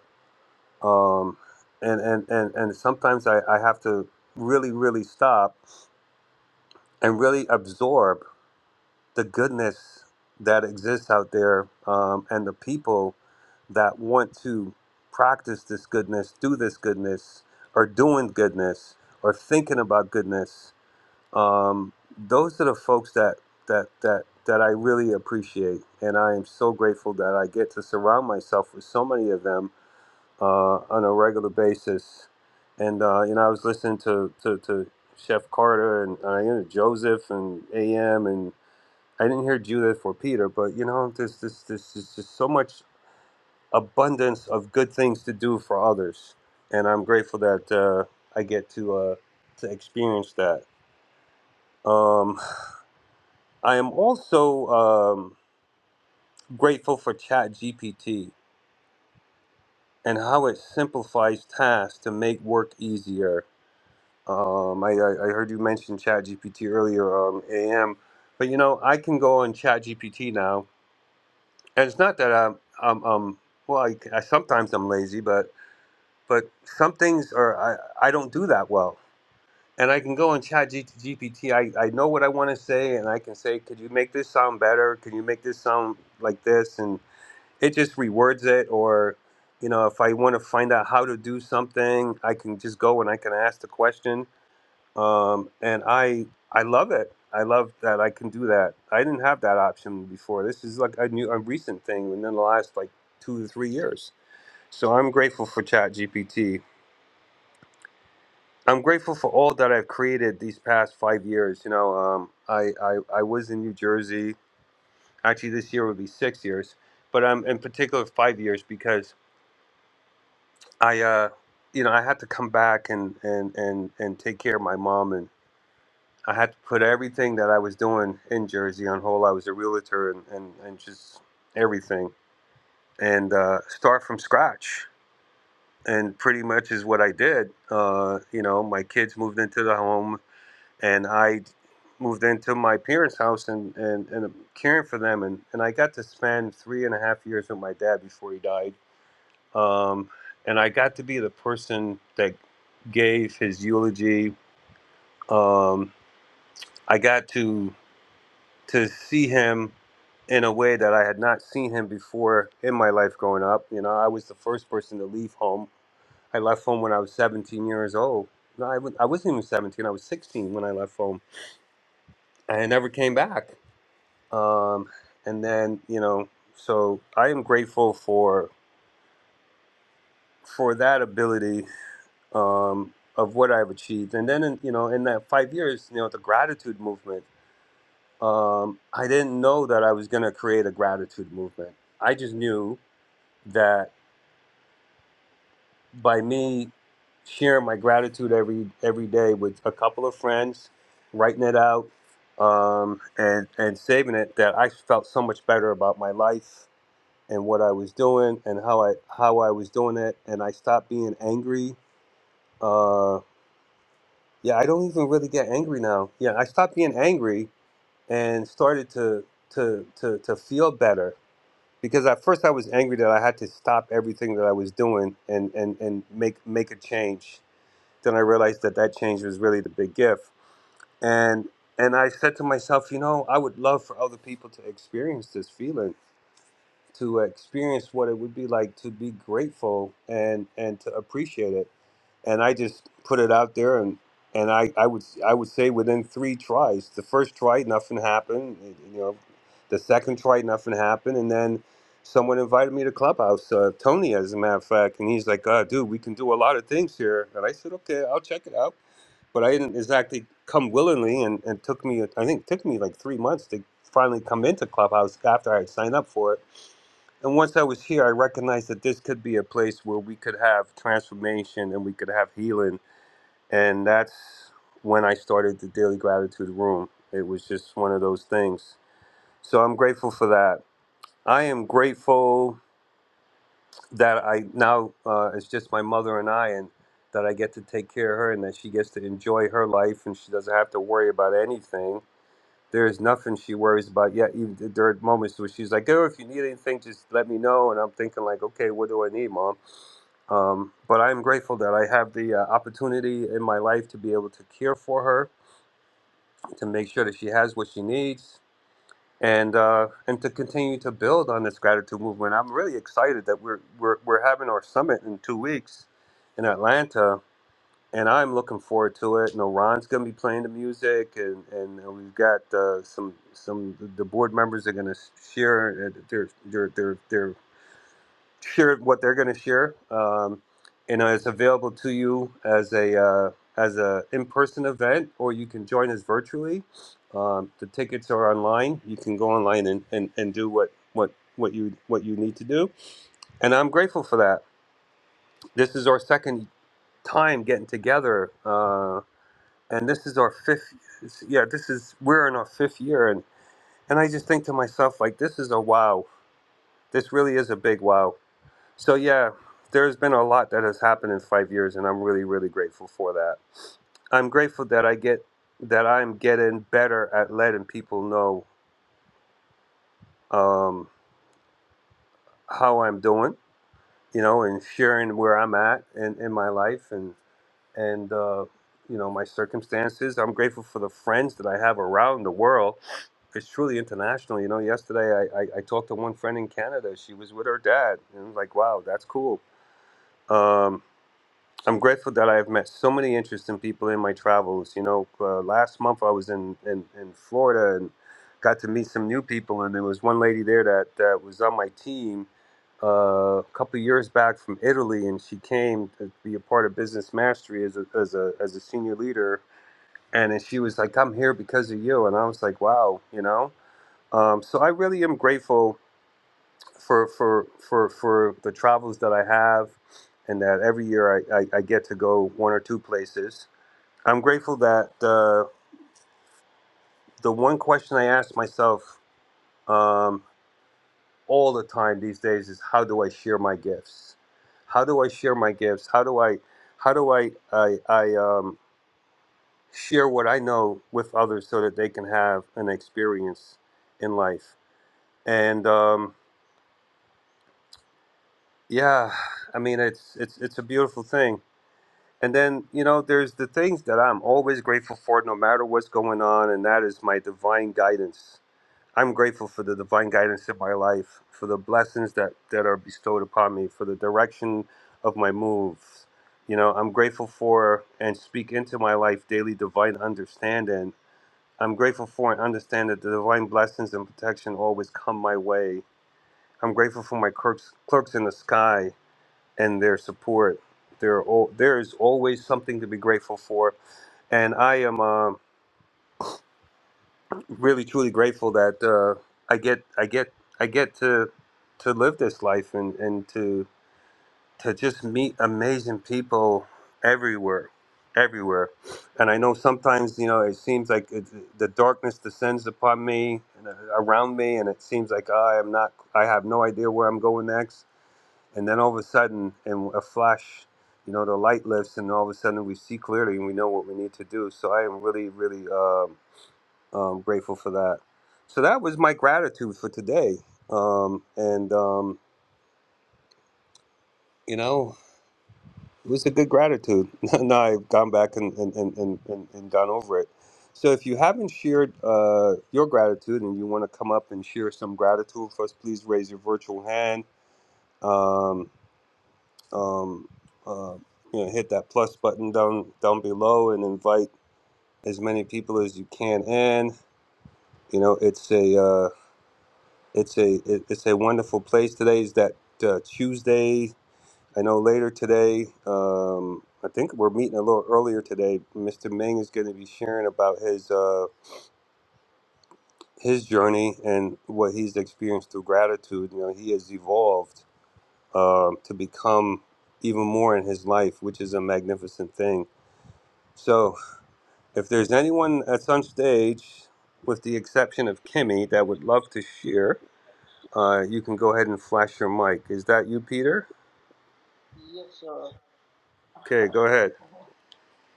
um, and and and and sometimes I, I have to really really stop and really absorb the goodness that exists out there um, and the people that want to practice this goodness, do this goodness, or doing goodness, or thinking about goodness. Um, those are the folks that that that that I really appreciate, and I am so grateful that I get to surround myself with so many of them uh, on a regular basis. And uh, you know, I was listening to to, to Chef Carter and uh, you know Joseph and AM, and I didn't hear Judith or Peter, but you know, there's this this is just so much abundance of good things to do for others, and I'm grateful that uh, I get to uh, to experience that. Um, I am also um, grateful for Chat GPT and how it simplifies tasks to make work easier Um, I, I I heard you mention ChatGPT earlier, um, AM, but you know I can go on ChatGPT now, and it's not that I'm, I'm um well I, I sometimes I'm lazy, but but some things are I, I don't do that well, and I can go on ChatGPT. I I know what I want to say, and I can say, could you make this sound better? Can you make this sound like this? And it just rewords it, or you know if I want to find out how to do something, I can just go and I can ask the question um, and I I love it. I love that I can do that. I didn't have that option before. This is like a new, a recent thing within the last like two to three years. So I'm grateful for ChatGPT. I'm grateful for all that I've created these past five years. You know, um, I, I I was in New Jersey. Actually, this year would be six years, but I'm in particular five years because I. Uh, you know, I had to come back and, and, and, and take care of my mom I had to put everything that I was doing in Jersey on hold. I was a realtor and, and, and just everything and uh, start from scratch. And pretty much is what I did. Uh, you know, my kids moved into the home and I moved into my parents' house and, and, and caring for them. And, and I got to spend three and a half years with my dad before he died. Um, and I got to be the person that gave his eulogy. Um, I got to to see him in a way that I had not seen him before in my life growing up. You know, I was the first person to leave home. I left home when I was 17 years old. No, I w- I wasn't even 17. I was 16 when I left home. And I never came back. Um, and then, you know, so I am grateful for for that ability um, of what I've achieved. And then, in, you know, in that five years, you know, the gratitude movement. Um, I didn't know that I was going to create a gratitude movement. I just knew that by me sharing my gratitude every every day with a couple of friends, writing it out, um, and and saving it, that I felt so much better about my life and what I was doing and how I how I was doing it, and I stopped being angry. Uh, yeah, I don't even really get angry now. Yeah, I stopped being angry and started to to to to feel better because at first I was angry that I had to stop everything that I was doing and and and make make a change Then I realized that that change was really the big gift. And and I said to myself, you know, I would love for other people to experience this feeling, to experience what it would be like to be grateful and and to appreciate it. And I just put it out there and and I, I would I would say within three tries. The first try, nothing happened. eh, You know, the second try, nothing happened, and then someone invited me to Clubhouse, uh, Tony, as a matter of fact, and he's like, uh, dude, we can do a lot of things here. And I said, okay, I'll check it out but I didn't exactly come willingly, and it took me I think it took me like three months to finally come into Clubhouse after I had signed up for it. And once I was here, I recognized that this could be a place where we could have transformation and we could have healing, and that's when I started the Daily Gratitude Room. It was just one of those things. So I'm grateful for that. I am grateful that I now uh, it's just my mother and I, and that I get to take care of her, and that she gets to enjoy her life, and she doesn't have to worry about anything. There is nothing she worries about yet. Even there are moments where she's like, "Oh, if you need anything, just let me know." And I'm thinking, like, "Okay, what do I need, mom?" Um, but I'm grateful that I have the uh, opportunity in my life to be able to care for her, to make sure that she has what she needs, and uh, and to continue to build on this gratitude movement. I'm really excited that we're we're we're having our summit in two weeks in Atlanta, and I'm looking forward to it. You know, Ron's going to be playing the music, and and we've got uh, some some the board members are going to share uh, their their their their share what they're going to share, um, and uh, it's available to you as a uh, as a in person event, or you can join us virtually. Um, the tickets are online. You can go online and, and, and do what, what what you what you need to do, and I'm grateful for that. This is our second time getting together, uh, and this is our fifth. Yeah, this is we're in our fifth year, and and I just think to myself like this is a wow. This really is a big wow So yeah, there's been a lot that has happened in five years, and I'm really, really grateful for that. I'm grateful that I get that I'm getting better at letting people know um, how I'm doing, you know, and sharing where I'm at in, in my life and and uh, you know my circumstances. I'm grateful for the friends that I have around the world. It's truly international, you know. Yesterday, I, I, I talked to one friend in Canada. She was with her dad, and I was like, "Wow, that's cool." Um, I'm grateful that I've met so many interesting people in my travels. You know, uh, last month I was in, in, in Florida and got to meet some new people, and there was one lady there that, that was on my team uh, a couple of years back from Italy, and she came to be a part of Business Mastery as a, as a, as a senior leader. And then she was like, I'm here because of you. And I was like, wow, you know? Um, so I really am grateful for for for for the travels that I have, and that every year I, I, I get to go one or two places. I'm grateful that uh, the one question I ask myself um, all the time these days is how do I share my gifts? How do I share my gifts? How do I how do I I, I um, share what I know with others so that they can have an experience in life? And um, yeah, I mean it's it's it's a beautiful thing And then, you know, there's the things that I'm always grateful for, no matter what's going on, and that is my divine guidance. I'm grateful for the divine guidance in my life, for the blessings that, that are bestowed upon me, for the direction of my moves. You know, I'm grateful for and speak into my life daily divine understanding. I'm grateful for and understand that the divine blessings and protection always come my way. I'm grateful for my clerks, clerks in the sky and their support. There, are al- there is always something to be grateful for, and I am uh, really truly grateful that uh, I get, I get, I get to to live this life and and to to just meet amazing people everywhere, everywhere. And I know sometimes you know it seems like it, the darkness descends upon me, and, uh, around me, and it seems like I am not, I have no idea where I'm going next And then all of a sudden, in a flash, you know, the light lifts, and all of a sudden we see clearly and we know what we need to do. So I am really, really um, um, grateful for that. So that was my gratitude for today. Um, and, um, you know, it was a good gratitude. now I've gone back and, and, and, and, and and gone over it. So if you haven't shared uh, your gratitude and you want to come up and share some gratitude with us, please raise your virtual hand. Um, um, uh, you know, hit that plus button down down below and invite as many people as you can in. You know, it's a uh, it's a it, it's a wonderful place. Today is that uh, Tuesday. I know later today. Um, I think we're meeting a little earlier today. Mr. Ming is going to be sharing about his uh, his journey and what he's experienced through gratitude. You know, he has evolved um to become even more in his life, which is a magnificent thing. So If there's anyone at some stage, with the exception of Kimmy, that would love to share, uh, you can go ahead and flash your mic. Is that you, Peter? Yes, sir. Okay, go ahead.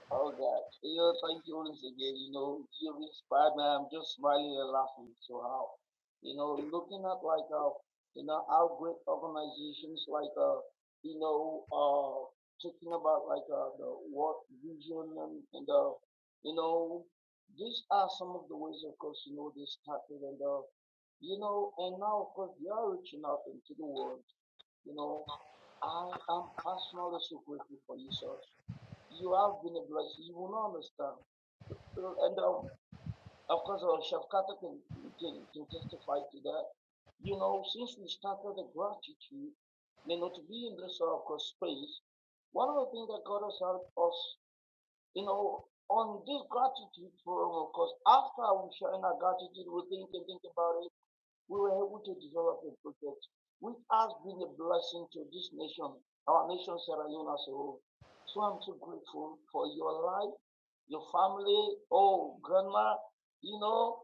Oh God, yeah, thank you once again. You know, you inspired me. I'm just smiling and laughing. So how, you know, looking at like uh, you know, how great organizations like uh, you know, uh, talking about like uh, the what vision and, and uh, you know, these are some of the ways, of course, you know, they started and uh, you know, and now of course they are reaching out into the world. You know, I am personally so grateful for you, sir you have been a blessing. You will not understand. So, And um, of course, uh, Chef Carter can, can, can testify to that. You know, since we started the gratitude, you know, to be in this sort of course, space, one of the things that God has helped us, you know, on this gratitude forum, of course, after we share in our gratitude, we think and think about it we were able to develop a project which has been a blessing to this nation, our nation, Sierra Leone as a whole. So I'm so grateful for your life, your family, oh, grandma, you know,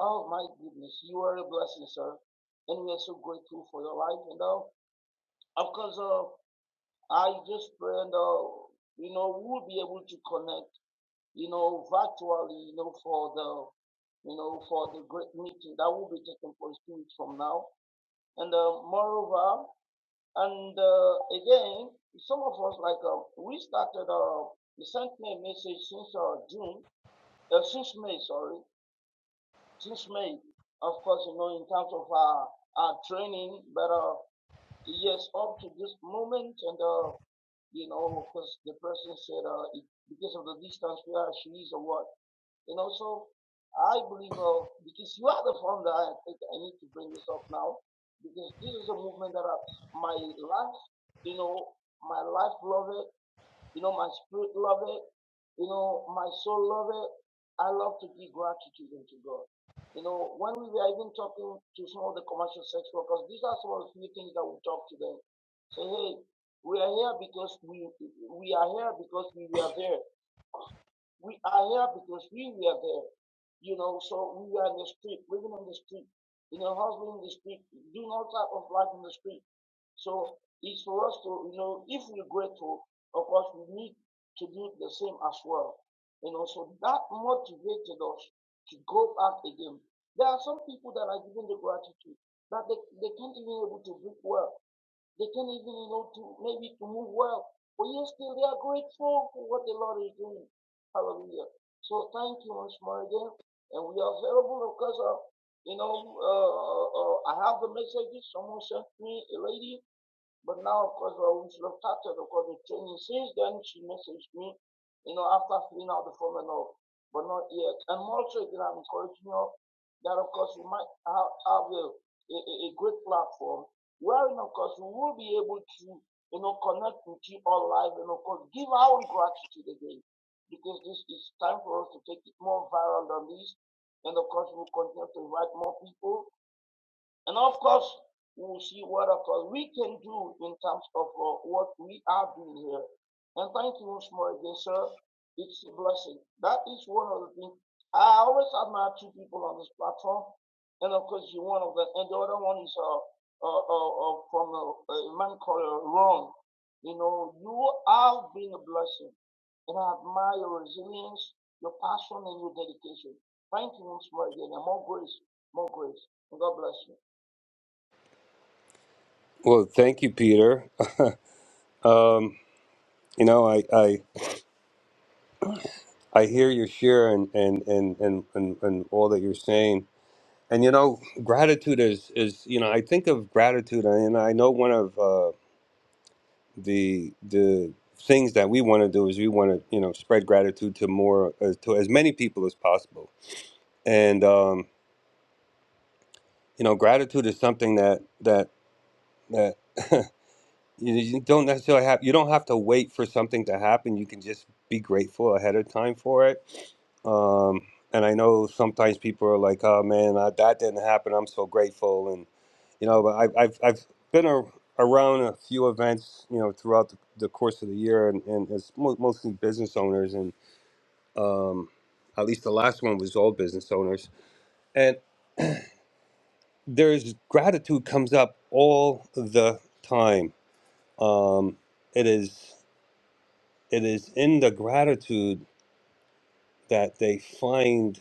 oh my goodness, you are a blessing, sir. And we are so grateful for your life. And uh, of course, uh, I just pray and, uh, you know, we'll be able to connect, you know, virtually, you know, for the, you know, for the great meeting that will be taking place two weeks from now and uh, moreover, and uh, again, some of us like uh, we started. Uh, he sent me a message since uh, June, uh, since May, sorry, since May. Of course, you know, in terms of our, our training, but uh, yes, up to this moment, and uh, you know, because the person said uh, it, because of the distance where she is or what. You know, so I believe, uh, because you are the founder, I think I need to bring this up now, because this is a movement that I, my life, you know, my life love it, you know, my spirit love it, you know, my soul love it. I love to give gratitude unto God. You know, when we were even talking to some of the commercial sex workers, these are some of the few things that we talk to them. Say, hey, we are here because we we are here because we were there. We are here because we were there. You know, so we were in the street, living on the street, you know, hustling in the street, doing all type of life in the street. So it's for us to, you know, if we're grateful, of course, we need to do the same as well. You know, so that motivated us to go back again. There are some people that are given the gratitude that they, they can't even able to breathe well they can't even, you know, to maybe to move well. But yet still they are grateful for what the Lord is doing. Hallelujah. So thank you once more again. And we are available because of, you know, uh, uh, uh, I have the messages. Someone sent me a lady but now, of course, well, we should have started, of course, the training. Since then, she messaged me, you know, after filling out the form and all, but not yet. And also, again, I'm encouraging you all that, of course, we might have, have a, a, a a great platform wherein, of course, we will be able to, you know, connect with you all live and, of course, give our gratitude again because this is time for us to take it more viral than this. And, of course, we'll continue to invite more people and of course, we'll see what, of course, we can do in terms of uh, what we are doing here. And thank you once more again, sir. It's a blessing. That is one of the things. I always admire two people on this platform. And of course, you're one of them. And the other one is uh, uh, uh, uh, from a, a man called uh, Ron. You know, you have been a blessing. And I admire your resilience, your passion, and your dedication. Thank you once more again. And more grace, more grace. And God bless you. Well, thank you, Peter. um, you know, I, I, I hear your share and, and, and, and, and, and all that you're saying. And, you know, gratitude is, is, you know, I think of gratitude and I know one of uh, the, the things that we want to do is we want to, you know, spread gratitude to more, uh, to as many people as possible and um, you know gratitude is something that that that you, you don't necessarily have you don't have to wait for something to happen you can just be grateful ahead of time for it um, and i know sometimes people are like oh man I, that didn't happen i'm so grateful and you know but I, have I've, I've been a, around a few events you know throughout the, the course of the year and, and it's mo- mostly business owners and um, at least the last one was all business owners there's gratitude comes up all the time. Um, it is it is in the gratitude that they find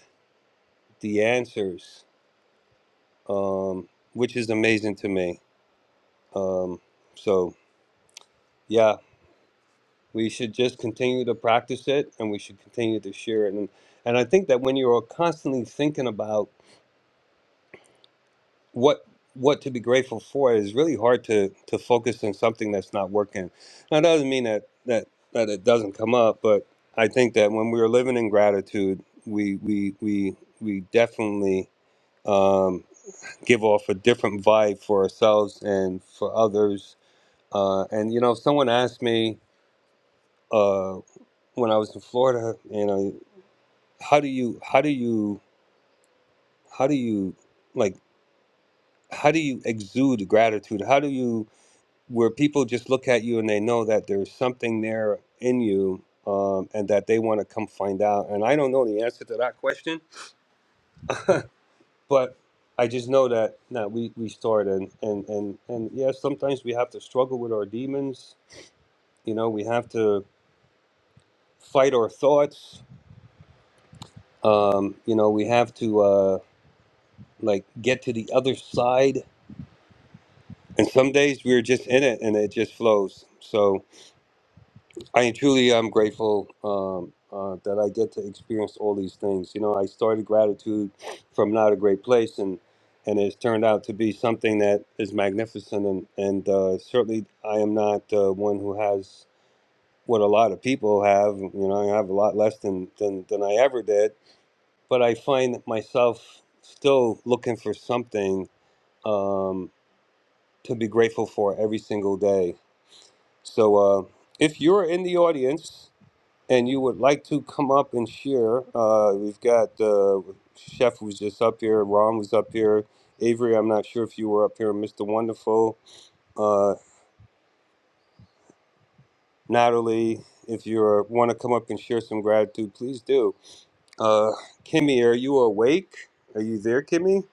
the answers, um, which is amazing to me. Um, so yeah, we should just continue to practice it, and we should continue to share it. And and I think that when you're constantly thinking about what what to be grateful for is really hard to to focus on something that's not working. Now, that doesn't mean that that that it doesn't come up, but I think that when we are living in gratitude, we we we we definitely um, give off a different vibe for ourselves and for others. Uh, and you know, someone asked me uh, when I was in Florida, you know, how do you how do you how do you like how do you exude gratitude? How do you where people just look at you and they know that there's something there in you um, and that they want to come find out. And I don't know the answer to that question, but I just know that no, we, we start and, and, and, and yeah, sometimes we have to struggle with our demons. You know, we have to fight our thoughts. Um, you know, we have to uh, like get to the other side. And some days we're just in it and it just flows. So, I am truly am grateful um, uh, that I get to experience all these things. You know, I started gratitude from not a great place, and and it's turned out to be something that is magnificent. And and uh, certainly, I am not uh, one who has what a lot of people have. You know, I have a lot less than than than I ever did. But I find myself still looking for something um, to be grateful for every single day. So, uh, if you're in the audience and you would like to come up and share, uh, we've got uh, Chef was just up here, Ron was up here, Avery, I'm not sure if you were up here, Mr. Wonderful, uh, Natalie, if you want to come up and share some gratitude, please do. Uh, Kimmy, are you awake? Are you there, Kimmy?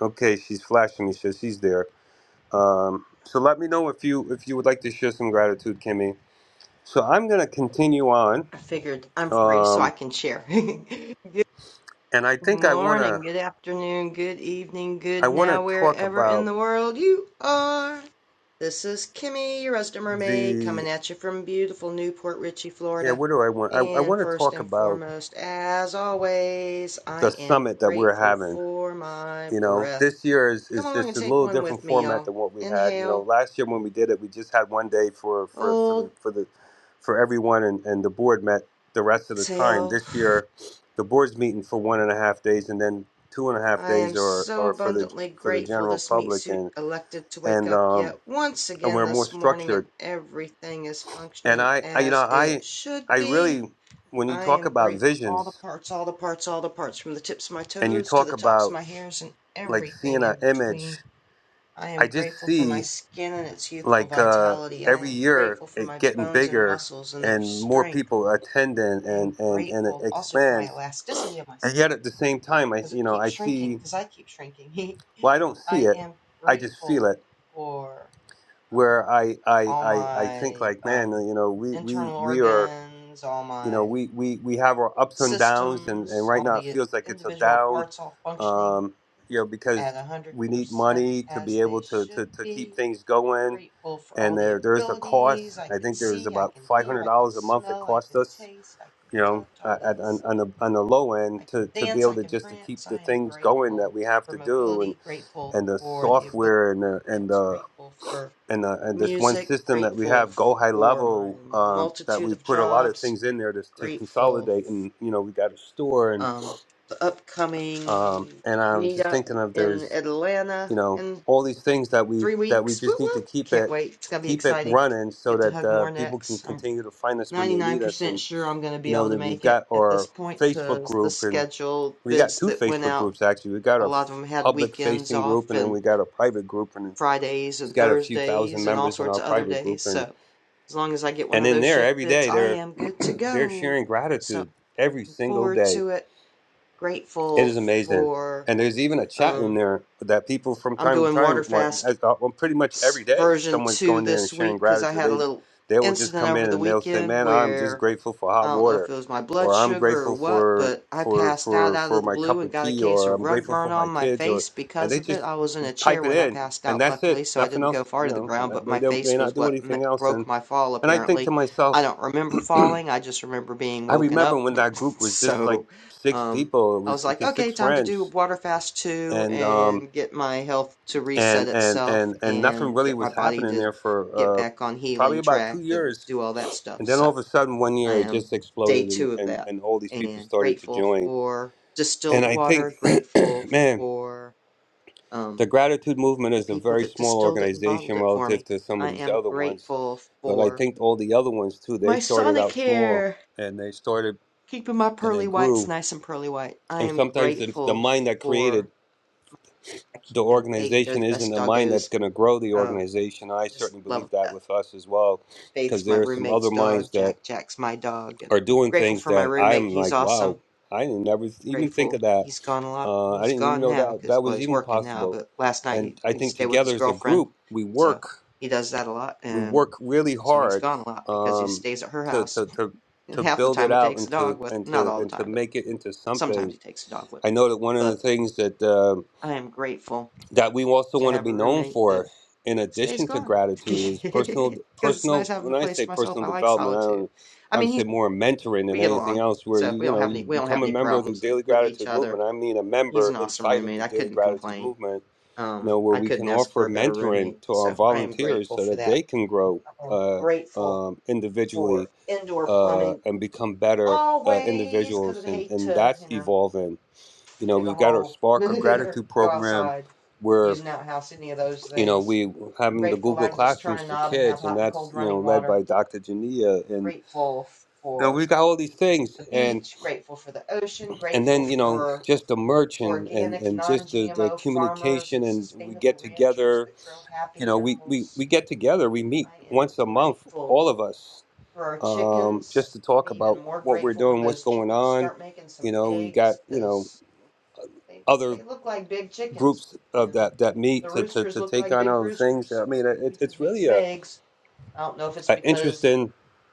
Okay, she's flashing me, so she's there. Um, so let me know if you if you would like to share some gratitude, Kimmy. So I'm gonna continue on, I figured I'm free so I um, can share. good and I think I morning, wanna good afternoon, good evening, I good wanna now, talk wherever in about. the world you are. This is Kimmy, your resident mermaid, the coming at you from beautiful Newport Richey, yeah Florida. what do i want i, I And want to first talk and about foremost, as always, I the am summit that we're grateful having for my you know breath. this year is, Come is along and it's a take little one with different me, format y'all. than what we had you know Inhale, last year when we did it we just had one day for for for the hold, for the for everyone and, and the board met the rest of the time exhale. this year the board's meeting for one and a half days and then two and a half I am days are so are for the abundantly for the grateful general this meat public suit and elected to wake and up yet um once and again we're more this morning and structured everything is and functioning i, I you know as i it should i be. really when you I talk am about grateful for all the visions parts, all the parts, all the parts, from the tips of my and you toes to talk the tops of about my hairs and like seeing everything an in image, between. I am I just grateful for my see skin and its youthful like uh, vitality. I every am year grateful for it my getting bones and bigger muscles and their and more strength. people attending I am and, and, and it grateful also for my expands. elasticity of my And skin yet at the same time, I, because it you know, keeps I shrinking see, because I keep shrinking. well, I don't I see it. am I just feel grateful it for um, where I, I, all I, I think my like, man, um, you know, we, we, internal we are organs, all you know, my we, we, we have our ups and downs, and, and systems, right all now it the feels like it's a individual down, parts all functioning um, you know, because at 100% we need money to as be they able to, should to, to keep be. things going. Grateful for And all the there, there's a abilities cost. I I can think there's see, I about can hear, I can $500 a month it smell, I costs can us, taste, I can you know, touch, all at, that at- on, on, stuff the, on the low I end to, can to be dance, I able to can just to prance. keep the I am things going that grateful we have for to do and, mobility, grateful and the for the ability software and the, to and dance, the grateful for and, uh, and this one music, system that we grateful have, Go High for my Level, uh, that multitude of we've put a lot of jobs, things in there to, to grateful for consolidate, and you know we got a store, and um the upcoming um, and I'm just meetup thinking of in there's Atlanta you know in all these things that we three that we weeks. just Whoop need to whoop! keep Can't it wait. It's gonna be keep it exciting. running so Get to that hug uh, more people can necks. I'm continue to find us when they need us, 99% and sure I'm going to you be know able to then we've make it got at this our point Facebook because the group, and schedule we got bids two that went Facebook out groups actually. We got a a lot of them had public weekends facing group, off and then and we got a private group, and Fridays it's and got a few thousand Thursdays and all members in sorts our of other private days. group, and So as long as I get one And of in those there, shift every bids, day, I they're am good to they're go. sharing So gratitude every single forward day. to it. It Grateful is amazing. for And there's even a chat in um there that people from I'm time to doing time, want- Waterfast as- uh, well, pretty much s- every day, version someone's 2 going there and this sharing week cuz I gratitude. had a They little they will just incident come over in the and they'll say, weekend "Man, I'm just where grateful for I hot don't know if water," it was my blood or "I'm sugar or grateful what, for but I for passed out for out of for the my blue cup and of got a tea," case or of "I'm rug grateful burn for on my my kids," or face and because they of just it. I was in a chair type it when I in, passed and out, that's luckily, it. so I Nothing didn't go else. far You to the ground, know, but they my don't face may was not do what m- anything else. broke And my fall, and I think to apparently. I myself, don't remember falling, I just remember being I woken remember up. when that group was just like so, six um, people. It I was was like, like okay, six time to do friends, water fast two and um, and get my health to and reset and itself and and nothing and really get my was body happening to there for get uh, back on probably healing about two track and years. do all that stuff. And then So, all of a sudden, one I year it am just day exploded, and two of and that and all these people and started to grateful join. for And distilled I water, think, grateful man, for the um, gratitude movement the is a people very that small distilled it and bottled organization it for relative me. to some of I these am other ones, grateful but I for think all the other ones too. They my started sonic out small, hair, and they started keeping my and they pearly whites grew. nice and pearly white. I And am sometimes the, the grateful mind that created for the and Faith. They're organization the isn't best a mind that's doggos. going to grow the Um, organization. I just certainly love believe that Beth. with us as well, because Faith's my there are some other roommate's dog. minds that Jack Jack's my dog. And are doing grateful things for my that roommate. I'm He's like, awesome wow, I didn't never even think of grateful that. he's gone a lot. Uh, I He's didn't even gone know now that because that well, was he's even working now, possible. but last night And he, I he think stayed with his together as a girlfriend, group, we so work, he does that a lot, we and work really so he's hard gone a lot because he um, stays at her to, house, to, to, and to half the build time it he out takes a and dog to, with. and him. Not to, all the and to time, but make it into sometimes something. he takes a dog with I him. know that one of the But things that, um, I am grateful that we also to want to have a be known roommate that for in stays addition to gone gratitude because is personal it's nice personal having the when i place say to myself. personal I like development i solitude. don't I i would mean, he say more mentoring we than get anything along, else where so you we you don't know have you any we don't have become a any member of the problems uh, daily with each gratitude other. movement i mean a He's member an awesome inside of roommate. the I daily couldn't gratitude complain movement you Um, know where I we couldn't can ask for offer a better mentoring roommate, to our so I am volunteers grateful so for that that. they can grow I am uh, grateful um, individually for indoor uh, plumbing and become better uh, always because individuals I and hate and to, that's you know, evolving you know dig a we've got our hole spark of or gratitude go program outside, where use an outhouse, any of those you know, things. we having the Grateful that Google I can just turn Classrooms a for knob and have kids, and hot and that's cold you know running led water. by Dr. Jania, and Grateful you know for we got all these things, the and beach. Grateful for the ocean. and Grateful then you know for just the merch and and, organic, and non just the, the GMO farmers communication, and and we get sustainable ranchers together, that grow you happy know, we, we animals we get together, we meet I am once a month, grateful all of us, for our um, just chickens. to I'll talk be even about more what we're grateful when doing, what's those going chickens on, start making some you know, we've got eggs you know because they other they look like big chickens groups of and that that meet the to to, roosters to look take like on big other things. roosters. I So mean, we it, it's just need really some a, eggs. I don't know if it's a because interesting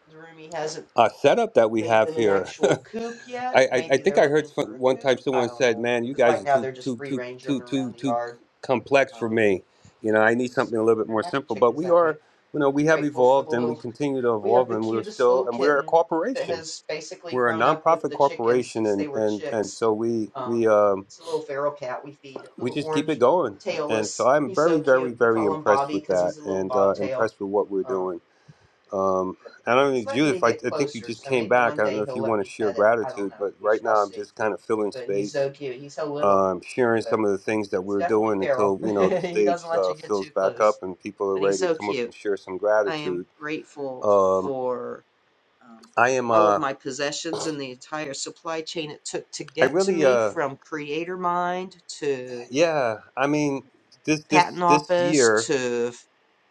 the roomie hasn't uh, setup that we made have them an here. actual coop yet. I, I I Maybe think they're I heard looking for some, a one time coop. I someone don't said, know "Man, you because guys right are now too they're just too free too range running too around too the too yard complex for Um, me. You know, I need because something a little bit they're more happy simple." But chickens we that way. are, you know, we have Grateful for the evolved and little we continue to We have evolve, the and we're cutest still little and we're a kitten that corporation. has basically We're a grown up with nonprofit the chickens corporation, since they and were and and chicks. so we Um, we um it's a little feral cat we feed, we little just keep it orange going. And so tailless. I'm He's so very very cute. We very call him impressed Bobby with because that, he's a little and uh, bobtail. impressed with what we're doing. Um, Um, but I don't know, he's letting me Judith, I, get I think you closer, just so came maybe back. one I don't day know if he'll you let want to me share pet it. I don't gratitude, know. but We right shall now I'm see. just kind of filling But he's space, so cute. He's so little, um, sharing some but of the he, things that he's we're definitely doing feral. until, you know, the he stage doesn't let uh, you get too fills back close, up and people are but he's ready to so come up cute. and share some I am gratitude. grateful Um, for um, I am, all of uh, my possessions and the entire supply chain it took to I get to really, me uh, from creator mind to yeah, I mean, this, patent this, this office year to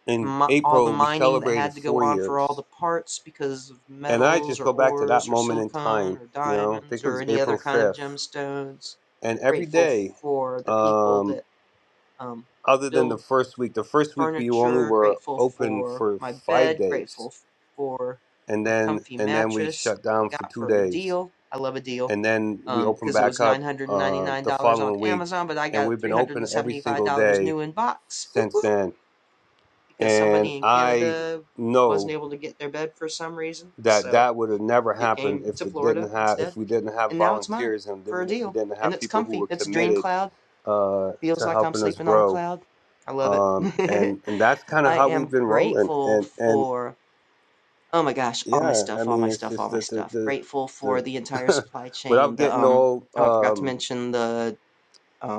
in mi- all the April, we mining that celebrated had to go four on for all years. the parts because of And I metals just or go back to that ores or moment in silicone time, or you know, I diamonds think it or was any other April kind of 5th. gemstones And every grateful day, for the people um. that um, other than build the first week the first week we only furniture, were grateful open for for my five bed, days grateful for and my then comfy and then we mattress shut that I down for got two for a days deal. I love a deal and then because we um, opened it back was up uh, the $999 on following week Amazon, but I and got we've it been open every single $375 day new in box whoop, since whoop, then because and somebody in i Canada wasn't know able to get their bed for some reason. that So that would have never it happened came if to it Florida didn't have if instead. we didn't have And now it's mine volunteers and then for we a we deal. didn't And have it's people who were comfy. It's Dream committed Cloud. uh, Feels to like I'm helping us sleeping on a grow cloud. I love um, it. and and that's kind of I how we've am been rolling. grateful And and for oh my gosh, all my Yeah, I stuff, all mean, my it's stuff, just all my that stuff. the Grateful for the the entire the supply chain, without the getting um all oh, I forgot to um, mention the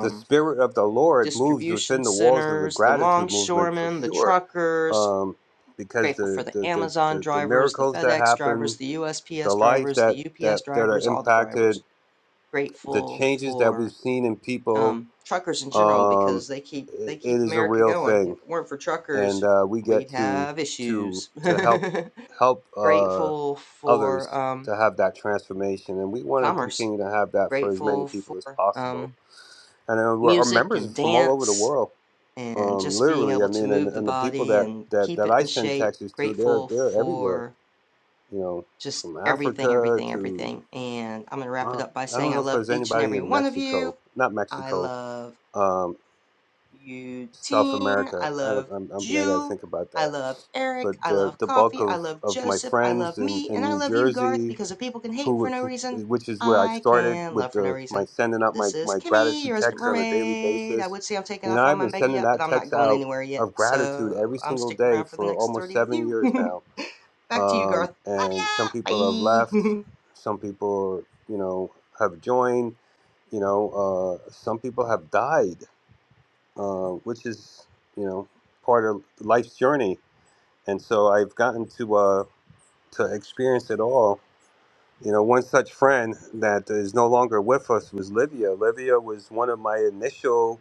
the spirit of the Lord moves distribution within the walls of the centers, the gratitude movement for longshoremen, the sure, truckers, um, because grateful for the the the, the Amazon the the drivers, the miracles that FedEx drivers, happen, the the USPS lives drivers, that the UPS that that are drivers, all the impacted, drivers. the Grateful changes that we've for seen in people, um, truckers in general um, because they keep i they it keep is a America real going. If thing. it weren't for truckers, and uh, we we'd get to have to issues. to help help uh, grateful for others um, to have that transformation and we want to commerce. continue to have that for as many Grateful people as for possible um, and uh, we're- our music members are and from all over the dance world and um, just being literally i able to mean and, move the and the people body that, and that keep that it i in send shape. texts to they're Grateful they're everywhere for you know just from everything, africa everything, to everything. And I'm going to wrap it uh, up by i saying don't I know if love there's each and anybody every in one of you. mexico not I mexico love Um, South Eugene. I America. I love don't, I'm, I'm, I got to Jew. think about I that. love Eric. But I the love the bulk coffee. I of, love of my Joseph. I love friends in, me. And in I New love you, Garth, Jersey, because if people can hate for who, no who reason, which is where I I started can with love for no the my reason. sending out This my, is my Kimmy, your gratitude resident text on a daily mermaid. I basis. would say I'm taking You know, off on I've my been mega sending yacht, but that I'm not text going out anywhere yet. of gratitude So every I'm single sticking day around for the for next almost 30 with seven you. years now. Back to you, Um, Garth. Love and some ya. people have left, Bye. some people you know have joined. You know, uh, some people have died uh, which is you know part of life's journey. And so I've gotten to uh, to experience it all. You know, one such friend that is no longer with us was Livia. Livia was one of my initial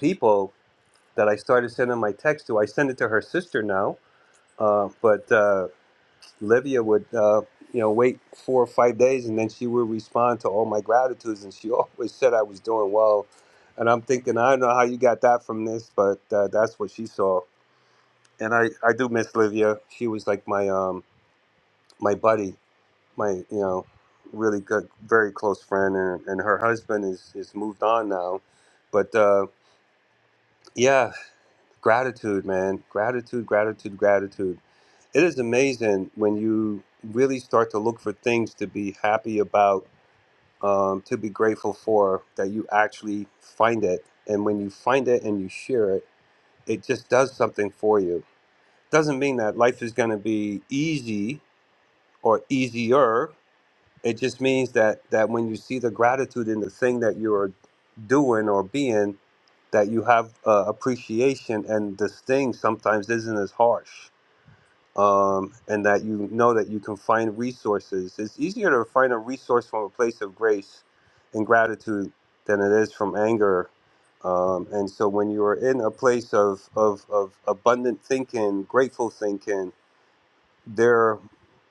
people that I started sending my text to. I send it to her sister now, uh, but uh, Livia would. Uh, you know, wait four or five days, and then she would respond to all my gratitudes, and she always said I was doing well. And I'm thinking, I don't know how you got that from this, but uh, that's what she saw and I I do miss Livia. She was like my um my buddy, my you know really good, very close friend, and, and her husband is is moved on now, but uh, yeah, gratitude, man, gratitude, gratitude, gratitude. It is amazing when you really start to look for things to be happy about, um, to be grateful for, that you actually find it, and when you find it and you share it, it just does something for you. Doesn't mean that life is going to be easy or easier. It just means that that when you see the gratitude in the thing that you're doing or being, that you have uh, appreciation, and this thing sometimes isn't as harsh, um, and that you know that you can find resources. It's easier to find a resource from a place of grace and gratitude than it is from anger. Um, and so when you're in a place of, of, of abundant thinking, grateful thinking, there are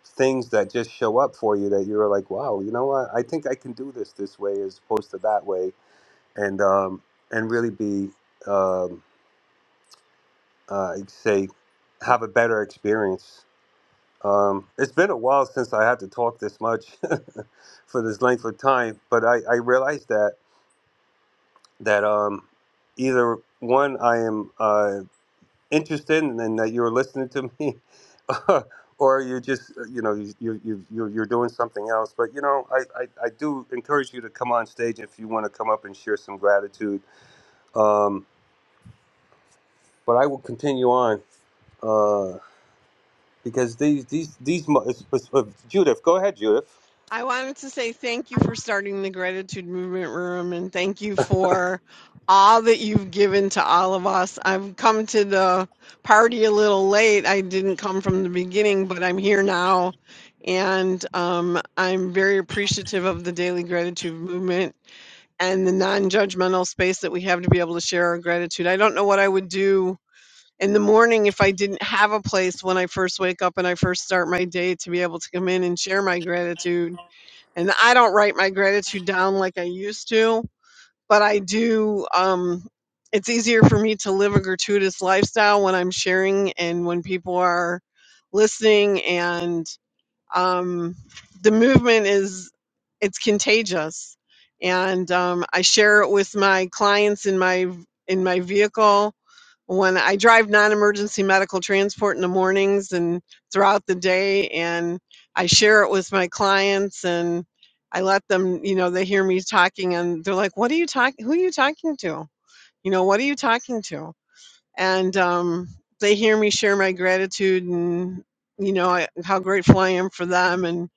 things that just show up for you that you're like, wow, you know what? I think I can do this this way as opposed to that way, and um, and really be, um, uh, I'd say, have a better experience. Um, it's been a while since I had to talk this much for this length of time, but I, I realized that that um, either one, I am. Uh, interested and, that you're listening to me or you just uh, you know you, you, you, you- you're doing something else but you know I, I, I do encourage you to come on stage if you want to come up and share some gratitude um, but i will continue on uh, because these these these mo- it's- it's- uh, judith go ahead judith I wanted to say thank you for starting the gratitude movement room and thank you for all that you've given to all of us. I've come to the party a little late. I didn't come from the beginning, but I'm here now. And um, I'm very appreciative of the daily gratitude movement and the non judgmental space that we have to be able to share our gratitude. I don't know what I would do in the morning if I didn't have a place when I first wake up and I first start my day to be able to come in and share my gratitude and I don't write my gratitude down like I used to, but I do. Um, it's easier for me to live a gratuitous lifestyle when I'm sharing and when people are listening. And um, the movement is it's contagious and um, i share it with my clients in my in my vehicle when i drive non-emergency medical transport in the mornings and throughout the day and i share it with my clients and i let them you know they hear me talking and they're like what are you talking who are you talking to you know what are you talking to and um, they hear me share my gratitude and you know I, how grateful I am for them and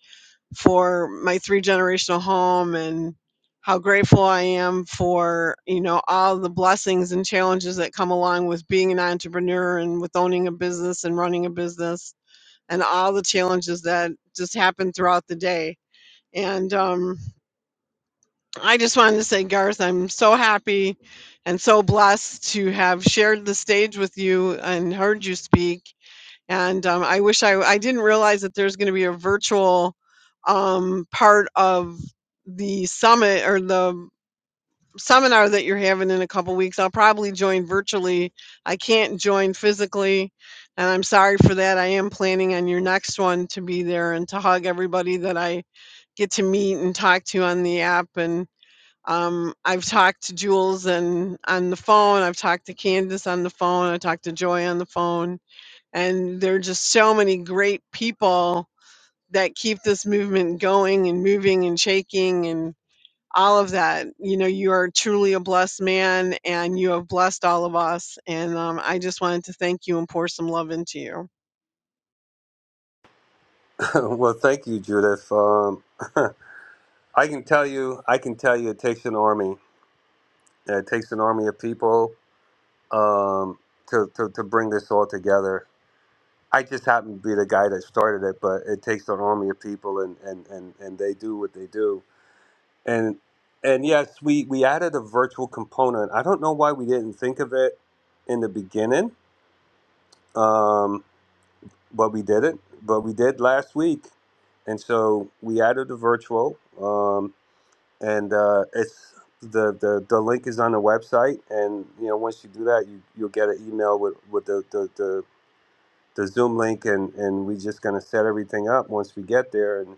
for my three generational home and how grateful I am for you know all the blessings and challenges that come along with being an entrepreneur and with owning a business and running a business and all the challenges that just happen throughout the day and um, I just wanted to say, Garth, I'm so happy and so blessed to have shared the stage with you and heard you speak. And um, I wish I, I didn't realize that there's going to be a virtual um, part of the summit or the seminar that you're having in a couple weeks. I'll probably join virtually. I can't join physically. And I'm sorry for that. I am planning on your next one to be there and to hug everybody that I get to meet and talk to on the app and um, I've talked to Jules and on the phone. I've talked to Candace on the phone. I talked to Joy on the phone, and there are just so many great people that keep this movement going and moving and shaking and all of that. You know, you are truly a blessed man, and you have blessed all of us. And um, I just wanted to thank you and pour some love into you. well thank you judith um, i can tell you i can tell you it takes an army it takes an army of people um, to, to, to bring this all together I just happen to be the guy that started it, but it takes an army of people, and and and and they do what they do. And and yes, we we added a virtual component. I don't know why we didn't think of it in the beginning, um, but we did it. But we did last week, and so we added the virtual, um, and uh, it's. The, the, the link is on the website and you know once you do that you you'll get an email with, with the, the, the Zoom link, and and we're just gonna set everything up once we get there, and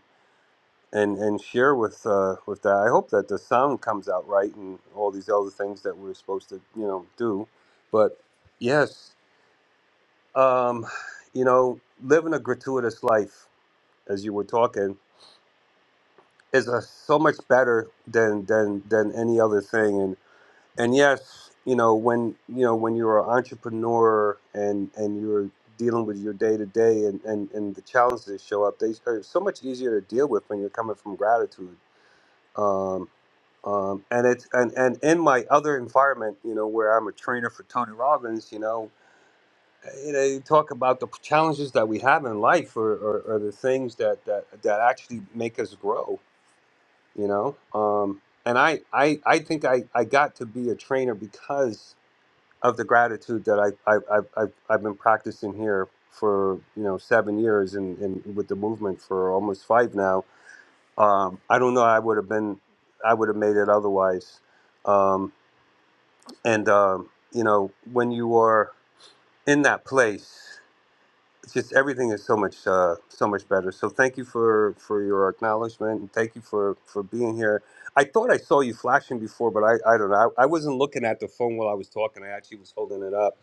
and and share with uh, with that. I hope that the sound comes out right, and all these other things that we're supposed to you know do. But yes, um, you know, living a gratuitous life, as you were talking, is a, so much better than than than any other thing, and yes you know when you know when you're an entrepreneur and and you're dealing with your day to day and and and the challenges that show up they are so much easier to deal with when you're coming from gratitude um um, and it's and, and in my other environment, you know, where I'm a trainer for Tony Robbins, you know, you know, you talk about the challenges that we have in life are, are, are the things that, that that actually make us grow, you know. Um, and I, I I think I, I got to be a trainer because of the gratitude that I, I, I, I've, I've been practicing here for you know seven years and, and with the movement for almost five now. Um, I don't know. I would have been, I would have made it otherwise. Um, and um, you know, when you are in that place, it's just everything is so much uh, so much better. So thank you for for your acknowledgement and thank you for for being here. I thought I saw you flashing before, but I I don't know. I, I wasn't looking at the phone while I was talking. I actually was holding it up.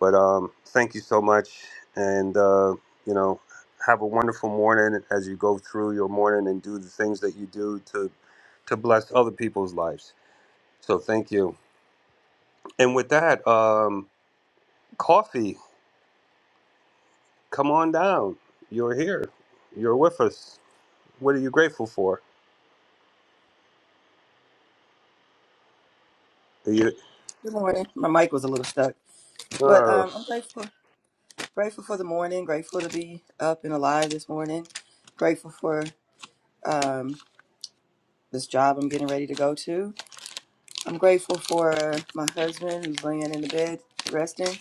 But um, thank you so much, and uh, you know, have a wonderful morning as you go through your morning and do the things that you do to to bless other people's lives. So thank you. And with that, um, coffee, come on down. You're here. You're with us. What are you grateful for? Are you? Good morning. My mic was a little stuck, but Oh, um, I'm grateful, grateful for the morning. Grateful to be up and alive this morning. Grateful for um, this job I'm getting ready to go to. I'm grateful for my husband who's laying in the bed resting.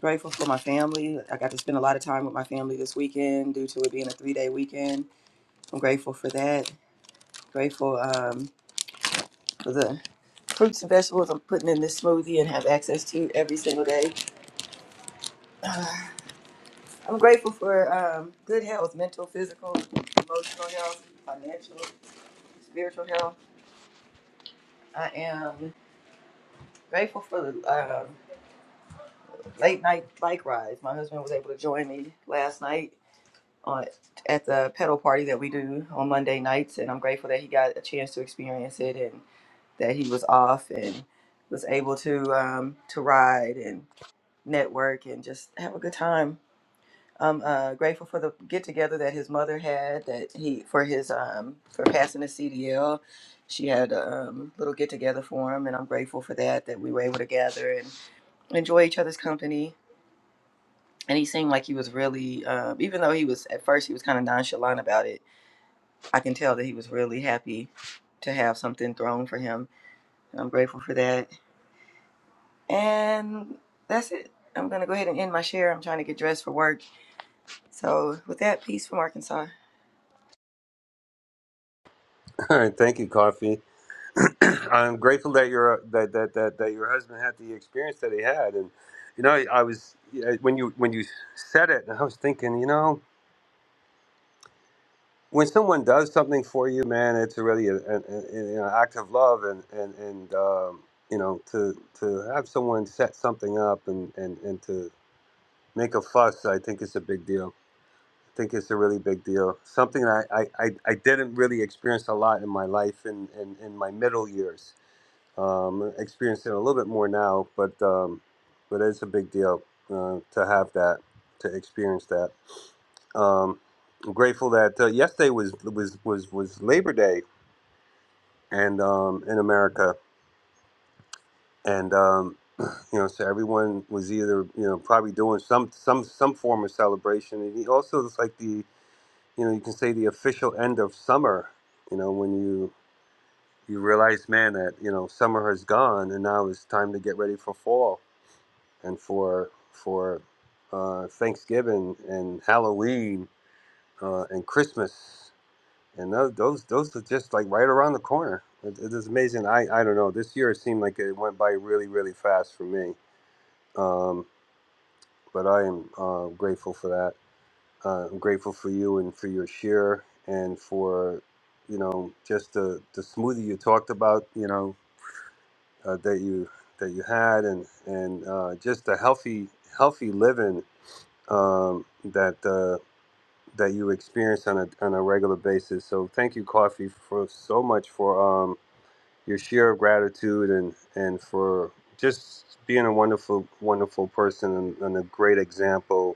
Grateful for my family. I got to spend a lot of time with my family this weekend due to it being a three day weekend. I'm grateful for that. Grateful um, for the fruits and vegetables I'm putting in this smoothie and have access to every single day. I'm grateful for um, good health, mental, physical, emotional health, financial, spiritual health. I am grateful for the um late night bike rides. My husband was able to join me last night on, at the pedal party that we do on Monday nights, and I'm grateful that he got a chance to experience it and that he was off and was able to um, to ride and network and just have a good time I'm uh, grateful for the get together that his mother had. That he for his um for passing the CDL, she had a um, little get together for him, and I'm grateful for that. That we were able to gather and enjoy each other's company. And he seemed like he was really, um, even though he was at first he was kind of nonchalant about it. I can tell that he was really happy to have something thrown for him. And I'm grateful for that. And that's it. I'm gonna go ahead and end my share. I'm trying to get dressed for work. So with that, peace from Arkansas. all right. Thank you, Coffee. I'm grateful that your that, that that that your husband had the experience that he had, and you know, I was yeah, when you when you said it, I was thinking, you know, when someone does something for you, man, it's really an, an, an an act of love, and and and um, you know, to to have someone set something up and and and to make a fuss, I think is a big deal think it's a really big deal. Something I, I, I I didn't really experience a lot in my life in, in, in my middle years. Um, experiencing it a little bit more now, but um, but it's a big deal uh, to have that, to experience that. Um, I'm grateful that uh, yesterday was was was was Labor Day and um, in America, and um, you know, so everyone was either you know probably doing some some some form of celebration, and also it's like the you know you can say the official end of summer you know when you you realize man that you know summer has gone and now it's time to get ready for fall and for for uh, thanksgiving and halloween uh, and christmas and those, those those are just like right around the corner it, it is amazing i i don't know this year it seemed like it went by really really fast for me um, but i am uh, grateful for that Uh, I'm grateful for you and for your share and for, you know, just the, the smoothie you talked about, you know, uh, that you that you had and and uh, just the healthy healthy living um, that uh, that you experience on a on a regular basis. So thank you, Coffee, for so much for um, your share of gratitude and and for just being a wonderful wonderful person and, and a great example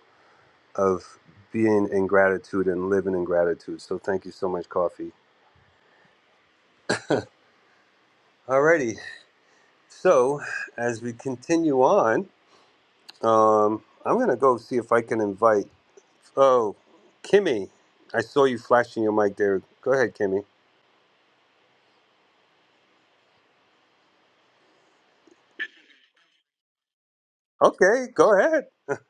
of being in gratitude and living in gratitude. So thank you so much, Coffee. Alrighty. So as we continue on, um, I'm gonna go see if I can invite. Oh, Kimmy, I saw you flashing your mic there. Go ahead, Kimmy. Okay, go ahead.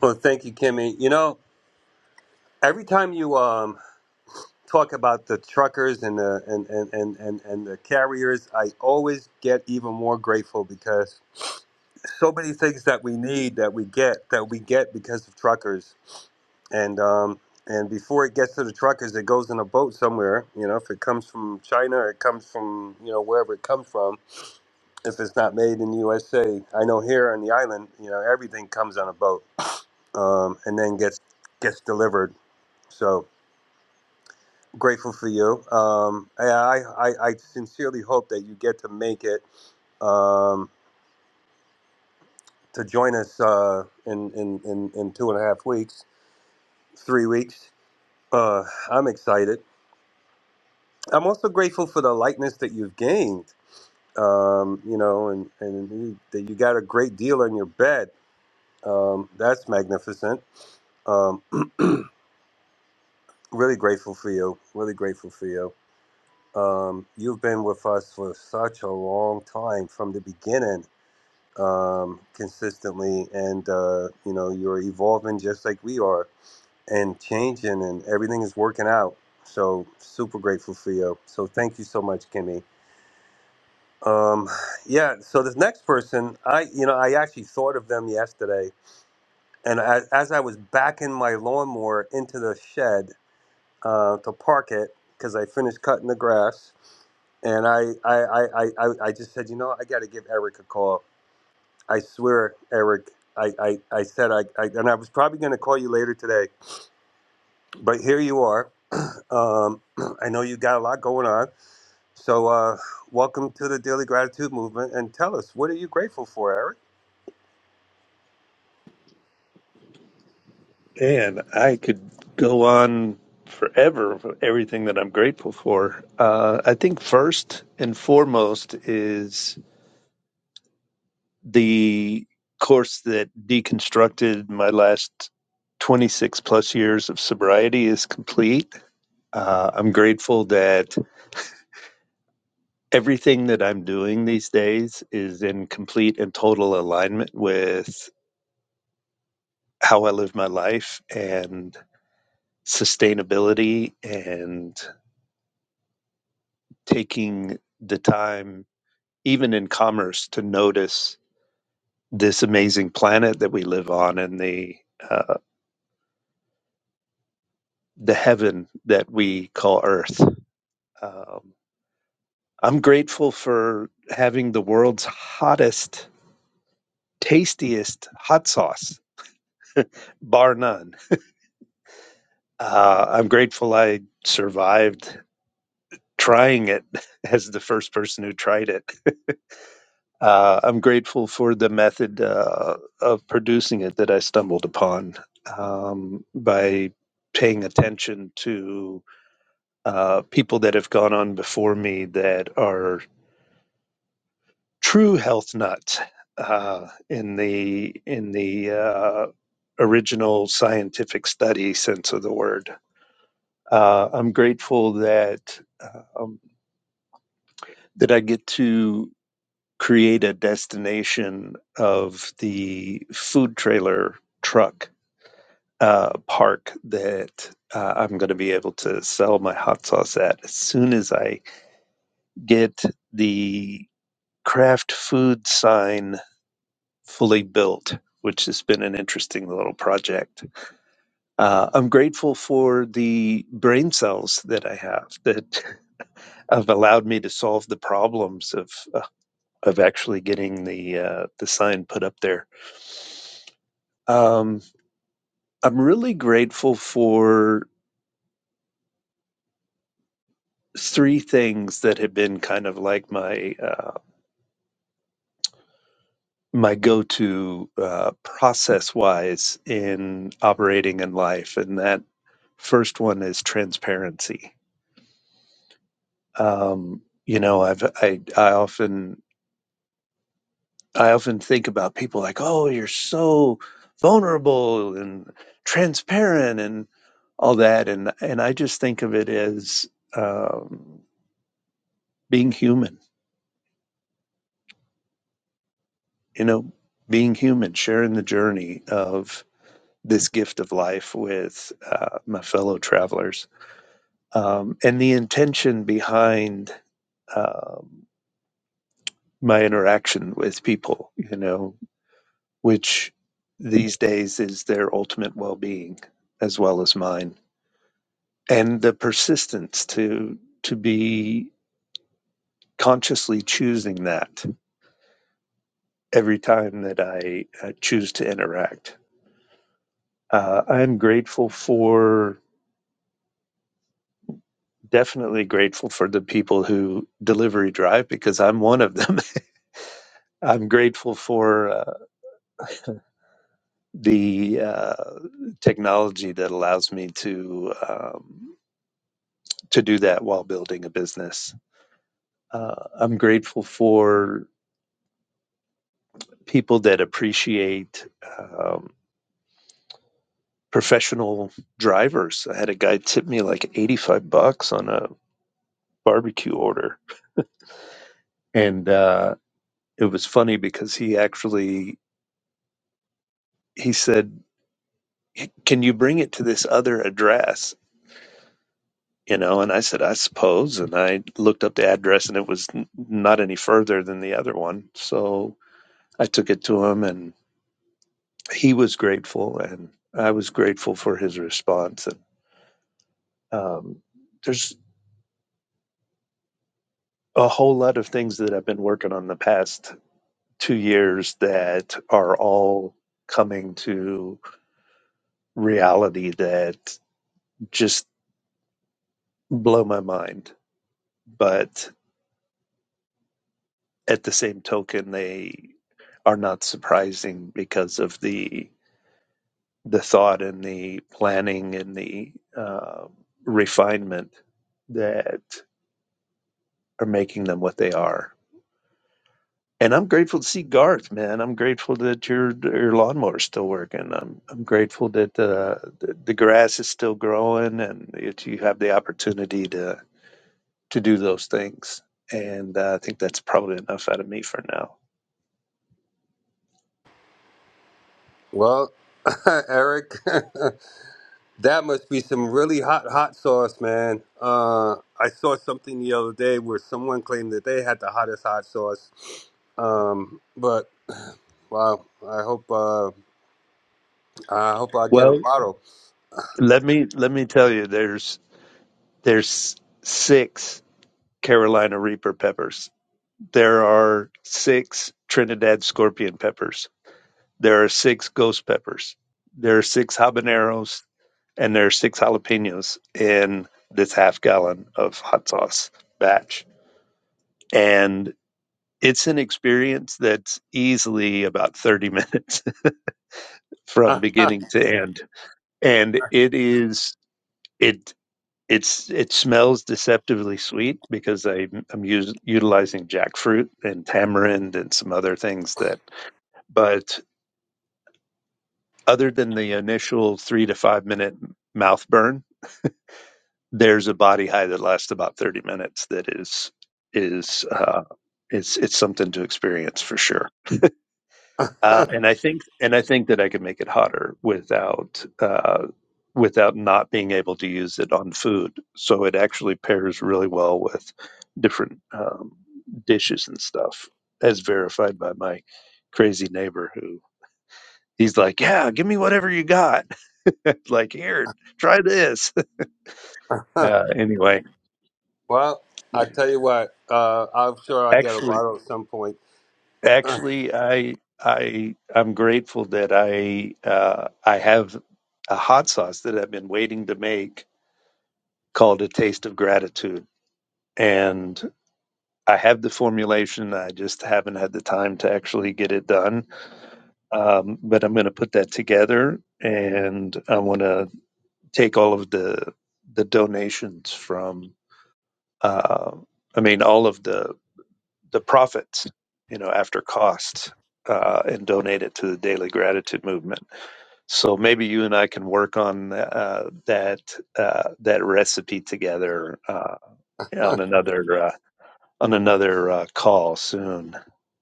well, thank you, Kimmy. You know, every time you um talk about the truckers and the and and and and, and the carriers, I always get even more grateful because so many things that we need that we get that we get because of truckers and um and before it gets to the truckers it goes in a boat somewhere you know if it comes from china or it comes from you know wherever it comes from if it's not made in the usa i know here on the island you know everything comes on a boat um and then gets gets delivered so grateful for you um i i, I I sincerely hope that you get to make it um to join us uh in in in, in two and a half weeks three weeks. Uh, I'm excited. I'm also grateful for the lightness that you've gained. Um, you know, and and you, that you got a great deal on your bed. Um, that's magnificent. Um, really grateful for you. Really grateful for you. Um, you've been with us for such a long time from the beginning, um, consistently, and uh, you know you're evolving just like we are and changing and everything is working out. So super grateful for you. So thank you so much, Kimmy. Um, yeah. So this next person, I you know I actually thought of them yesterday, and as, as I was backing my lawnmower into the shed uh, to park it because I finished cutting the grass, and I I, I, I I I just said, you know, I got to give Eric a call. I swear, Eric. I, I, I said I, I and I was probably going to call you later today But here you are. Um, I know you got a lot going on. So, uh, welcome to the Daily Gratitude Movement. And tell us, what are you grateful for, Eric? Man, I could go on forever for everything that I'm grateful for. Uh, I think first and foremost is the course that deconstructed my last 26 plus years of sobriety is complete. Uh, I'm grateful that everything that I'm doing these days is in complete and total alignment with how I live my life and sustainability and taking the time, even in commerce, to notice this amazing planet that we live on and the uh, the heaven that we call Earth. Um, I'm grateful for having the world's hottest, tastiest hot sauce, bar none. Uh, I'm grateful I survived trying it as the first person who tried it. Uh, I'm grateful for the method uh, of producing it that I stumbled upon um, by paying attention to uh, people that have gone on before me that are true health nuts uh, in the in the uh, original scientific study sense of the word. Uh, I'm grateful that um, that I get to. create a destination of the food trailer truck uh, park that uh, I'm going to be able to sell my hot sauce at as soon as I get the craft food sign fully built. Which has been an interesting little project. Uh, I'm grateful for the brain cells that I have that have allowed me to solve the problems of uh, of actually getting the uh, the sign put up there. Um, I'm really grateful for three things that have been kind of like my uh, my go-to uh, process-wise in operating in life, and that first one is transparency. Um, you know, I've I, I often I often think about people like, oh, you're so vulnerable and transparent and all that, and and I just think of it as um, being human you know, being human, sharing the journey of this gift of life with uh, my fellow travelers. Um, and the intention behind um, my interaction with people, you know, which these days is their ultimate well being as well as mine. And the persistence to, to be consciously choosing that every time that I uh, choose to interact. Uh, I'm grateful for definitely grateful for the people who delivery drive because I'm one of them. I'm grateful for uh, the uh, technology that allows me to um, to do that while building a business. Uh, I'm grateful for people that appreciate um, professional drivers. I had a guy tip me like 85 bucks on a barbecue order, and uh, it was funny because he actually he said can you bring it to this other address? You know, and I said, I suppose. And I looked up the address and it was n- not any further than the other one. So I took it to him and he was grateful and I was grateful for his response. And um, there's a whole lot of things that I've been working on the past two years that are all coming to reality that just blow my mind. But at the same token, they are not surprising because of the the thought and the planning and the uh, refinement that are making them what they are. And I'm grateful to see Garth, man. I'm grateful that your your lawnmower's still working. I'm I'm grateful that uh, the the grass is still growing and that you have the opportunity to to do those things. And uh, I think that's probably enough out of me for now. Well, Eric. That must be some really hot hot sauce, man. Uh, I saw something the other day where someone claimed that they had the hottest hot sauce. Um, but wow, I hope uh, I hope I get a Well, bottle. let me let me tell you, there's there's six Carolina Reaper peppers. There are six Trinidad Scorpion peppers. There are six ghost peppers. There are six habaneros. and there are six jalapenos in this half gallon of hot sauce batch. And it's an experience that's easily about 30 minutes from beginning to end. And it is, it, it's it smells deceptively sweet because I, I'm us, utilizing jackfruit and tamarind and some other things that, but other than the initial three to five minute mouth burn, there's a body high that lasts about 30 minutes that is is uh it's it's something to experience for sure uh and i think and i think that i could make it hotter without uh without not being able to use it on food so it actually pairs really well with different um dishes and stuff as verified by my crazy neighbor who he's like yeah give me whatever you got like here try this uh anyway well, I tell you what, uh, I'm sure I get a actually bottle at some point. All Actually, I I I'm grateful that I uh, I have a hot sauce that I've been waiting to make called a taste of gratitude, and I have the formulation. I just haven't had the time to actually get it done. Um, but I'm going to put that together, and I want to take all of the the donations from. Uh, I mean, all of the the profits, you know, after costs, uh, and donate it to the Daily Gratitude Movement So maybe you and I can work on uh, that uh, that recipe together uh, on another uh, on another uh, call soon.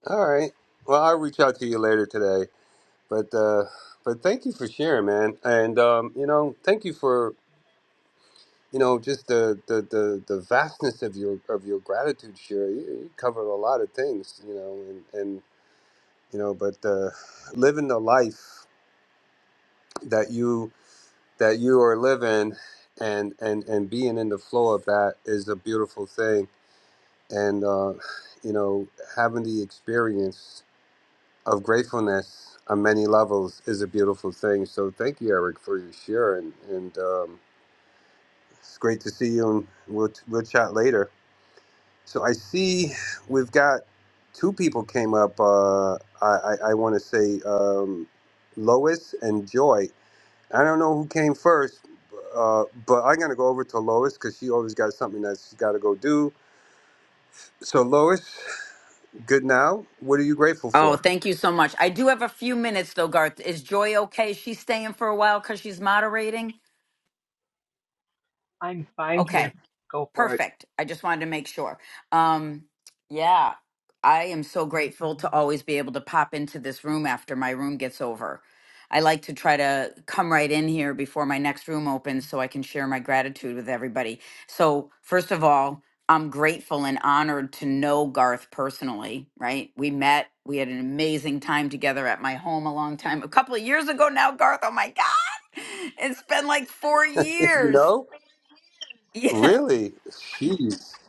right. Well, I'll reach out to you later today. But uh, but thank you for sharing, man. And um, you know, thank you for you know just the the the, the vastness of your of your gratitude share you, you cover a lot of things you know and and you know but uh, living the life that you that you are living and and and being in the flow of that is a beautiful thing and uh, you know having the experience of gratefulness on many levels is a beautiful thing so thank you eric for your share and and um, it's great to see you and we'll, we'll chat later So I see we've got two people came up. Uh, I, I, I want to say um, Lois and Joy. I don't know who came first, uh, but I'm going to go over to Lois because she always got something that she's got to go do. So, Lois, good now. What are you grateful Oh, for? thank you so much. I do have a few minutes though, Garth. Is Joy okay? She's staying for a while because she's moderating. I'm fine Okay. here. Go for it. Perfect. I just wanted to make sure. Um, yeah, I am so grateful to always be able to pop into this room after my room gets over. I like to try to come right in here before my next room opens so I can share my gratitude with everybody. So, first of all, I'm grateful and honored to know Garth personally, right? We met, we had an amazing time together at my home a long time, a couple of years ago now, Garth. Oh my God, it's been like four you years. know? Yeah. Really? Jeez.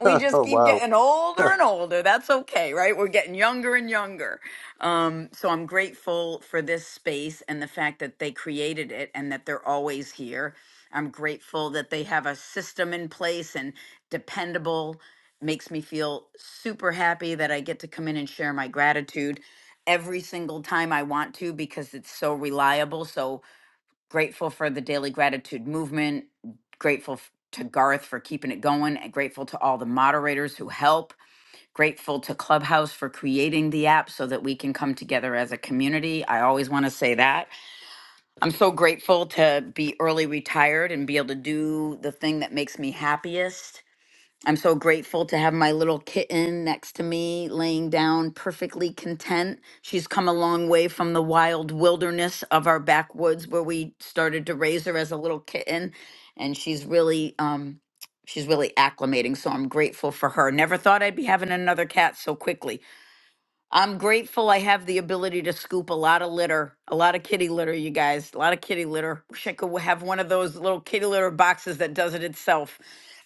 we just keep wow. getting older and older. That's okay, right? We're getting younger and younger. Um, so I'm grateful for this space and the fact that they created it and that they're always here. I'm grateful that they have a system in place and dependable. Makes me feel super happy that I get to come in and share my gratitude every single time I want to because it's so reliable. So grateful for the daily gratitude movement grateful f- to garth for keeping it going and grateful to all the moderators who help grateful to clubhouse for creating the app so that we can come together as a community i always want to say that i'm so grateful to be early retired and be able to do the thing that makes me happiest I'm so grateful to have my little kitten next to me, laying down perfectly content. She's come a long way from the wild wilderness of our backwoods where we started to raise her as a little kitten. And she's really, um, she's really acclimating. So I'm grateful for her. Never thought I'd be having another cat so quickly I'm grateful I have the ability to scoop a lot of litter, a lot of kitty litter, you guys, a lot of kitty litter. Wish I could have one of those little kitty litter boxes that does it itself.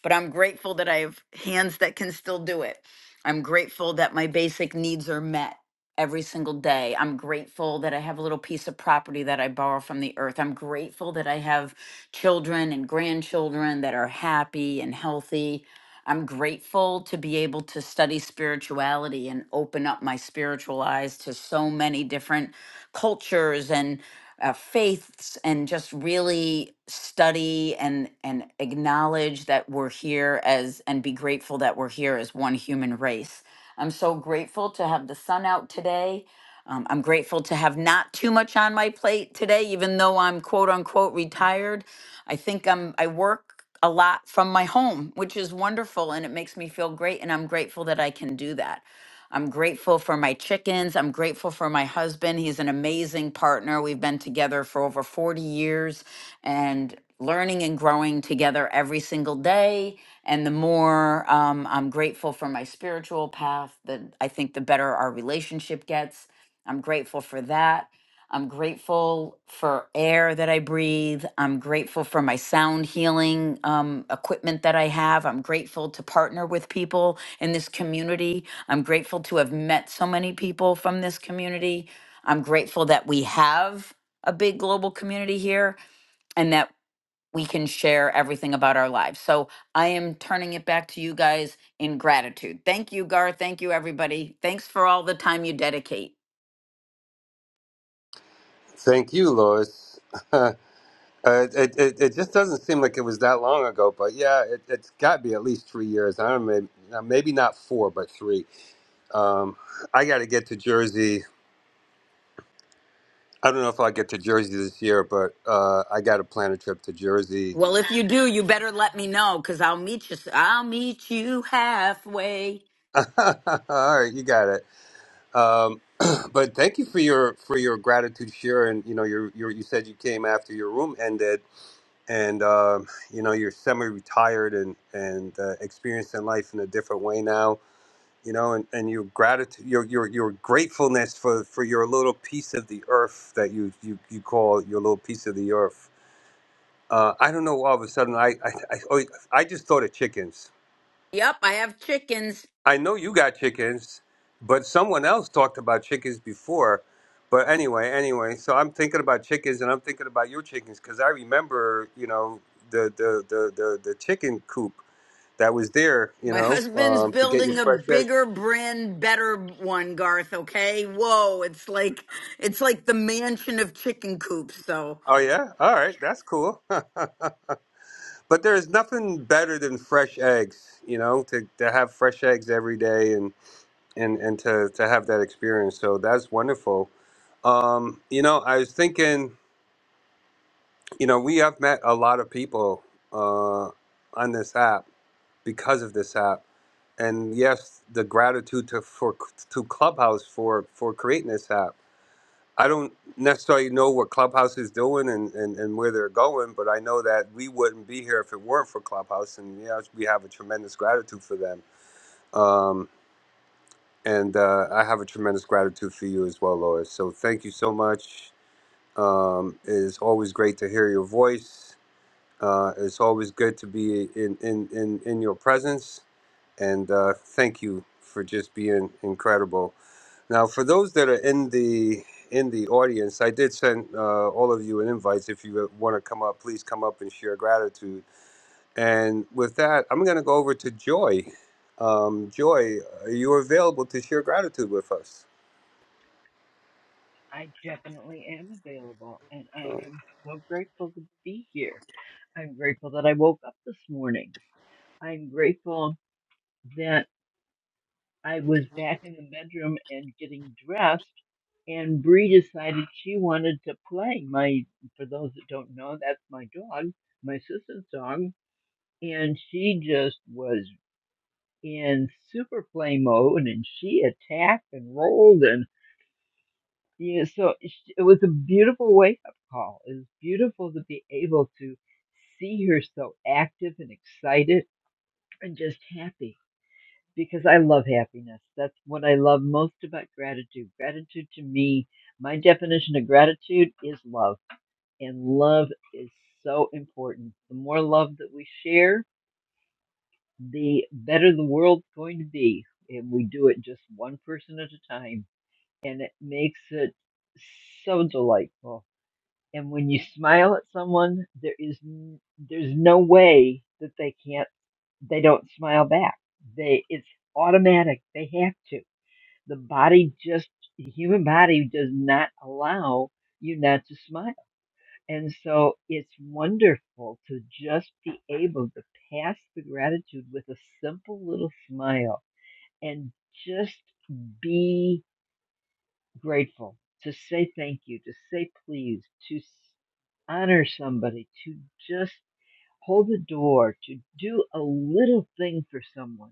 But I'm grateful that I have hands that can still do it. I'm grateful that my basic needs are met every single day. I'm grateful that I have a little piece of property that I borrow from the earth. I'm grateful that I have children and grandchildren that are happy and healthy. I'm grateful to be able to study spirituality and open up my spiritual eyes to so many different cultures and uh, faiths and just really study and and acknowledge that we're here as and be grateful that we're here as one human race. I'm so grateful to have the sun out today. Um, I'm grateful to have not too much on my plate today, even though I'm quote unquote retired. I think I'm I work a lot from my home, which is wonderful and it makes me feel great. And I'm grateful that I can do that. I'm grateful for my chickens. I'm grateful for my husband. He's an amazing partner. We've been together for over 40 years and learning and growing together every single day. And the more um, I'm grateful for my spiritual path, the, I think the better our relationship gets. I'm grateful for that. I'm grateful for air that I breathe. I'm grateful for my sound healing um, equipment that I have. I'm grateful to partner with people in this community I'm grateful to have met so many people from this community. I'm grateful that we have a big global community here and that we can share everything about our lives. So I am turning it back to you guys in gratitude. Thank you, Gar. Thank you, everybody. Thanks for all the time you dedicate. Thank you, Lois. Uh, it, it, it just doesn't seem like it was that long ago, but yeah, it, it's got to be at least three years. I don't maybe, uh, maybe not four, but three. Um, I got to get to Jersey. I don't know if I'll get to Jersey this year, but uh, I got to plan a trip to Jersey. Well, if you do, you better let me know because I'll meet you. s- I'll meet you halfway. All right, you got it. Um, but thank you for your for your gratitude share, and you know, your, your you said you came after your room ended, and um, you know, you're semi-retired and and uh, experiencing life in a different way now you know, and, and your gratitude, your, your, your gratefulness for, for your little piece of the earth that you, you, you call your little piece of the earth. Uh, I don't know. All of a sudden, I, I, I, always- I just thought of chickens. Yep, I have chickens. I know you got chickens, but someone else talked about chickens before. But anyway, anyway, so I'm thinking about chickens and I'm thinking about your chickens because I remember, you know, the, the, the, the, the chicken coop that was there, you My know, husband's um, to get your building a fresh eggs. bigger brand, better one, Garth, okay? Whoa, it's like it's like the mansion of chicken coops, so Oh yeah, all right, that's cool. But there is nothing better than fresh eggs, you know, to, to have fresh eggs every day and, and, and to, to have that experience. So that's wonderful. Um, you know, I was thinking, you know, we have met a lot of people uh, on this app because of this app. And yes, the gratitude to for to Clubhouse for for creating this app I don't necessarily know what Clubhouse is doing and, and, and where they're going, but I know that we wouldn't be here if it weren't for Clubhouse, and yeah, we have a tremendous gratitude for them. Um, and uh, I have a tremendous gratitude for you as well, Lois. So thank you so much. Um, it is always great to hear your voice. Uh, it's always good to be in, in, in, in your presence and uh, thank you for just being incredible. Now, for those that are in the in the audience, I did send uh, all of you an invite. If you want to come up, please come up and share gratitude. And with that, I'm going to go over to Joy. Um, Joy, are you available to share gratitude with us? I definitely am available, and I Uh, am so grateful to be here. I'm grateful that I woke up this morning. I'm grateful that I was back in the bedroom and getting dressed, and Bree decided she wanted to play. My, for those that don't know, that's my dog, my sister's dog, and she just was in super play mode, and she attacked and rolled, and. you know, so it sh- it was a beautiful wake up call. It was beautiful to be able to see her so active and excited and just happy because I love happiness. That's what I love most about gratitude. Gratitude to me, my definition of gratitude is love, and love is so important. The more love that we share, the better the world's going to be. And we do it just one person at a time, and it makes it so delightful And when you smile at someone, there is n- there's no way that they can't they don't smile back. They it's automatic. They have to. The body just the human body does not allow you not to smile. And so it's wonderful to just be able to pass the gratitude with a simple little smile and just be grateful, to say thank you, to say please, to s- honor somebody, to just hold the door, to do a little thing for someone.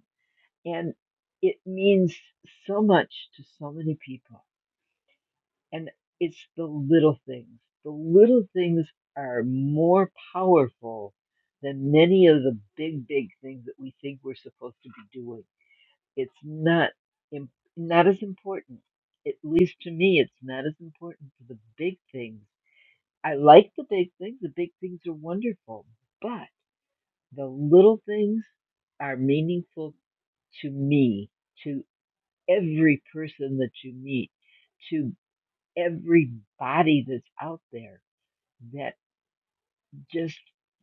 And it means so much to so many people. And it's the little things. The little things are more powerful than many of the big, big things that we think we're supposed to be doing it's not im- not as important. At least to me, it's not as important for the big things. I like the big things. The big things are wonderful, but the little things are meaningful to me, to every person that you meet, to every body that's out there that just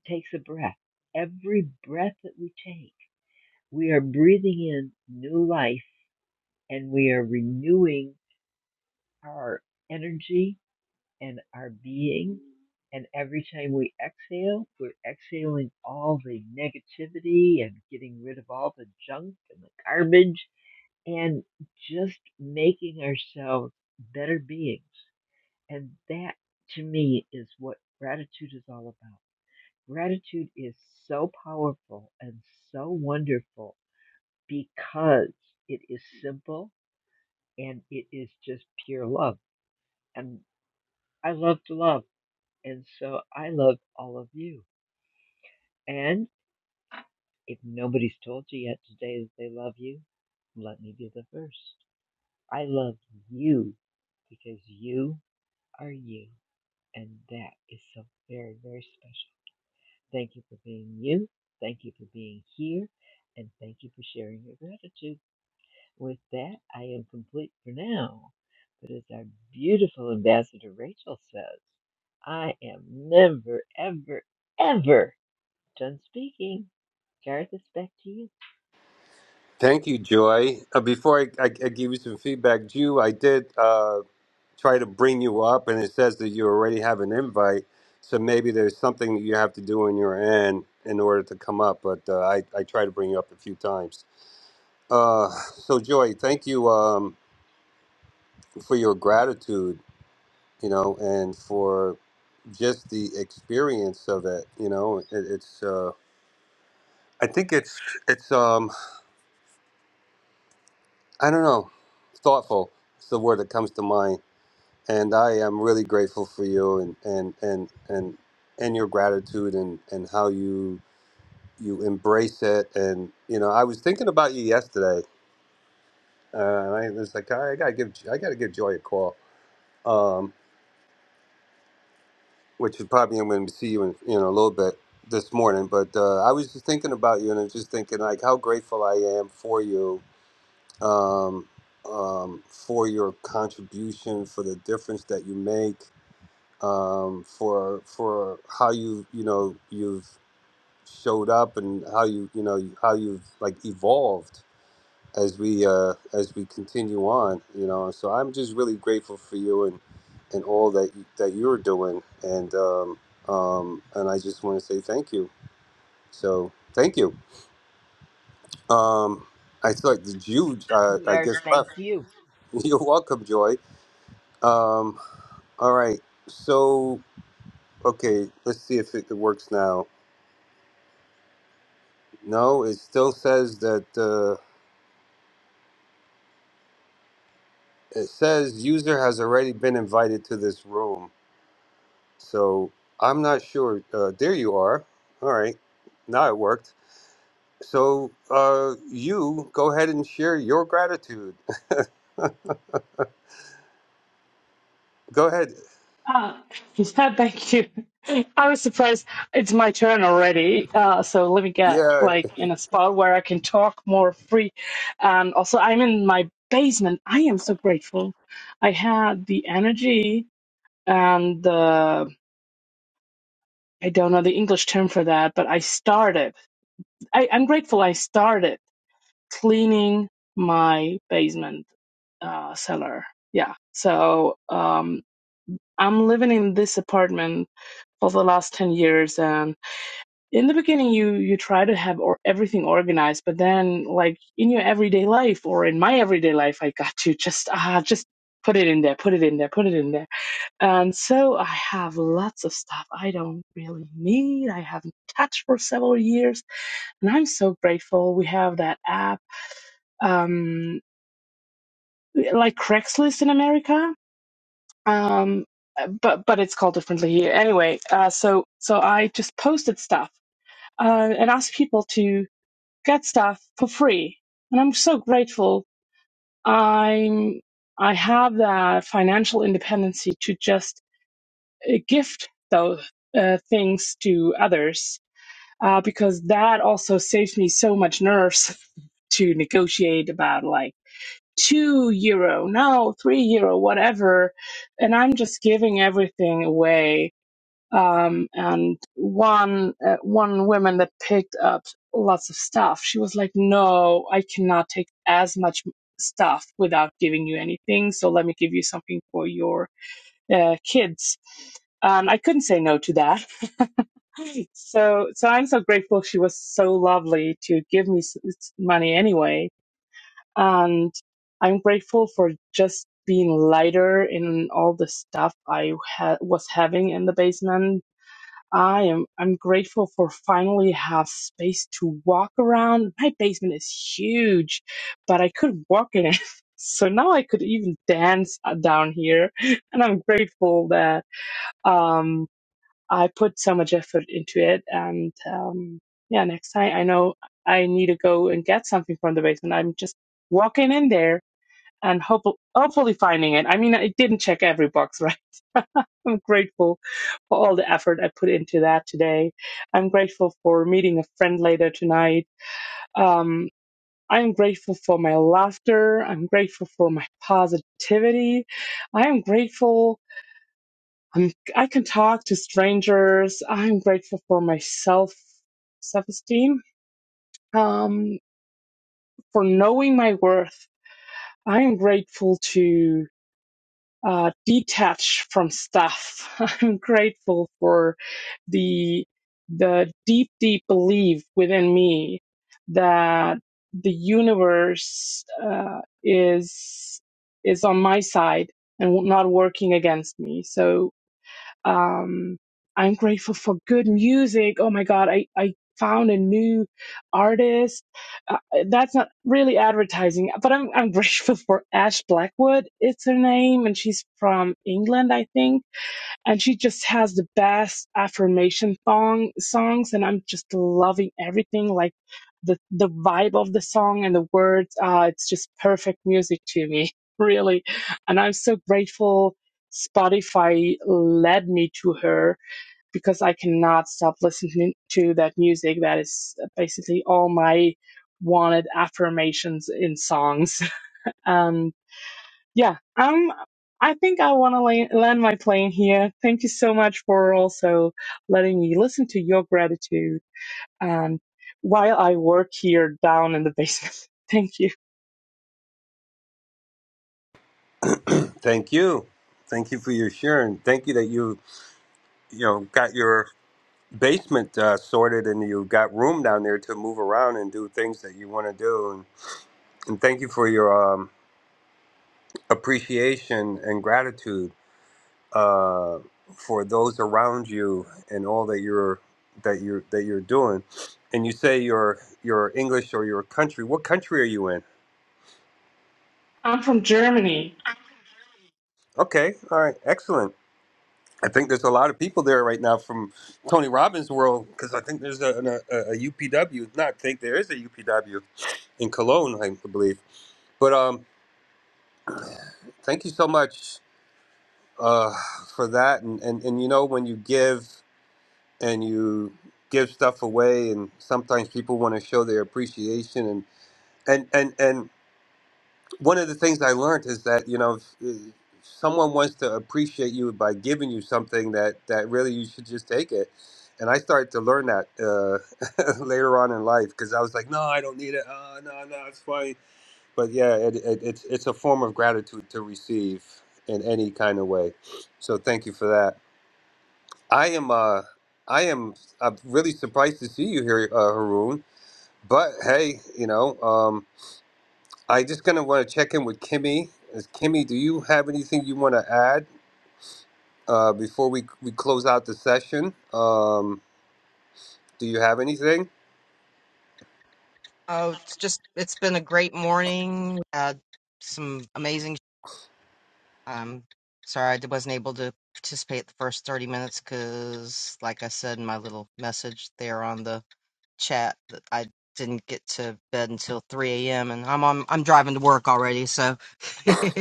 takes a breath. Every breath that we take, we are breathing in new life and we are renewing our energy and our being. And every time we exhale, we're exhaling all the negativity and getting rid of all the junk and the garbage and just making ourselves better beings. And that to me is what gratitude is all about. Gratitude is so powerful and so wonderful because it is simple and it is just pure love. And I love to love. And so I love all of you. And if nobody's told you yet today that they love you, let me be the first. I love you because you are you. And that is so very, very special. Thank you for being you. Thank you for being here. And thank you for sharing your gratitude. With that, I am complete for now. But as our beautiful ambassador Rachel says, I am never, ever, ever Done speaking. Gareth, it's back to you. Thank you, Joy. Uh, before I, I, I give you some feedback, Jew, I did. Uh, try to bring you up and it says that you already have an invite so maybe there's something that you have to do on your end in order to come up but uh, I, I try to bring you up a few times uh, so joy thank you um, for your gratitude you know and for just the experience of it you know it, it's uh, i think it's it's um, i don't know thoughtful it's the word that comes to mind and I am really grateful for you and and and and and your gratitude and and how you you embrace it and you know I was thinking about you yesterday uh, and I was like I, gotta give I gotta give Joy a call um, which is probably I'm going to see you in you know a little bit this morning but uh, I was just thinking about you and I was just thinking like how grateful I am for you um, um, for your contribution for the difference that you make um, for for how you you know you've showed up and how you you know how you've like evolved as we uh, as we continue on you know so I'm just really grateful for you and and all that you- that you're doing and um, um, and I just want to say thank you so thank you um, I thought that you uh, I Gareth. guess thank left. you. you're welcome Joy um, all right so okay let's see if it works now No, it still says that uh, it says user has already been invited to this room. So I'm not sure. Uh, there you are. All right. Now it worked. So uh, you go ahead and share your gratitude. Go ahead. Uh, yeah, thank you. I was surprised. It's my turn already. Uh, so let me get Yeah. like in a spot where I can talk more free. And also, I'm in my basement. I am so grateful. I had the energy and the, I don't know the English term for that, but I started. I, I'm grateful I started cleaning my basement uh, cellar. Yeah. So um, I'm living in this apartment for the last 10 years and in the beginning you you try to have or everything organized but then like in your everyday life or in my everyday life i got to just ah just put it in there put it in there put it in there and so i have lots of stuff i don't really need i haven't touched for several years and i'm so grateful we have that app um like craigslist in america um but but it's called differently here anyway uh so so i just posted stuff uh, and ask people to get stuff for free. And I'm so grateful. I'm I have that financial independency to just uh, gift those uh, things to others uh, because that also saves me so much nerves to negotiate about like two euro, no, three euro, whatever. And I'm just giving everything away um, and one uh, one woman that picked up lots of stuff she was like no i cannot take as much stuff without giving you anything so let me give you something for your uh, kids and i couldn't say no to that so so i'm so grateful she was so lovely to give me s- s- money anyway and i'm grateful for just being lighter in all the stuff i ha- was having in the basement I am I'm grateful for finally have space to walk around. My basement is huge, but I could walk in it. So now I could even dance uh, down here, and I'm grateful that um I put so much effort into it and um yeah, next time I know I need to go and get something from the basement. I'm just walking in there and hope- hopefully finding it. I mean, I didn't check every box, right? I'm grateful for all the effort I put into that today. I'm grateful for meeting a friend later tonight. Um, I'm grateful for my laughter. I'm grateful for my positivity. I am grateful. I'm, I can talk to strangers. I'm grateful for my self self esteem, um, for knowing my worth. I am grateful to. uh, detach from stuff. I'm grateful for the the deep, deep belief within me that the universe uh, is is on my side and not working against me. So um, I'm grateful for good music. Oh my God, I, I found a new artist. Uh, that's not really advertising, but I'm, I'm grateful for Ash Blackwood. It's her name, and she's from England, I think and she just has the best affirmation song songs and i'm just loving everything like the the vibe of the song and the words uh it's just perfect music to me really and i'm so grateful spotify led me to her because i cannot stop listening to that music that is basically all my wanted affirmations in songs Um, yeah, um, I think I want to land my plane here. Thank you so much for also letting me listen to your gratitude and while I work here down in the basement. Thank you. Thank you. Thank you for your sharing. Thank you that you you know got your basement uh, sorted and you got room down there to move around and do things that you want to do. And, and thank you for your um, appreciation and gratitude uh, for those around you and all that you're that you're that you're doing and you say you're you're english or your country what country are you in I'm from Germany. okay all right excellent i think there's a lot of people there right now from tony robbins world because i think there's a, an- a, upw not think there is a upw in cologne i believe but um thank you so much uh for that and and, and you know when you give and you give stuff away and sometimes people want to show their appreciation and and and and one of the things i learned is that you know if, if someone wants to appreciate you by giving you something that that really you should just take it and i started to learn that uh, later on in life because i was like no i don't need it uh, no no it's fine but yeah it, it, it's it's a form of gratitude to receive in any kind of way so thank you for that I am uh I am I'm really surprised to see you here, uh, Haroon. But hey, you know, um, I just gonna want to check in with Kimmy. Is Kimmy, do you have anything you want to add uh, before we we close out the session? Um, do you have anything? oh, it's just, it's been a great morning. We had some amazing. I'm sorry I wasn't able to participate the first 30 minutes because, like I said in my little message there on the chat, that I didn't get to bed until 3 a.m. and I'm on, I'm driving to work already, so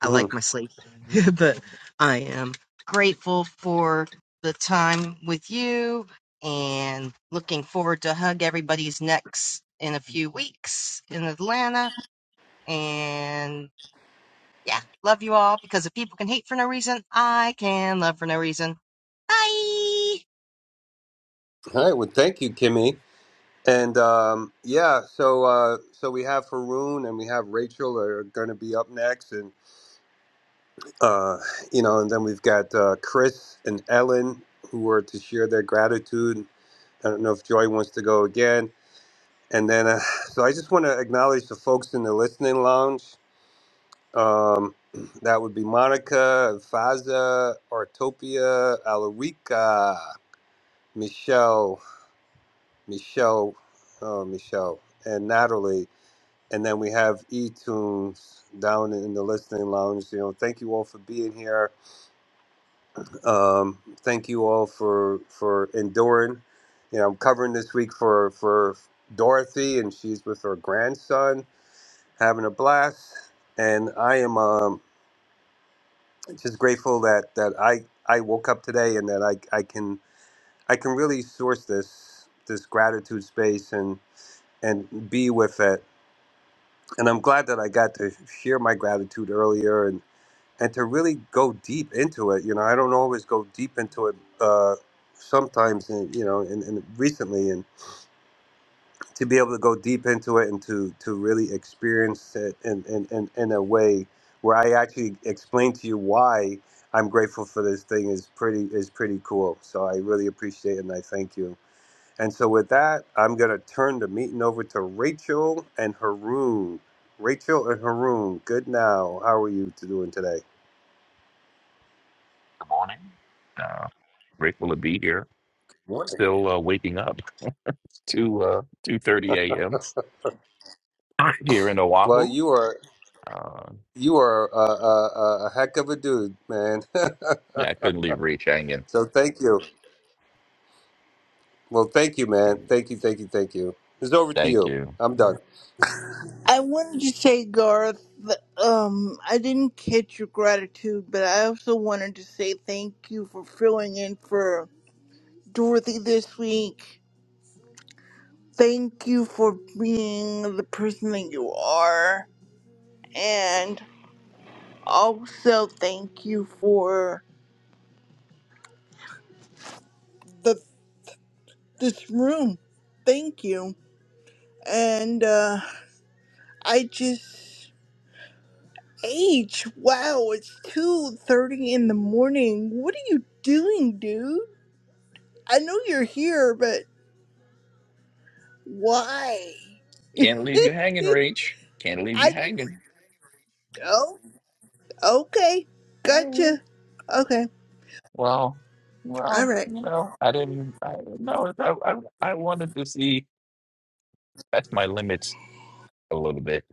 I Mhm. like my sleep. but I am grateful for the time with you and looking forward to hug everybody's necks in a few weeks in Atlanta. and. Yeah, love you all because if people can hate for no reason, I can love for no reason. Bye. All right. Well, thank you, Kimmy. And um, yeah, so uh, so we have Haroon and we have Rachel are going to be up next, and uh, you know, and then we've got uh, Chris and Ellen who are to share their gratitude I don't know if Joy wants to go again. And then, uh, so I just want to acknowledge the folks in the listening lounge. Um, that would be Monica, Faza, Artopia, Alarica, Michelle, Michelle, oh, Michelle, and Natalie. And then we have E-Tunes down in the listening lounge. You know, thank you all for being here. Um, thank you all for for enduring. You know, I'm covering this week for for Dorothy, and she's with her grandson, having a blast. And I am um, just grateful that that I I woke up today and that I I can I can really source this this gratitude space and and be with it. And I'm glad that I got to share my gratitude earlier and and to really go deep into it you know i don't always go deep into it uh sometimes in, you know and in, in recently and to be able to go deep into it and to to really experience it in in, in, in a way where i actually explain to you why i'm grateful for this thing is pretty is pretty cool so i really appreciate it and i thank you and so with that i'm going to turn the meeting over to rachel and haroon rachel and haroon good now how are you doing today Good morning. Uh, grateful to be here. morning Still uh, waking up to uh, two thirty a.m. here in Well, Oahu. you are Uh, you are a, a, a heck of a dude, man. yeah, I couldn't leave Reach hanging. so thank you. Well, thank you, man. Thank you, thank you, thank you. It's over to Thank you. you. I'm done. I wanted to say, Garth, th- um, I didn't catch your gratitude, but I also wanted to say thank you for filling in for Dorothy this week. Thank you for being the person that you are. And also thank you for the this room. Thank you. And uh I just age, wow, it's two thirty in the morning. What are you doing, dude? I know you're here, but why? Can't leave you hanging, Reach. Can't leave you I just, hanging. oh, okay. Alright. Gotcha. Okay. Well, All well, right. you know, I didn't. I no, I, I I wanted to see. That's my limits a little bit.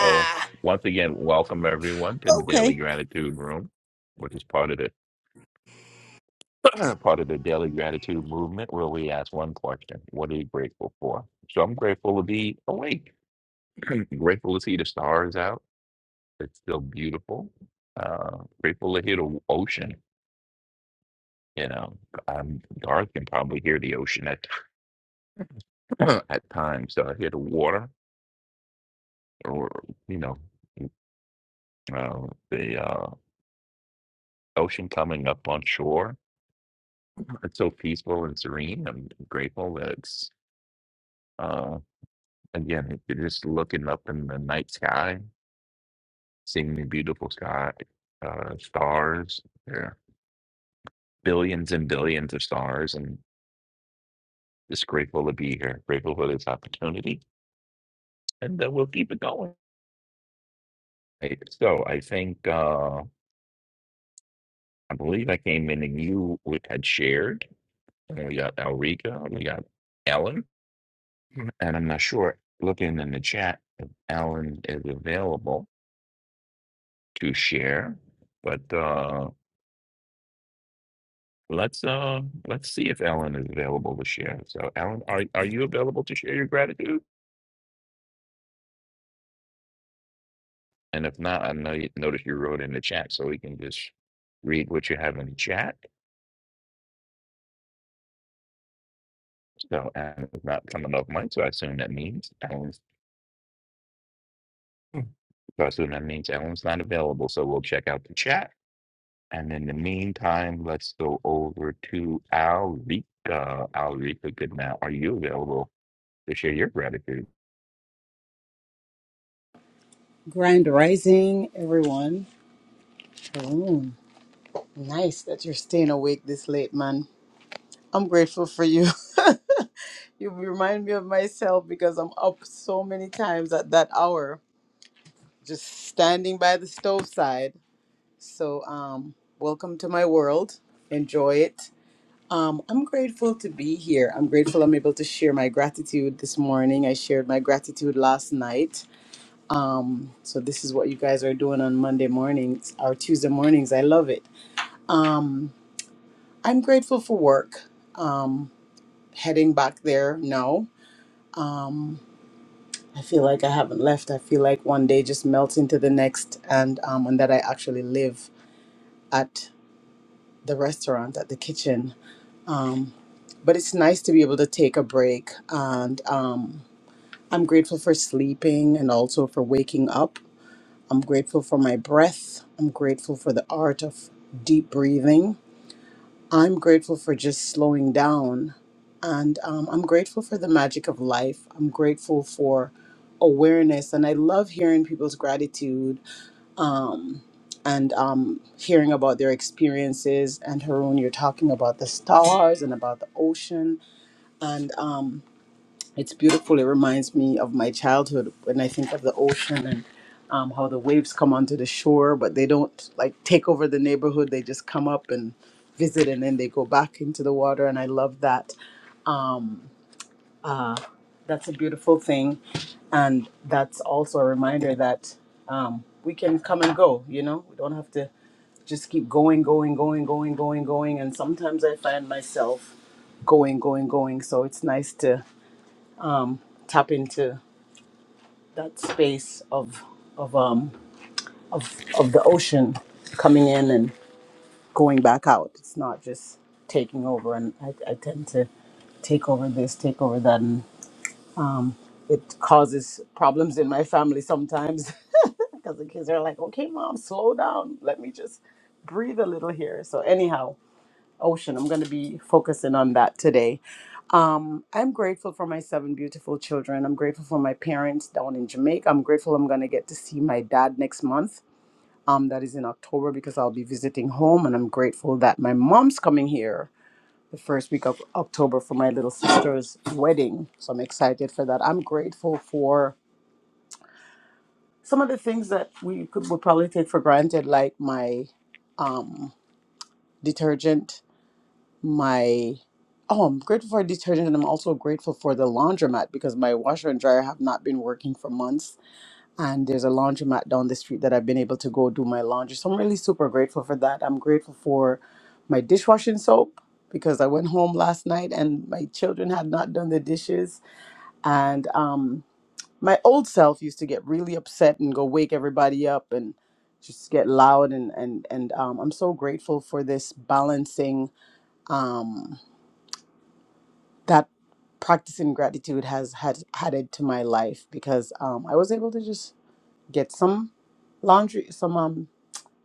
So once again, welcome everyone to the Daily okay. Gratitude Room, which is part of it. part of the daily gratitude movement where we ask one question What are you grateful for? So I'm grateful to be awake, grateful to see the stars out. It's still beautiful. Uh, grateful to hear the ocean. You know, I'm Garth can probably hear the ocean at at times. So I hear the water, or you know, uh, the uh, ocean coming up on shore. It's so peaceful and serene. I'm grateful that it's uh, again, you're just looking up in the night sky seeing the beautiful sky, uh, stars. There are billions and billions of stars, and just grateful to be here, grateful for this opportunity, and uh, we'll keep it going. Right, So I think uh, I believe I came in and you w- had shared, and we got Elrica, we got Ellen, and I'm not sure. Looking in the chat, if Ellen is available to share, but uh, Let's uh let's see if Ellen is available to share. So Ellen, are are you available to share your gratitude? And if not, I know you notice you wrote in the chat, so we can just read what you have in the chat. So Ellen is not coming off mic, so I assume that means Ellen's Hmm. so I assume that means Ellen's not available. So we'll check out the chat. And in the meantime, let's go over to Alrika. Alrika, good now. Are you available to share your gratitude? Grand rising, everyone. Haroon, nice that you're staying awake this late, man. I'm grateful for you. you remind me of myself because I'm up so many times at that hour, just standing by the stove side. So, um, welcome to my world. Enjoy it. Um, I'm grateful to be here. I'm grateful I'm able to share my gratitude this morning. I shared my gratitude last night. Um, so this is what you guys are doing on Monday mornings or Tuesday mornings. I love it. Um, I'm grateful for work. Um, heading back there, no. I feel like I haven't left. I feel like one day just melts into the next, and um, and that I actually live at the restaurant, at the kitchen. Um, but it's nice to be able to take a break, and um, I'm grateful for sleeping and also for waking up. I'm grateful for my breath. I'm grateful for the art of deep breathing. I'm grateful for just slowing down. And um, I'm grateful for the magic of life. I'm grateful for awareness. And I love hearing people's gratitude um, and um, hearing about their experiences. And Haroon, you're talking about the stars and about the ocean. And um, it's beautiful. It reminds me of my childhood when I think of the ocean and um, how the waves come onto the shore, but they don't like take over the neighborhood. They just come up and visit, and then they go back into the water. And I love that. Um, uh, that's a beautiful thing, and that's also a reminder that um, we can come and go. You know, we don't have to just keep going, going, going, going, going, going. And sometimes I find myself going, going, going. So it's nice to tap into that space of of um of of the ocean coming in and going back out. It's not just taking over, and I, I tend to take over this, take over that, and um, it causes problems in my family sometimes because the kids are like, "Okay, mom, slow down. Let me just breathe a little here." So anyhow, ocean. I'm going to be focusing on that today. Um, I'm grateful for my seven beautiful children. I'm grateful for my parents down in Jamaica. I'm grateful I'm going to get to see my dad next month. Um, that is in October because I'll be visiting home. And I'm grateful that my mom's coming here the first week of October for my little sister's wedding. So I'm excited for that. I'm grateful for some of the things that we could would probably take for granted, like my um, detergent my oh i'm grateful for detergent and i'm also grateful for the laundromat because my washer and dryer have not been working for months and there's a laundromat down the street that i've been able to go do my laundry so i'm really super grateful for that i'm grateful for my dishwashing soap because i went home last night and my children had not done the dishes and um, my old self used to get really upset and go wake everybody up and just get loud and and and um, i'm so grateful for this balancing um that practicing gratitude has had added to my life because um, I was able to just get some laundry, some um,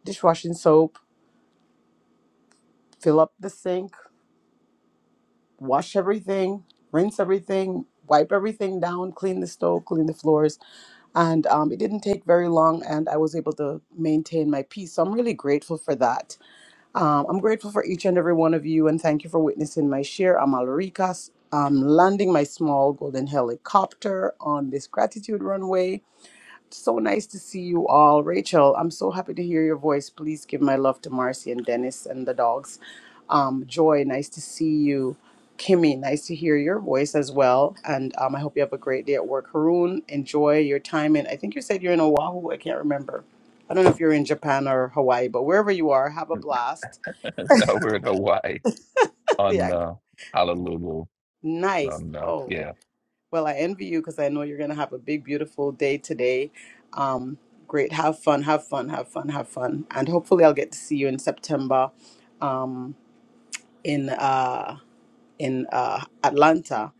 dishwashing soap, fill up the sink, wash everything, rinse everything, wipe everything down, clean the stove, clean the floors, and um, it didn't take very long, and I was able to maintain my peace. So I'm really grateful for that Um, I'm grateful for each and every one of you, and thank you for witnessing my share. I'm Alrika. I'm landing my small golden helicopter on this gratitude runway. So nice to see you all. Rachel, I'm so happy to hear your voice. Please give my love to Marcy and Dennis and the dogs. Um, Joy, nice to see you. Kimmy, nice to hear your voice as well. And um, I hope you have a great day at work. Haroon, enjoy your time. And I think you said you're in Oahu. I can't remember. I don't know if you're in Japan or Hawaii, but wherever you are, have a blast We're in Hawaii on yeah, uh, Honolulu nice. And uh, Oh, yeah, well, I envy you because I know you're going to have a big, beautiful day today. Um, great. Have fun, have fun, have fun, have fun. And hopefully, I'll get to see you in September um, in, uh, in uh, Atlanta.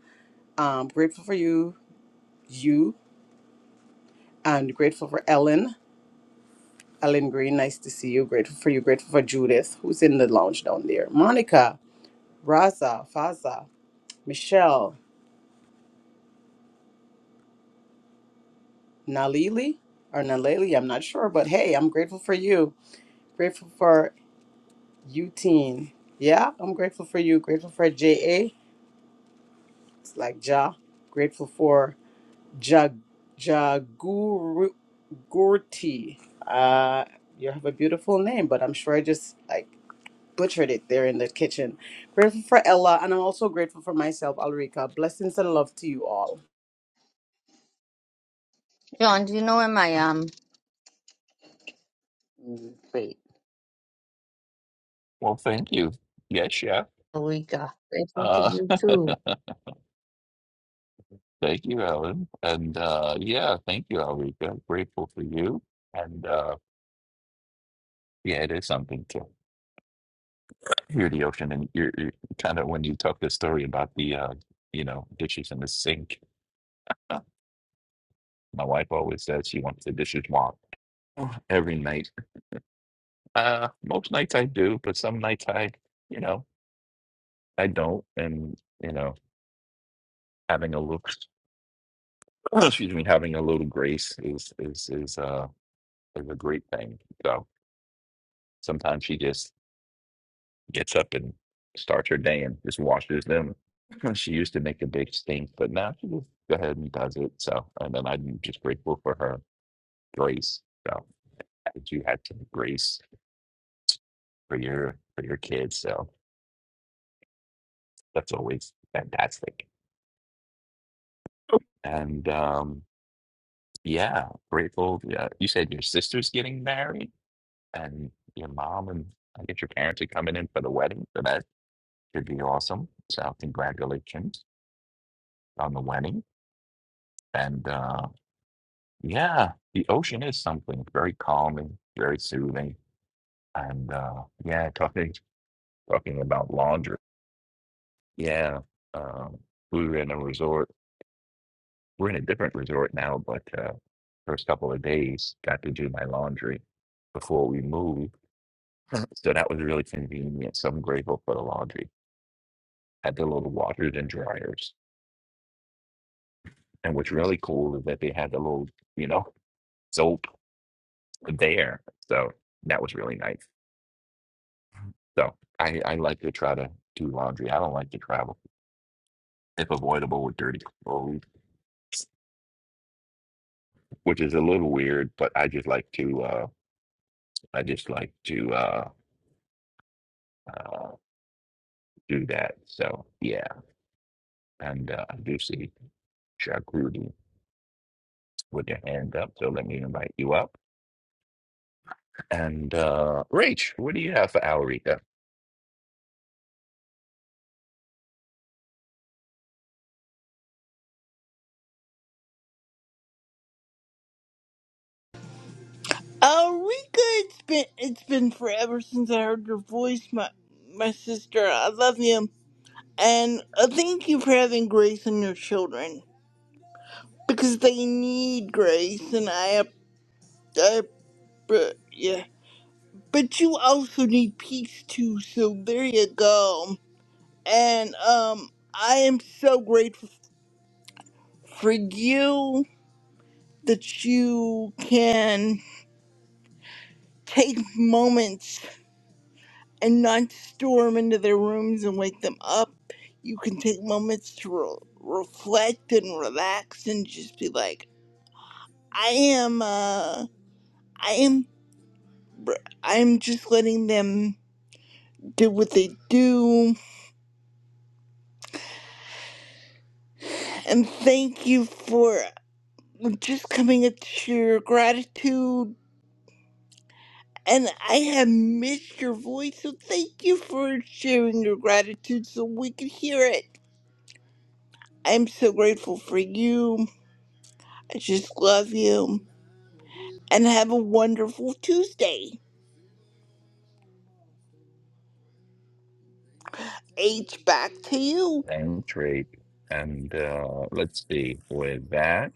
Um, grateful for you, you, and grateful for Ellen. Ellen Green, nice to see you. Grateful for you. Grateful for Judith, who's in the lounge down there. Monica, Raza, Faza, Michelle. Nalili or Naleli, I'm not sure, but hey, I'm grateful for you. Grateful for you, teen. Yeah, I'm grateful for you. Grateful for JA. It's like Ja. Grateful for Ja Jaguru Gurti. Uh, you have a beautiful name, but I'm sure I just like butchered it there in the kitchen. Grateful for Ella, and I'm also grateful for myself, Alrika. Blessings and love to you all. John, do you know where my um mm, wait, well, thank you. Yes, yeah. we got grateful to Uh, you too. thank you, Ellen. And uh, yeah, thank you, Alrika. Grateful for you. And uh, yeah, it is something to hear the ocean. And you're, you're kind of when you talk the story about the, uh, you know, dishes in the sink. uh, My wife always says she wants the dishes washed every night. Uh, most nights I do, but some nights I, you know, I don't. And you know, having a look. excuse me, having a little grace is is is uh is a great thing. So sometimes she just gets up and starts her day and just washes them. She used to make a big stink, but now she just go ahead and does it. So and then I'm just grateful for her grace. So that you had some grace for your for your kids. So that's always fantastic. And um yeah, grateful. Yeah, you said your sister's getting married. and your mom and I guess your parents are coming in for the wedding, so that should be awesome. So congratulations on the wedding. And uh, yeah, the ocean is something very calming, very soothing. And uh, yeah, talking talking about laundry. Yeah, um, we were in a resort. We're in a different resort now, but uh, first couple of days got to do my laundry before we moved. So that was really convenient. So I'm grateful for the laundry had the little washers and dryers. And what's really cool is that they had the little, you know, soap there. So that was really nice. So I, I like to try to do laundry. I don't like to travel if avoidable with dirty clothes, which is a little weird, but I just like to, uh, I just like to, uh, uh, do that. So yeah. And, uh, I do see Shakrudi with your hand up. So let me invite you up. And, uh, Rach, what do you have for Alrika? Are we good? It's been, it's been forever since I heard your voice, my, my sister. I love you. And uh, thank you for having grace on your children because they need grace, and I, I, but yeah. But you also need peace too, so there you go. and um I am so grateful for you that you can take moments and not storm into their rooms and wake them up. You can take moments to re- reflect and relax and just be like, I am, uh, I am, I am just letting them do what they do. And thank you for just coming up to your gratitude And I have missed your voice, so thank you for sharing your gratitude so we could hear it. I'm so grateful for you. I just love you. And have a wonderful Tuesday. H back to you. Thank you. And uh, let's see, with that,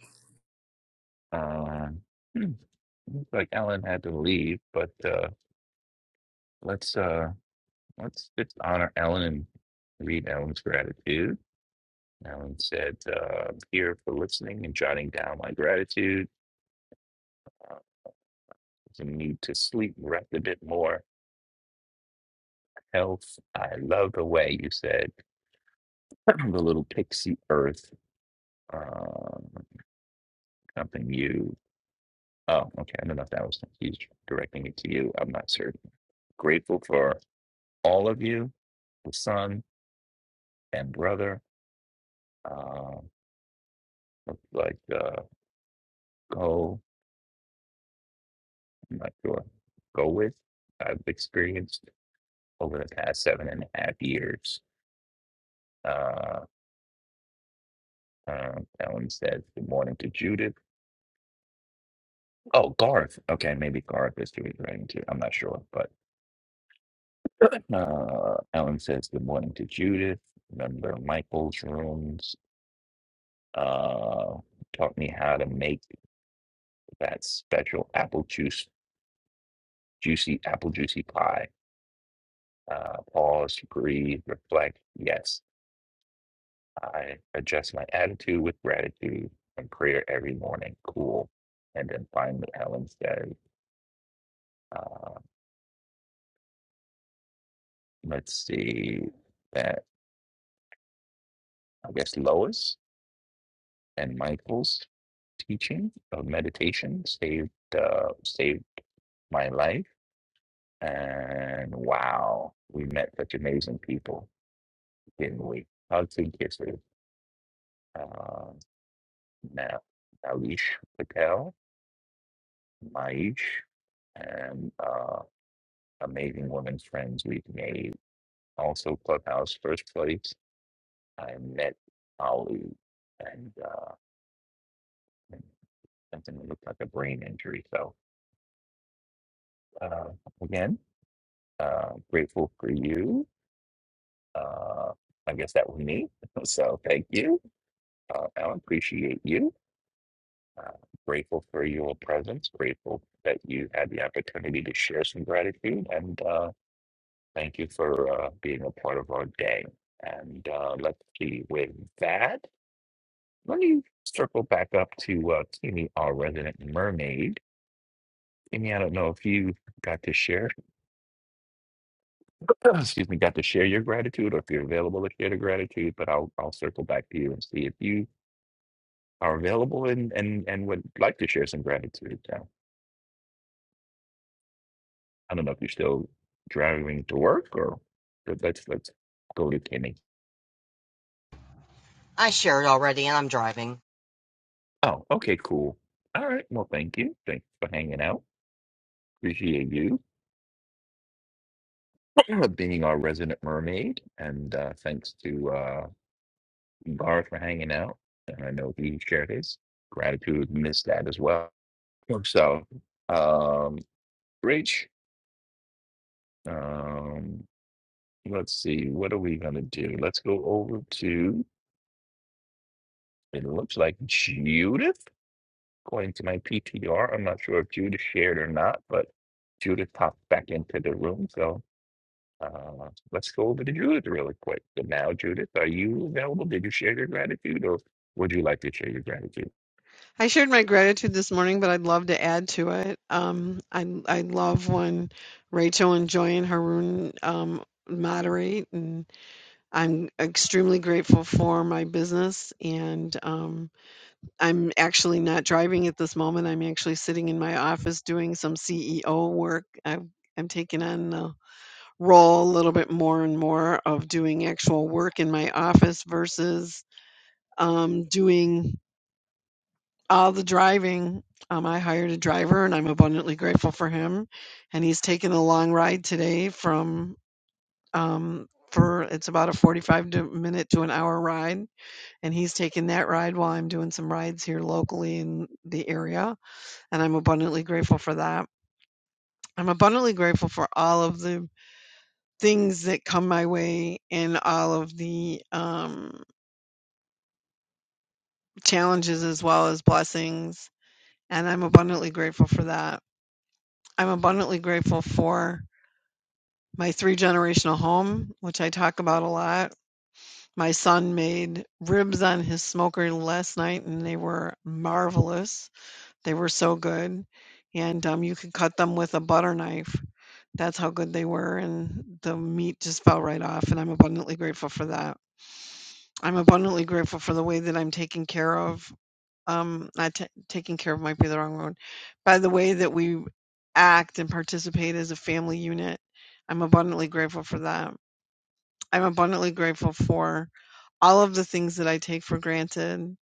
uh, hmm, looks like Ellen had to leave, but uh, let's uh, let's just honor Ellen and read Ellen's gratitude. Ellen said, uh, "Here for listening and jotting down my gratitude. Uh, the need to sleep, rest a bit more. Health. I love the way you said the little pixie earth." Uh, something you. Oh, okay. I don't know if that was he's directing it to you. I'm not certain. Grateful for all of you, the son and brother. Uh, look like uh, go, I'm not sure. Go with. I've experienced over the past seven and a half years. Uh, uh, Ellen said good morning to Judith. Oh, Garth. Okay, maybe Garth is doing writing too. I'm not sure, but uh, Ellen says good morning to Judith. Remember Michael's rooms uh, taught me how to make that special apple juice, juicy apple juicy pie. Uh, pause, breathe, reflect. Yes, I adjust my attitude with gratitude and prayer every morning. Cool. And then finally, Ellen said, uh, let's see that, I guess, Lois and Michael's teaching of meditation saved uh, saved my life and wow we met such amazing people Then we? Audley Gifford, uh, Na- Malish Patel, Maish, and uh, amazing women friends we've made. Also, Clubhouse first place. I met Ali, and, uh, and something that looked like a brain injury. So, uh, again, uh, grateful for you. Uh, I guess that was me. So, thank you. Uh, I appreciate you. Uh, grateful for your presence, grateful that you had the opportunity to share some gratitude, and uh, thank you for uh, being a part of our day. And uh, let's see, with that, let me circle back up to uh, Kimmy, our resident mermaid. Kimmy, I don't know if you got to share, excuse me, got to share your gratitude or if you're available to share the gratitude, but I'll, I'll circle back to you and see if you are available and, and, and would like to share some gratitude. so. I don't know if you're still driving to work or but let's let's go to Kenny. I shared already and I'm driving. Oh, okay, cool. All right. Well, thank you. Thanks for hanging out. Appreciate you being our resident mermaid, and uh, thanks to uh, Garth for hanging out. And I know he shared his gratitude missed that as well. Sure. So, um, Rach, um, let's see. What are we gonna do? Let's go over to. It looks like Judith. According to my PTR, I'm not sure if Judith shared or not, but Judith popped back into the room. So uh, let's go over to Judith really quick. So now, Judith, are you available? Did you share your gratitude or would you like to share your gratitude? I shared my gratitude this morning, but I'd love to add to it. Um, I I love when Rachel and Joy and Haroon um, moderate, and I'm extremely grateful for my business. And um, I'm actually not driving at this moment. I'm actually sitting in my office doing some CEO work. I've, I'm taking on the role a little bit more and more of doing actual work in my office versus um, doing all the driving. Um, I hired a driver, and I'm abundantly grateful for him. And he's taken a long ride today from um, for it's about a 45 to minute to an hour ride, and he's taking that ride while I'm doing some rides here locally in the area. And I'm abundantly grateful for that. I'm abundantly grateful for all of the things that come my way and all of the um, challenges as well as blessings. And I'm abundantly grateful for that. I'm abundantly grateful for my three generational home, which I talk about a lot. My son made ribs on his smoker last night and they were marvelous. They were so good. And um, you could cut them with a butter knife. That's how good they were. And the meat just fell right off. And I'm abundantly grateful for that. I'm abundantly grateful for the way that I'm taking care of, um, not ta taking care of might be the wrong word, by the way that we act and participate as a family unit. I'm abundantly grateful for that. I'm abundantly grateful for all of the things that I take for granted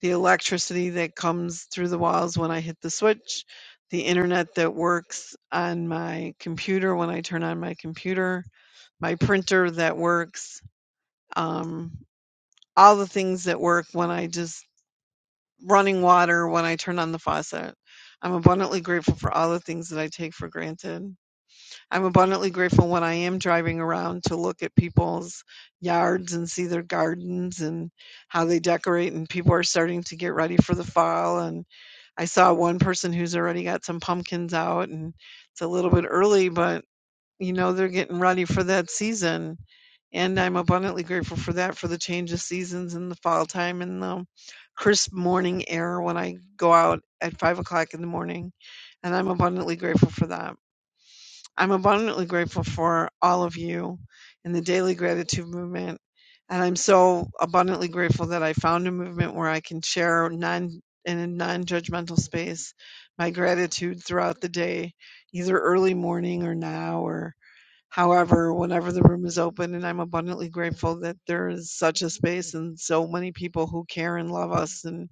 the electricity that comes through the walls when I hit the switch, the internet that works on my computer when I turn on my computer, my printer that works, um, all the things that work when I just running water when I turn on the faucet. I'm abundantly grateful for all the things that I take for granted. I'm abundantly grateful when I am driving around to look at people's yards and see their gardens and how they decorate. And people are starting to get ready for the fall. And I saw one person who's already got some pumpkins out, and it's a little bit early, but you know, they're getting ready for that season. And I'm abundantly grateful for that, for the change of seasons in the fall time and the crisp morning air when I go out at five o'clock in the morning. And I'm abundantly grateful for that. I'm abundantly grateful for all of you in the daily gratitude movement. And I'm so abundantly grateful that I found a movement where I can share non in a non-judgmental space my gratitude throughout the day, either early morning or now or however, whenever the room is open. And I'm abundantly grateful that there is such a space and so many people who care and love us and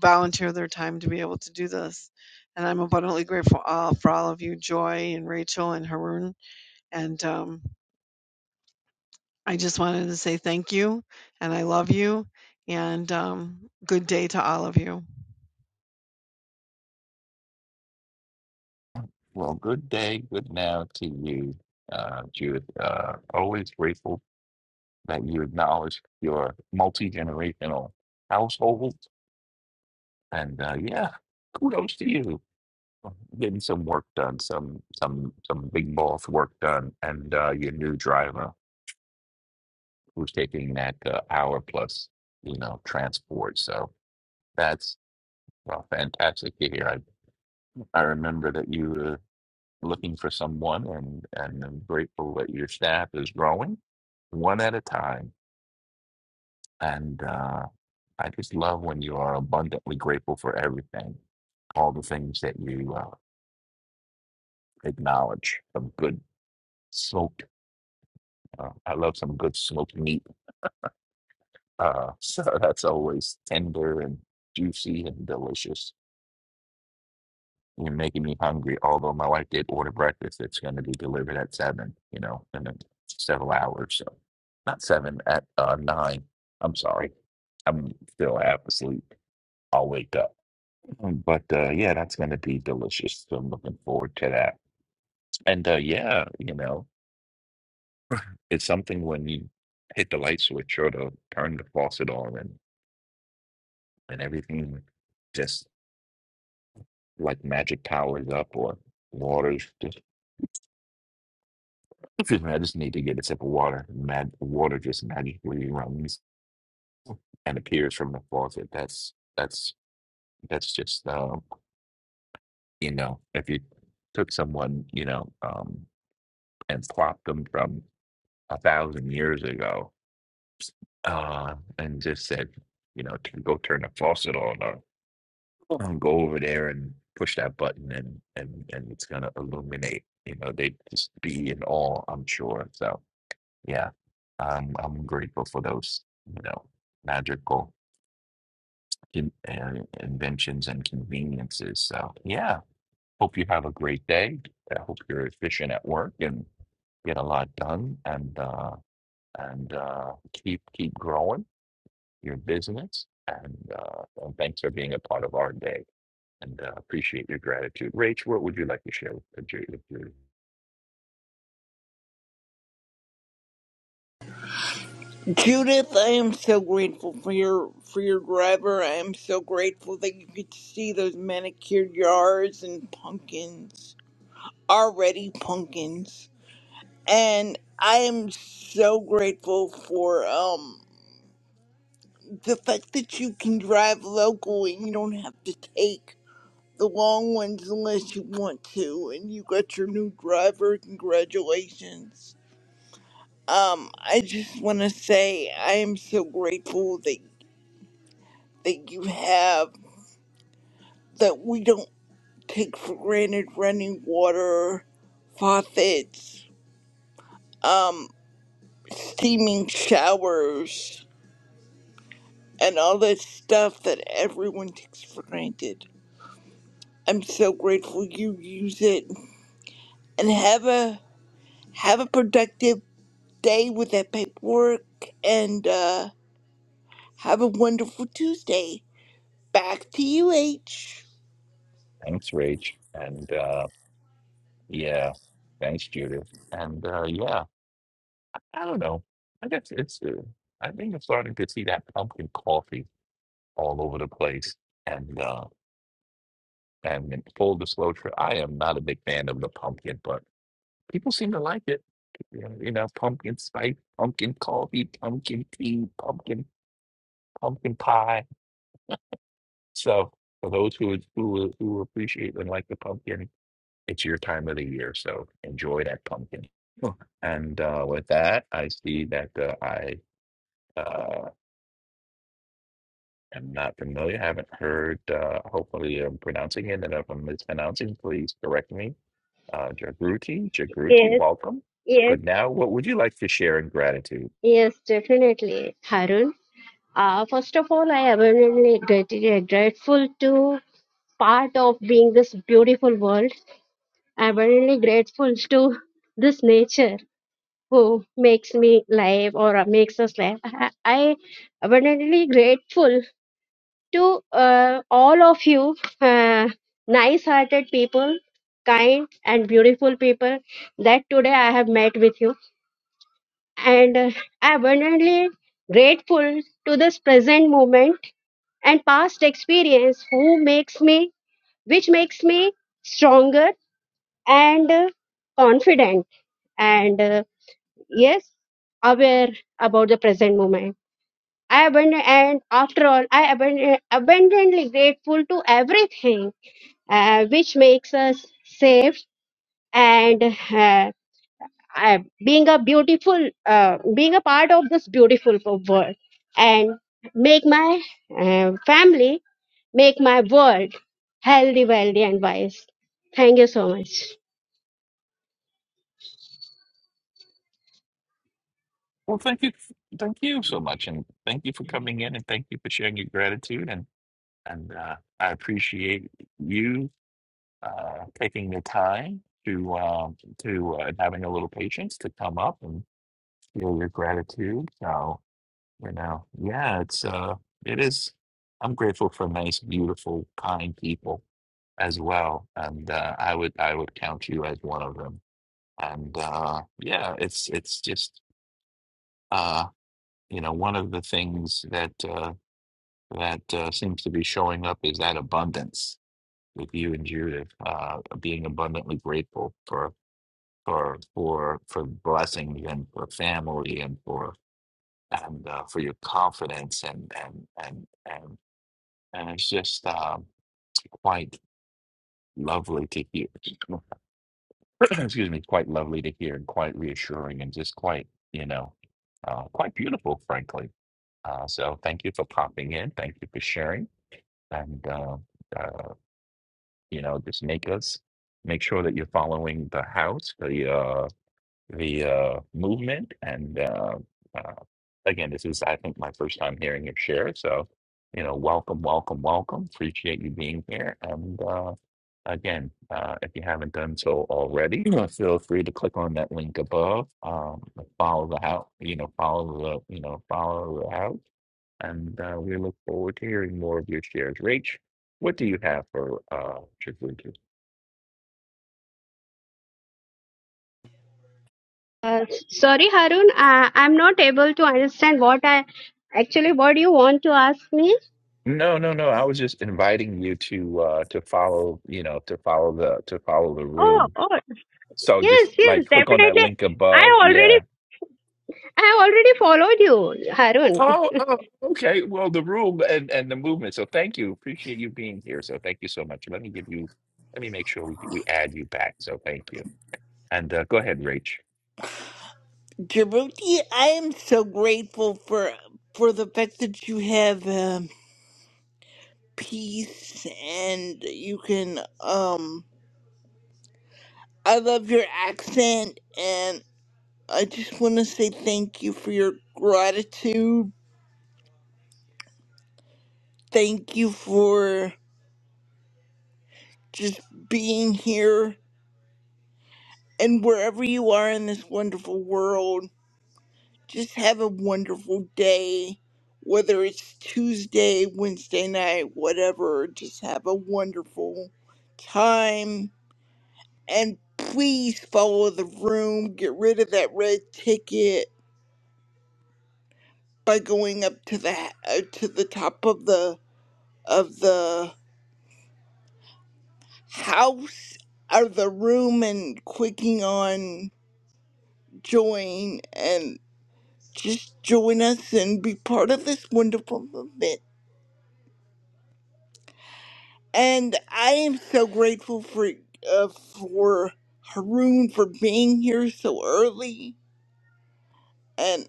volunteer their time to be able to do this. And I'm abundantly grateful all, for all of you, Joy and Rachel and Haroon. And um, I just wanted to say thank you and I love you and um, good day to all of you. Well, good day, good now to you, uh, Judith. Uh, always grateful that you acknowledge your multi generational household. And uh, yeah, kudos to you. getting some work done, some some some big boss work done, and uh, your new driver who's taking that uh, hour plus, you know, transport. So that's well, fantastic to hear. I I remember that you were looking for someone, and and I'm grateful that your staff is growing one at a time. And uh, I just love when you are abundantly grateful for everything, all the things that you uh, acknowledge, of good, So Uh, I love some good smoked meat. Uh, so that's always tender and juicy and delicious. You're making me hungry. Although my wife did order breakfast, it's going to be delivered at seven, you know, in a- several hours. So not seven, at uh, nine. I'm sorry. I'm still half asleep. I'll wake up. Um, But uh, yeah, that's going to be delicious. So I'm looking forward to that. And uh, yeah, you know, it's something when you hit the light switch or to turn the faucet on and everything just like magic powers up or water. Just, excuse me, I just need to get a sip of water. Mag- water just magically runs and appears from the faucet. That's that's that's just um, you know, if you took someone you know um, and plopped them from a thousand years ago uh, and just said you know to go turn the faucet on or and go over there and push that button and and and it's gonna illuminate. You know, they just be in awe, I'm sure. So yeah, um, I'm grateful for those, you know, magical in, uh, inventions and conveniences. So yeah, hope you have a great day. I hope you're efficient at work and get a lot done and uh, and uh, keep keep growing your business. And, uh, and thanks for being a part of our day. and uh, appreciate your gratitude. Rach, what would you like to share with Judith? Judith, I am so grateful for your for your driver. I am so grateful that you get to see those manicured yards and pumpkins. Already pumpkins. And I am so grateful for um the fact that you can drive local and you don't have to take the long ones unless you want to and you got your new driver congratulations um i just want to say i am so grateful that that you have that we don't take for granted running water faucets um steaming showers and all that stuff that everyone takes for granted i'm so grateful you use it and have a have a productive day with that paperwork and uh have a wonderful Tuesday. Back to you, H. Thanks, Rach. And uh, yeah, thanks, Judith. And uh, yeah, I don't know. I guess it's, uh, I think I'm starting to see that pumpkin coffee all over the place. And, uh, and in full disclosure, I am not a big fan of the pumpkin, but people seem to like it. You know, you know, pumpkin spice, pumpkin coffee, pumpkin tea, pumpkin, pumpkin pie So for those who who who appreciate and like the pumpkin, it's your time of the year. So enjoy that pumpkin. Huh. And uh, with that, I see that uh, I uh, am not familiar. haven't heard. Uh, hopefully, I'm pronouncing it. And if I'm mispronouncing, please correct me. Uh, Jagruti, Jagruti, Yes, welcome. yes, Good now. What would you like to share in gratitude? yes, definitely, Harun. Uh, first of all, I abundantly grat- grateful to part of being this beautiful world. Abundantly grateful to this nature who makes me live or uh, makes us live. I, I abundantly grateful to uh, all of you, uh, nice-hearted people, kind and beautiful people that today I have met with you and uh, abundantly grateful to this present moment and past experience who makes me which makes me stronger and uh, confident and uh, yes aware about the present moment i abund- and after all i abund- abundantly grateful to everything uh, which makes us safe and uh, uh, being a beautiful uh, being a part of this beautiful world and make my uh, family make my world healthy wealthy and wise thank you so much Well, thank you, thank you so much, and thank you for coming in, and thank you for sharing your gratitude, and and uh, I appreciate you uh, taking the time to um, to uh, having a little patience to come up and feel your gratitude. So you know, yeah, it's uh, it is. I'm grateful for nice, beautiful, kind people as well, and uh, I would I would count you as one of them. And uh, yeah, it's it's just uh, you know one of the things that uh, that uh, seems to be showing up is that abundance with you and Judith, uh, being abundantly grateful for for for for blessings and for family and for and uh, for your confidence and and and and and it's just um, quite lovely to hear. Excuse me, quite lovely to hear and quite reassuring and just quite you know uh, quite beautiful, frankly. Uh, so thank you for popping in. Thank you for sharing and uh, uh, you know just make us make sure that you're following the house. The uh, the uh, movement. And uh, uh, again, this is, I think, my first time hearing your share. So, you know, welcome, welcome, welcome. Appreciate you being here. And uh, again, uh, if you haven't done so already, you know, feel free to click on that link above. Um, follow the house, you know, follow the, you know, follow the house. And uh, we look forward to hearing more of your shares. Rach, what do you have for uh, Shavuot? uh, sorry harun uh, i'm not able to understand what i actually what you want to ask me No, no, no. I was just inviting you to uh to follow, you know, to follow the to follow the oh room. oh So yes just yes like click on that definitely link i above. already Yeah. i already followed you harun Oh, oh, okay. Well, the room and and the movement. So thank you. Appreciate you being here. So thank you so much. Let me give you let me make sure we we add you back. So thank you. And uh go ahead, Rach. Jeroti, I am so grateful for for the fact that you have um, peace and you can um I love your accent and I just want to say thank you for your gratitude. Thank you for just being here And wherever you are in this wonderful world, just have a wonderful day. Whether it's Tuesday, Wednesday night, whatever, just have a wonderful time. And please follow the room. Get rid of that red ticket by going up to the uh, to the top of the of the house or the room and clicking on join and. just join us and be part of this wonderful event. And I am so grateful for uh, for Haroon for being here so early. And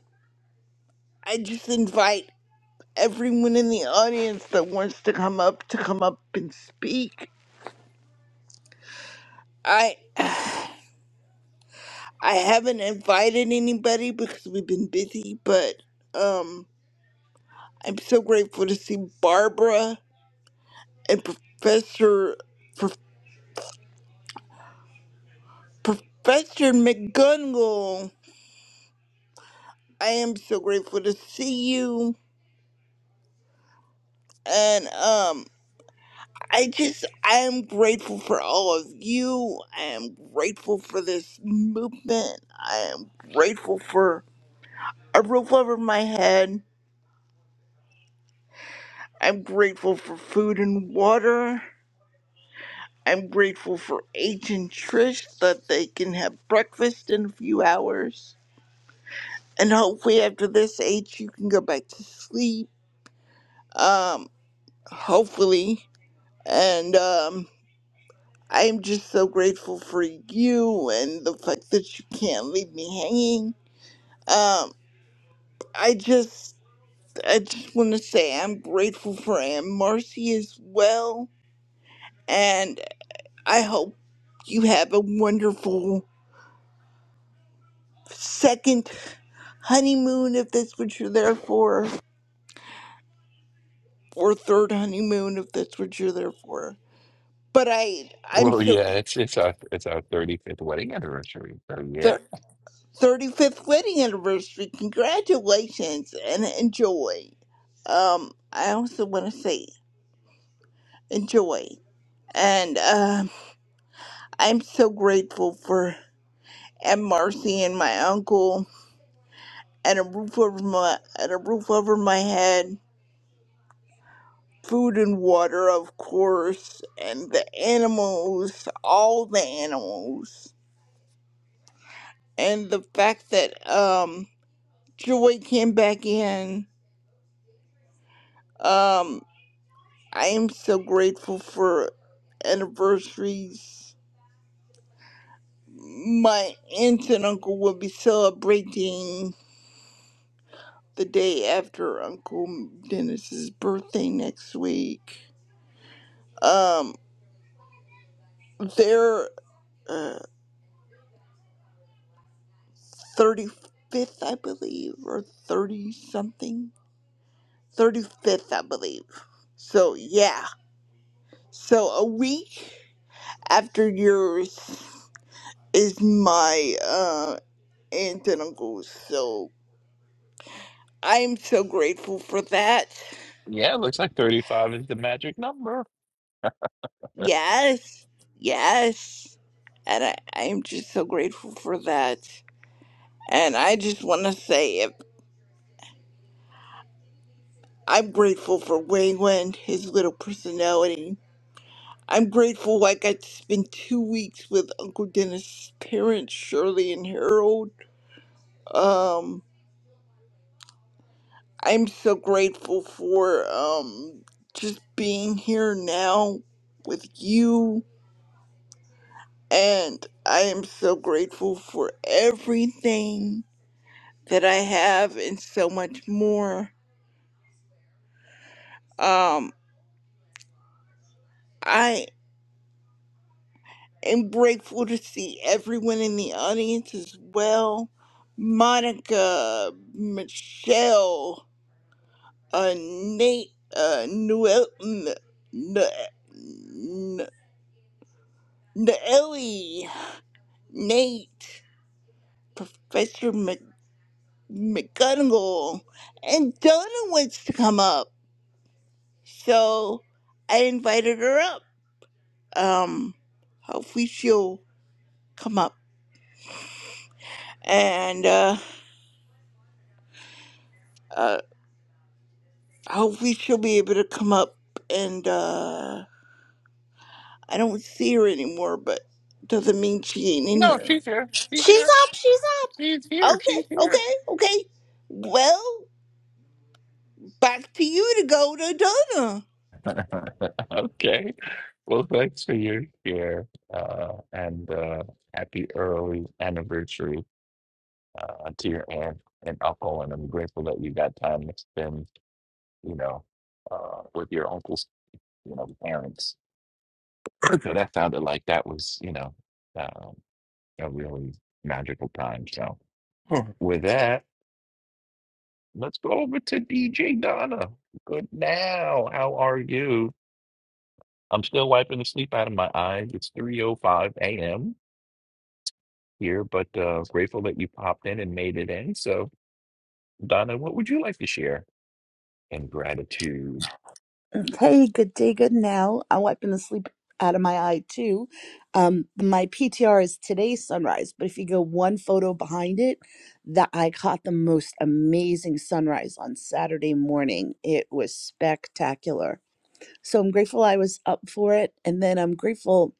I just invite everyone in the audience that wants to come up to come up and speak. I I haven't invited anybody because we've been busy, but um, I'm so grateful to see Barbara and Professor. Professor McGonagall, I am so grateful to see you. And um I just I am grateful for all of you. I am grateful for this movement. I am grateful for a roof over my head. I'm grateful for food and water. I'm grateful for H and Trish that they can have breakfast in a few hours. And hopefully after this H you can go back to sleep. Um hopefully. And um, I'm just so grateful for you and the fact that you can't leave me hanging. Um, I just, I just want to say I'm grateful for Aunt Marcy as well. And I hope you have a wonderful second honeymoon if that's what you're there for, or third honeymoon if that's what you're there for. But I, I'm Well, so. yeah, it's it's our it's our 35th wedding anniversary. So yeah. so 35th wedding anniversary. Congratulations and enjoy. Um, I also want to say enjoy. And um, I'm so grateful for Aunt Marcy and my uncle and a roof over my and a roof over my head, food and water, of course, and the animals, all the animals, and the fact that um Joy came back in. Um, I am so grateful for anniversaries. My aunt and uncle will be celebrating the day after Uncle Dennis's birthday next week. Um, their uh, 35th, I believe, or 30 something. 35th, I believe. So, yeah. So, a week after yours is my uh, aunt and uncle. So, I'm so grateful for that. Yeah, looks like 35 is the magic number. Yes, yes. And I, I'm just so grateful for that. And I just want to say if I'm grateful for Wayland, his little personality. I'm grateful like, I got to spend two weeks with Uncle Dennis's parents, Shirley and Harold. Um, I'm so grateful for um just being here now with you And I am so grateful for everything that I have and so much more. Um, I am grateful to see everyone in the audience as well. Monica, Michelle, uh, Nate, uh, Noel, N- N- N- Noelle, Nate, Professor Mc- McGonagall, and Donna wants to come up. So I invited her up. Um, hopefully she'll come up, and uh, uh, hopefully she'll be able to come up. And uh, I don't see her anymore, but doesn't mean she ain't in No, here. she's here. She's She's here. up. She's up. She's here. She's Okay, okay, here. okay. Well, back to you to go to Donna. Okay. Well, thanks for your share, uh, and uh, happy early anniversary uh, to your aunt and uncle. And I'm grateful that you got time to spend, you know, uh, with your uncle's, you know, parents. So that sounded like that was, you know, um, a really magical time. So Hmm. with that, let's go over to DJ Donna. Good now. How are you? I'm still wiping the sleep out of my eyes. It's 3:05 a.m. here, but uh, grateful that you popped in and made it in. So, Donna, what would you like to share in gratitude? Hey, good day, good now. I'm wiping the sleep out of my eye too. Um, my PTR is today's sunrise, but if you go one photo behind it, that I caught the most amazing sunrise on Saturday morning. It was spectacular. So I'm grateful I was up for it, and then I'm grateful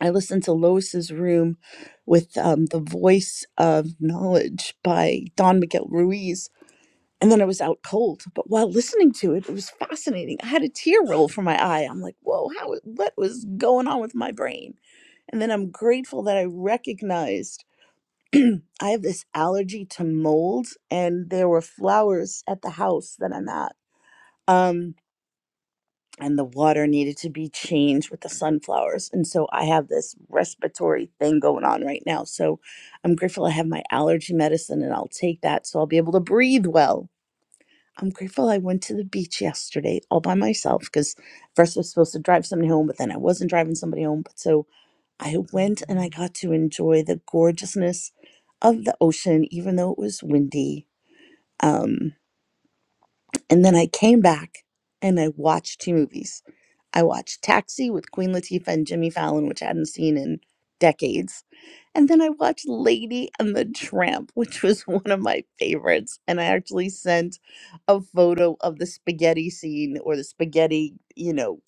I listened to Lois's room with um, the voice of knowledge by Don Miguel Ruiz And then I was out cold. But while listening to it, it was fascinating. I had a tear roll from my eye. I'm like, whoa, how, what was going on with my brain? And then I'm grateful that I recognized I have this allergy to mold, and there were flowers at the house that I'm at. Um, and the water needed to be changed with the sunflowers. And so I have this respiratory thing going on right now. So I'm grateful I have my allergy medicine and I'll take that so I'll be able to breathe well I'm grateful I went to the beach yesterday all by myself because first I was supposed to drive somebody home, but then I wasn't driving somebody home. But so I went and I got to enjoy the gorgeousness of the ocean, even though it was windy. Um, and then I came back and I watched two movies. I watched Taxi with Queen Latifah and Jimmy Fallon, which I hadn't seen in decades. And then I watched Lady and the Tramp, which was one of my favorites. And I actually sent a photo of the spaghetti scene or the spaghetti, you know,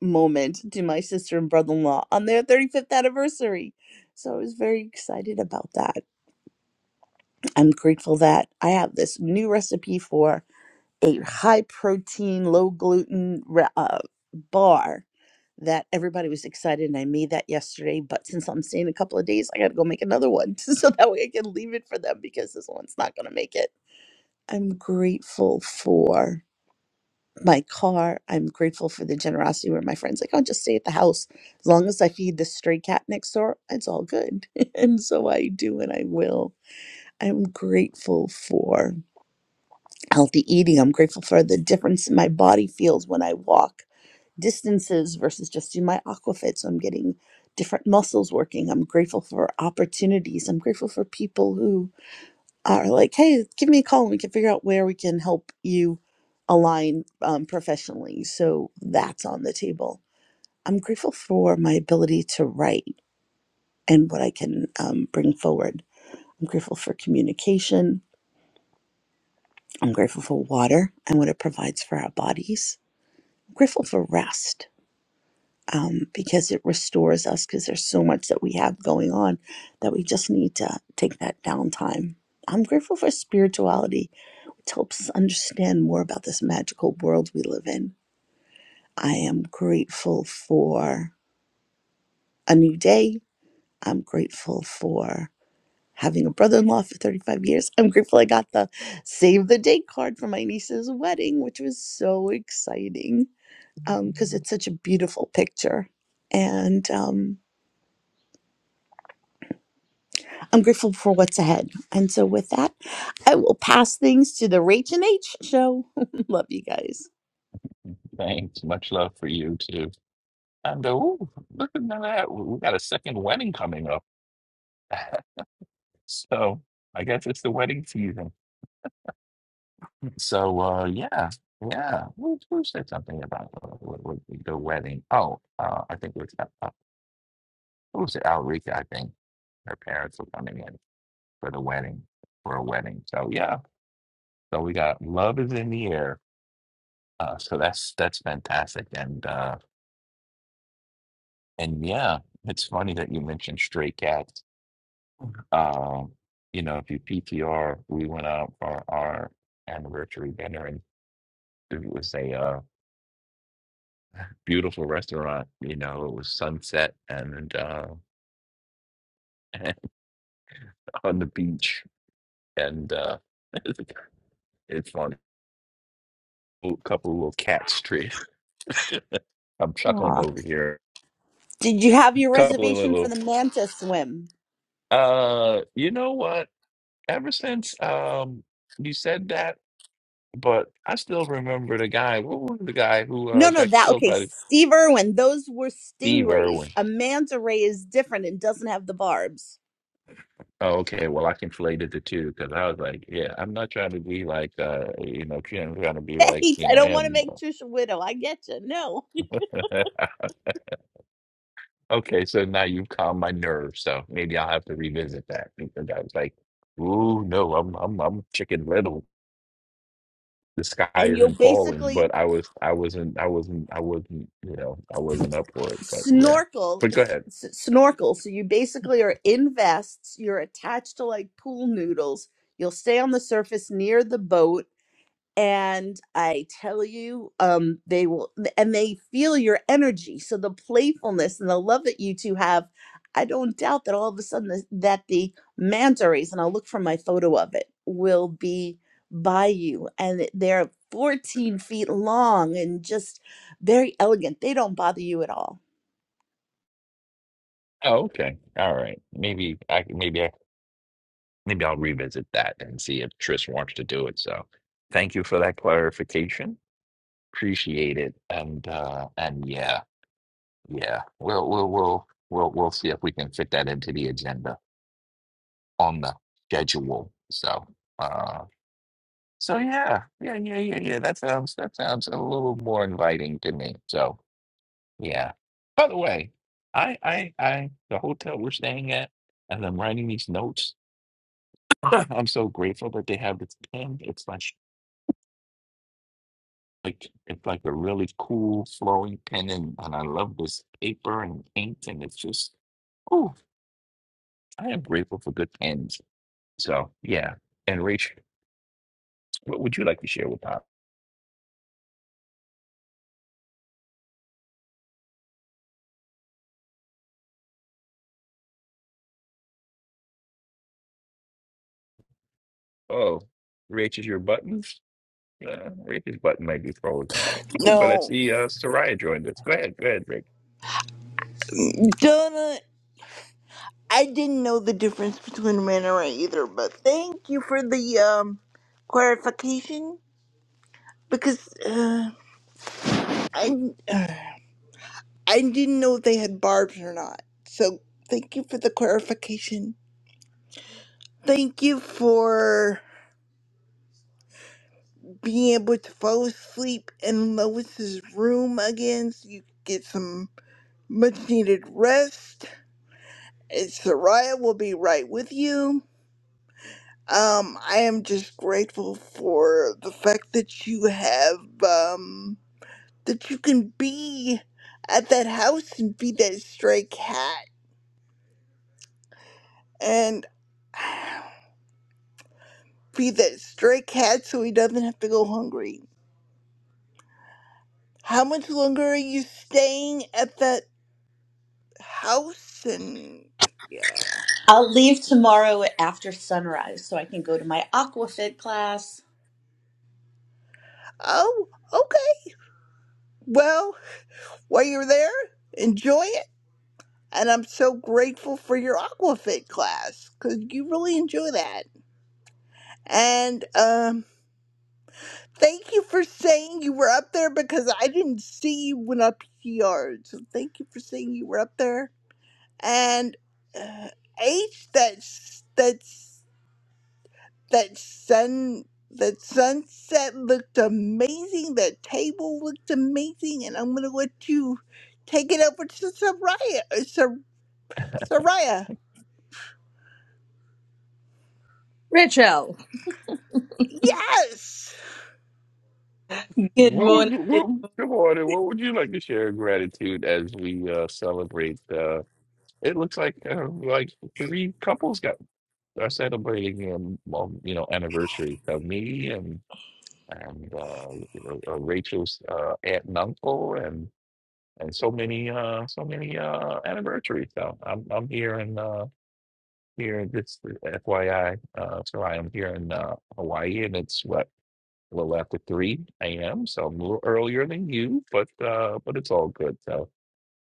moment to my sister and brother in law on their 35th anniversary. So I was very excited about that. I'm grateful that I have this new recipe for a high protein, low gluten ra- uh, bar that everybody was excited. And I made that yesterday. But since I'm staying a couple of days, I got to go make another one so that way I can leave it for them because this one's not going to make it. I'm grateful for my car. I'm grateful for the generosity where my friends like, I'll just stay at the house as long as I feed the stray cat next door. It's all good, and so I do, and I will. I'm grateful for healthy eating. I'm grateful for the difference my body feels when I walk distances versus just do my aquafit. So I'm getting different muscles working. I'm grateful for opportunities. I'm grateful for people who are like, hey, give me a call and we can figure out where we can help you align um, professionally. So that's on the table. I'm grateful for my ability to write and what I can um, bring forward. I'm grateful for communication. I'm grateful for water and what it provides for our bodies. grateful for rest um, because it restores us because there's so much that we have going on that we just need to take that downtime. I'm grateful for spirituality, which helps us understand more about this magical world we live in. I am grateful for a new day. I'm grateful for having a brother in law for 35 years. I'm grateful I got the save the date card for my niece's wedding, which was so exciting. because um, it's such a beautiful picture. And um, I'm grateful for what's ahead. And so, with that, I will pass things to the Rach and H show. Love you guys. Thanks. Much love for you too. And uh, ooh, look at that. We got a second wedding coming up. so I guess it's the wedding season. So uh, yeah, yeah. Who, who said something about uh, what- what- the wedding? Oh, uh, I think it was uh, uh, who was it? Alrika, I think. Her parents were coming in. for the wedding, for a wedding. So yeah, so we got love is in the air. Uh, so that's that's fantastic, and uh, and yeah, it's funny that you mentioned stray cats. Um, you know, if you PTR, we went out for our anniversary dinner, and it was a uh, beautiful restaurant. You know, it was sunset and uh, on the beach, and uh, it's funny. A couple little cat strays. I'm chuckling Aw. over here. Did you have your couple of reservation for little the manta swim? Uh, you know what? Ever since um you said that, but I still remember the guy. What was the guy who uh No, no, got that killed okay. by Steve Irwin, those were Steve stingrays. Irwin? A manta ray is different and doesn't have the barbs. Oh, okay. Well, I conflated the two because I was like, yeah, I'm not trying to be like uh you know, trying trying to be like Hey, you I know don't want to him. make Trisha widow. I get you. No. Okay, so now you've calmed my nerves, so maybe I'll have to revisit that because I was like, ooh, no, I'm I'm I'm chicken little. the sky and you'll isn't falling, basically but I was I wasn't I wasn't I wasn't you know I wasn't up for it. But yeah, snorkel but go ahead. s- snorkel so you basically are in vests you're attached to like pool noodles you'll stay on the surface near the boat and i tell you um they will and they feel your energy so the playfulness and the love that you two have i don't doubt that all of a sudden the, that the manta rays and i'll look for my photo of it will be by you and it- they're 14 feet long and just very elegant they don't bother you at all Oh, okay, all right. Maybe I maybe I maybe I'll revisit that and see if Tris wants to do it. So thank you for that clarification. Appreciate it. And uh and yeah yeah we'll we'll we'll we'll we'll see if we can fit that into the agenda on the schedule. So uh so yeah yeah yeah yeah yeah that sounds that sounds a little more inviting to me. So. Yeah. By the way, I, I, I, the hotel we're staying at, as I'm writing these notes, I'm so grateful that they have this pen. It's like, like, it's like a really cool flowing pen, and, and I love this paper and ink, and it's just, oh, I am grateful for good pens. So yeah. And Rach, what would you like to share with Pop? Oh, Rach is your buttons. Uh, Rach's button might be frozen. Oh, but I No, see uh, Soraya joined us. Go ahead, go ahead, Rach. Donna. I didn't know the difference between a man and right either, but thank you for the um, clarification because. uh. I I didn't know if they had barbs or not. So thank you for the clarification. Thank you for being able to fall asleep in Lois's room again so you could get some much needed rest. And Soraya will be right with you. Um, I am just grateful for the fact that you have um that you can be at that house and be that stray cat. And Feed that stray cat so he doesn't have to go hungry. How much longer are you staying at that house? And yeah. I'll leave tomorrow after sunrise so I can go to my Aquafit class. Oh, okay. Well, while you're there, enjoy it. And I'm so grateful for your Aquafit class because you really enjoy that. And um, thank you for saying you were up there because I didn't see you when I PR'd. So thank you for saying you were up there. And uh, H, that's that's. that sun that sunset looked amazing that table looked amazing and i'm gonna let you take it over to soraya uh, Sor- soraya Rachel. yes What would you, what, good morning. What would you like to share in gratitude as we uh, celebrate? Uh, it looks like uh, like three couples got are celebrating um, well, you know anniversary. So me and and uh, uh, Rachel's uh, aunt and uncle and and so many uh, so many uh, anniversaries. So I'm I'm here in uh, here this FYI. Uh, so I am here in uh, Hawaii, and it's what a little after 3 a.m. So I'm a little earlier than you, but uh, but it's all good. So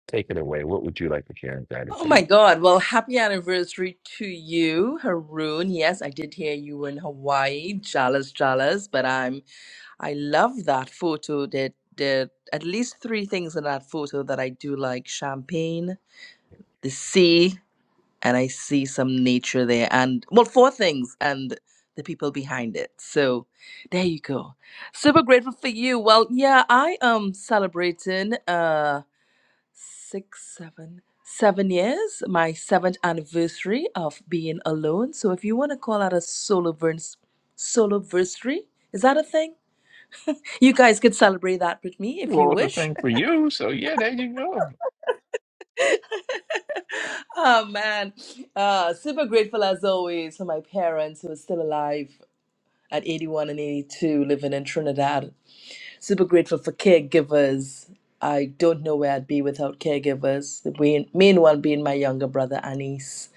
take it away. What would you like to share in Oh my gratitude? God. Well, happy anniversary to you, Haroon. Yes, I did hear you were in Hawaii. Jealous, jealous, but I'm I love that photo. There there are at least three things in that photo that I do like champagne, the sea, and I see some nature there. And well, four things and the people behind it. So there you go. Super grateful for you. Well, yeah, I am celebrating. uh, six, seven, seven years, my seventh anniversary of being alone. So if you want to call that a solo verse, solo versary, is that a thing? You guys could celebrate that with me if you Well, it's a wish. thing for you. So yeah, there you go. oh man, uh, super grateful as always for my parents who are still alive at 81 and 82, living in Trinidad. super grateful for caregivers. I don't know where I'd be without caregivers. The main, main one being my younger brother, Anis.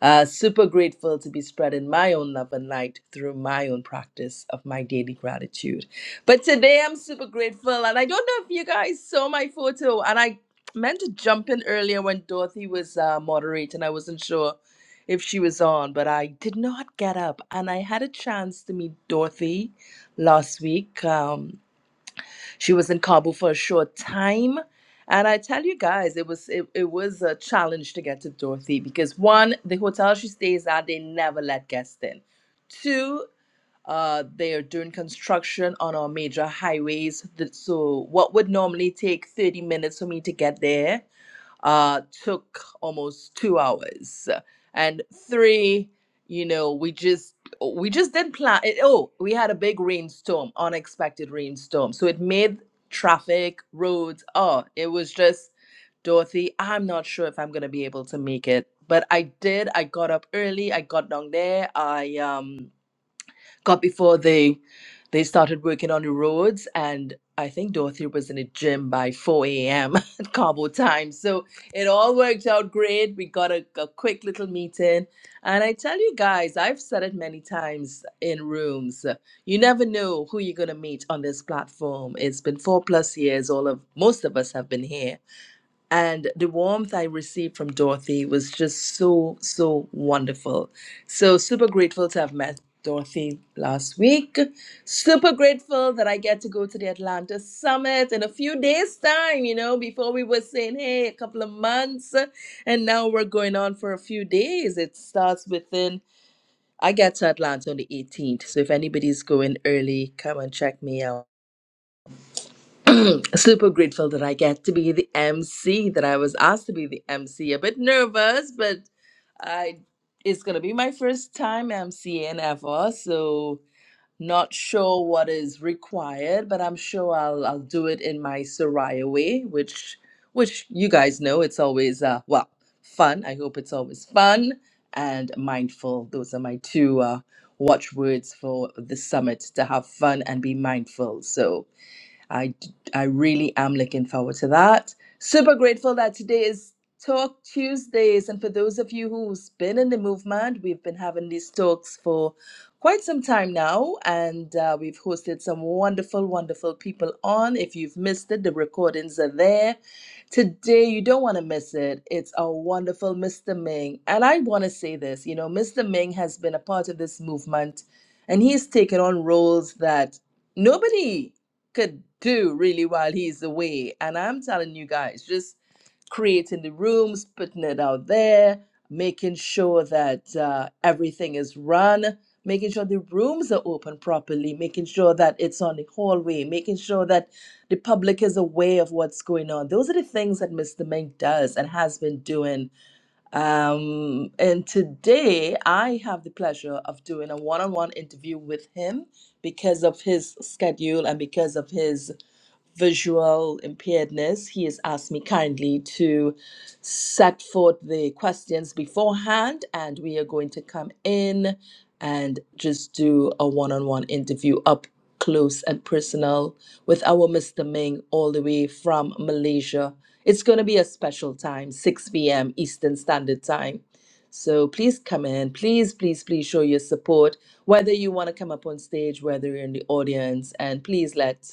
Uh, super grateful to be spreading my own love and light through my own practice of my daily gratitude. But today I'm super grateful, and I don't know if you guys saw my photo, and I meant to jump in earlier when Dorothy was uh, moderating. I wasn't sure if she was on, but I did not get up, and I had a chance to meet Dorothy last week. Um, she was in Kabul for a short time. And I tell you guys, it was it, it was a challenge to get to Dorothy because one, the hotel she stays at, they never let guests in. Two, uh, they are doing construction on our major highways. Th- So what would normally take 30 minutes for me to get there uh, took almost two hours, and three, you know, we just we just didn't plan. It, oh, we had a big rainstorm, unexpected rainstorm, so it made traffic, roads. Oh, it was just Dorothy. I'm not sure if I'm gonna be able to make it, but I did. I got up early. I got down there. I um got before they they started working on the roads and I think Dorothy was in the gym by 4 a.m. at Cabo time. So it all worked out great. We got a, a quick little meeting. And I tell you guys, I've said it many times in rooms. uh, You never know who you're going to meet on this platform. It's been four plus years. All of most of us have been here and the warmth I received from Dorothy was just so, so wonderful. So, super grateful to have met Dorothy last week. Super grateful that I get to go to the Atlanta Summit in a few days' time. You know, before we were saying, hey, a couple of months, and now we're going on for a few days. It starts within, I get to Atlanta on the 18th. So, if anybody's going early, come and check me out. super grateful that I get to be the MC, that I was asked to be the MC. A bit nervous, but I it's gonna be my first time MCing ever, so not sure what is required, but I'm sure I'll I'll do it in my Soraya way, which which you guys know it's always uh well fun. I hope it's always fun and mindful. Those are my two uh watchwords for the summit to have fun and be mindful. So I I really am looking forward to that. Super grateful that today is Talk Tuesdays, and for those of you who's been in the movement, we've been having these talks for quite some time now, and uh, we've hosted some wonderful, wonderful people on. If you've missed it, the recordings are there. Today, you don't want to miss it. It's our wonderful Mr. Ming, and I want to say this. You know, Mr. Ming has been a part of this movement, and he's taken on roles that nobody could do really while he's away. And I'm telling you guys, just creating the rooms, putting it out there, making sure that uh, everything is run, making sure the rooms are open properly, making sure that it's on the hallway, making sure that the public is aware of what's going on. Those are the things that Mr. Mink does and has been doing um, and today I have the pleasure of doing a one on one interview with him because of his schedule and because of his visual impairedness, he has asked me kindly to set forth the questions beforehand, and we are going to come in and just do a one on one interview up close and personal with our Mr. Ming all the way from Malaysia. It's going to be a special time, 6 p.m. Eastern Standard Time. So please come in. Please, please, please show your support, whether you want to come up on stage, whether you're in the audience, and please let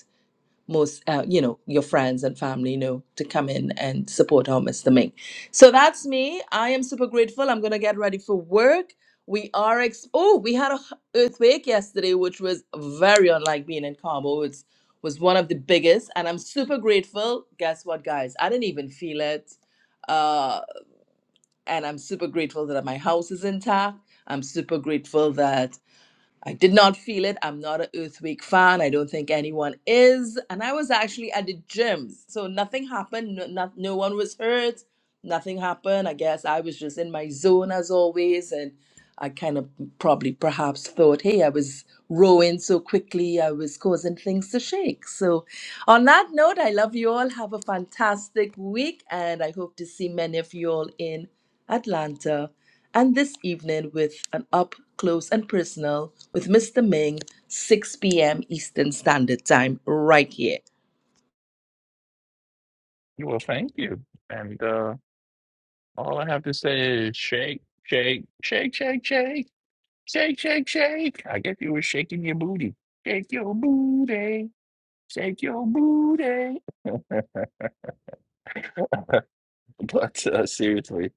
most uh, you know your friends and family know to come in and support our mr ming so that's me i am super grateful i'm gonna get ready for work we are ex- oh we had a h- earthquake yesterday which was very unlike being in Cabo. It was one of the biggest and i'm super grateful guess what guys i didn't even feel it uh, and i'm super grateful that my house is intact i'm super grateful that I did not feel it. I'm not an Earthquake fan. I don't think anyone is. And I was actually at the gym. So nothing happened. No, not, no one was hurt. Nothing happened. I guess I was just in my zone as always. And I kind of probably perhaps thought, hey, I was rowing so quickly, I was causing things to shake. So, on that note, I love you all. Have a fantastic week, and I hope to see many of you all in Atlanta and this evening with an up close and personal with Mr. Ming, 6 p.m. Eastern Standard Time, right here. Well, thank you. And uh, All I have to say is shake, shake, shake, shake, shake, shake, shake, shake. I guess you were shaking your booty. Shake your booty, shake your booty. But uh, seriously,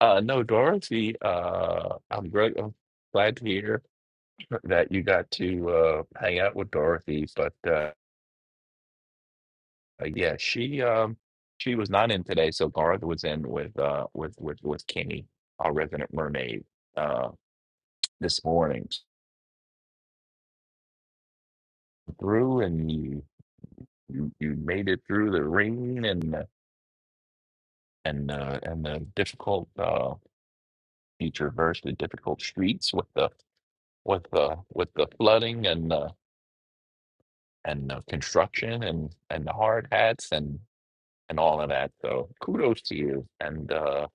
uh, no, Dorothy. Uh, I'm great. I'm glad to hear that you got to uh, hang out with Dorothy. But uh, uh, yeah, she um, she was not in today, so Garth was in with uh, with with with Kenny, our resident mermaid, uh, this morning through and You you made it through the rain and the- and uh, and the difficult uh, you traversed the difficult streets with the with the with the flooding and the and the construction and and the hard hats and and all of that. So kudos to you. And uh,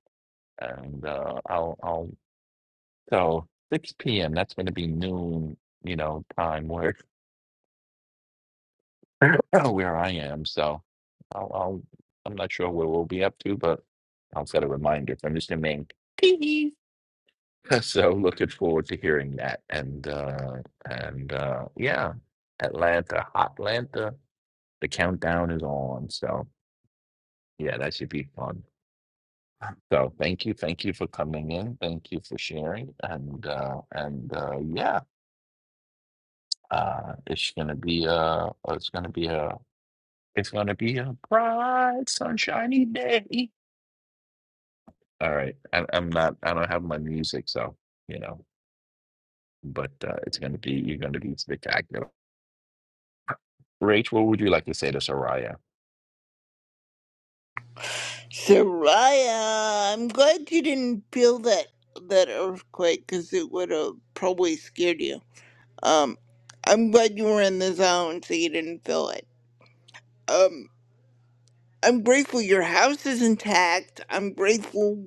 and uh, I'll I'll so 6 p.m. That's going to be noon, you know, time where where I am. So I'll, I'll I'm not sure what we'll be up to, but I'll set a reminder. So I'm just gonna make So looking forward to hearing that. And uh and uh yeah, Atlanta, Atlanta, the countdown is on. So yeah, that should be fun. So thank you, thank you for coming in. Thank you for sharing. And uh and uh yeah, uh it's gonna be uh it's gonna be a it's gonna be a bright sunshiny day. All right. I, I'm not I don't have my music, so you know, but uh it's gonna be you're gonna be spectacular. Rach, what would you like to say to Soraya? soraya i'm glad you didn't feel that that earthquake because it would have probably scared you um i'm glad you were in the zone so you didn't feel it Um, I'm grateful your house is intact. I'm grateful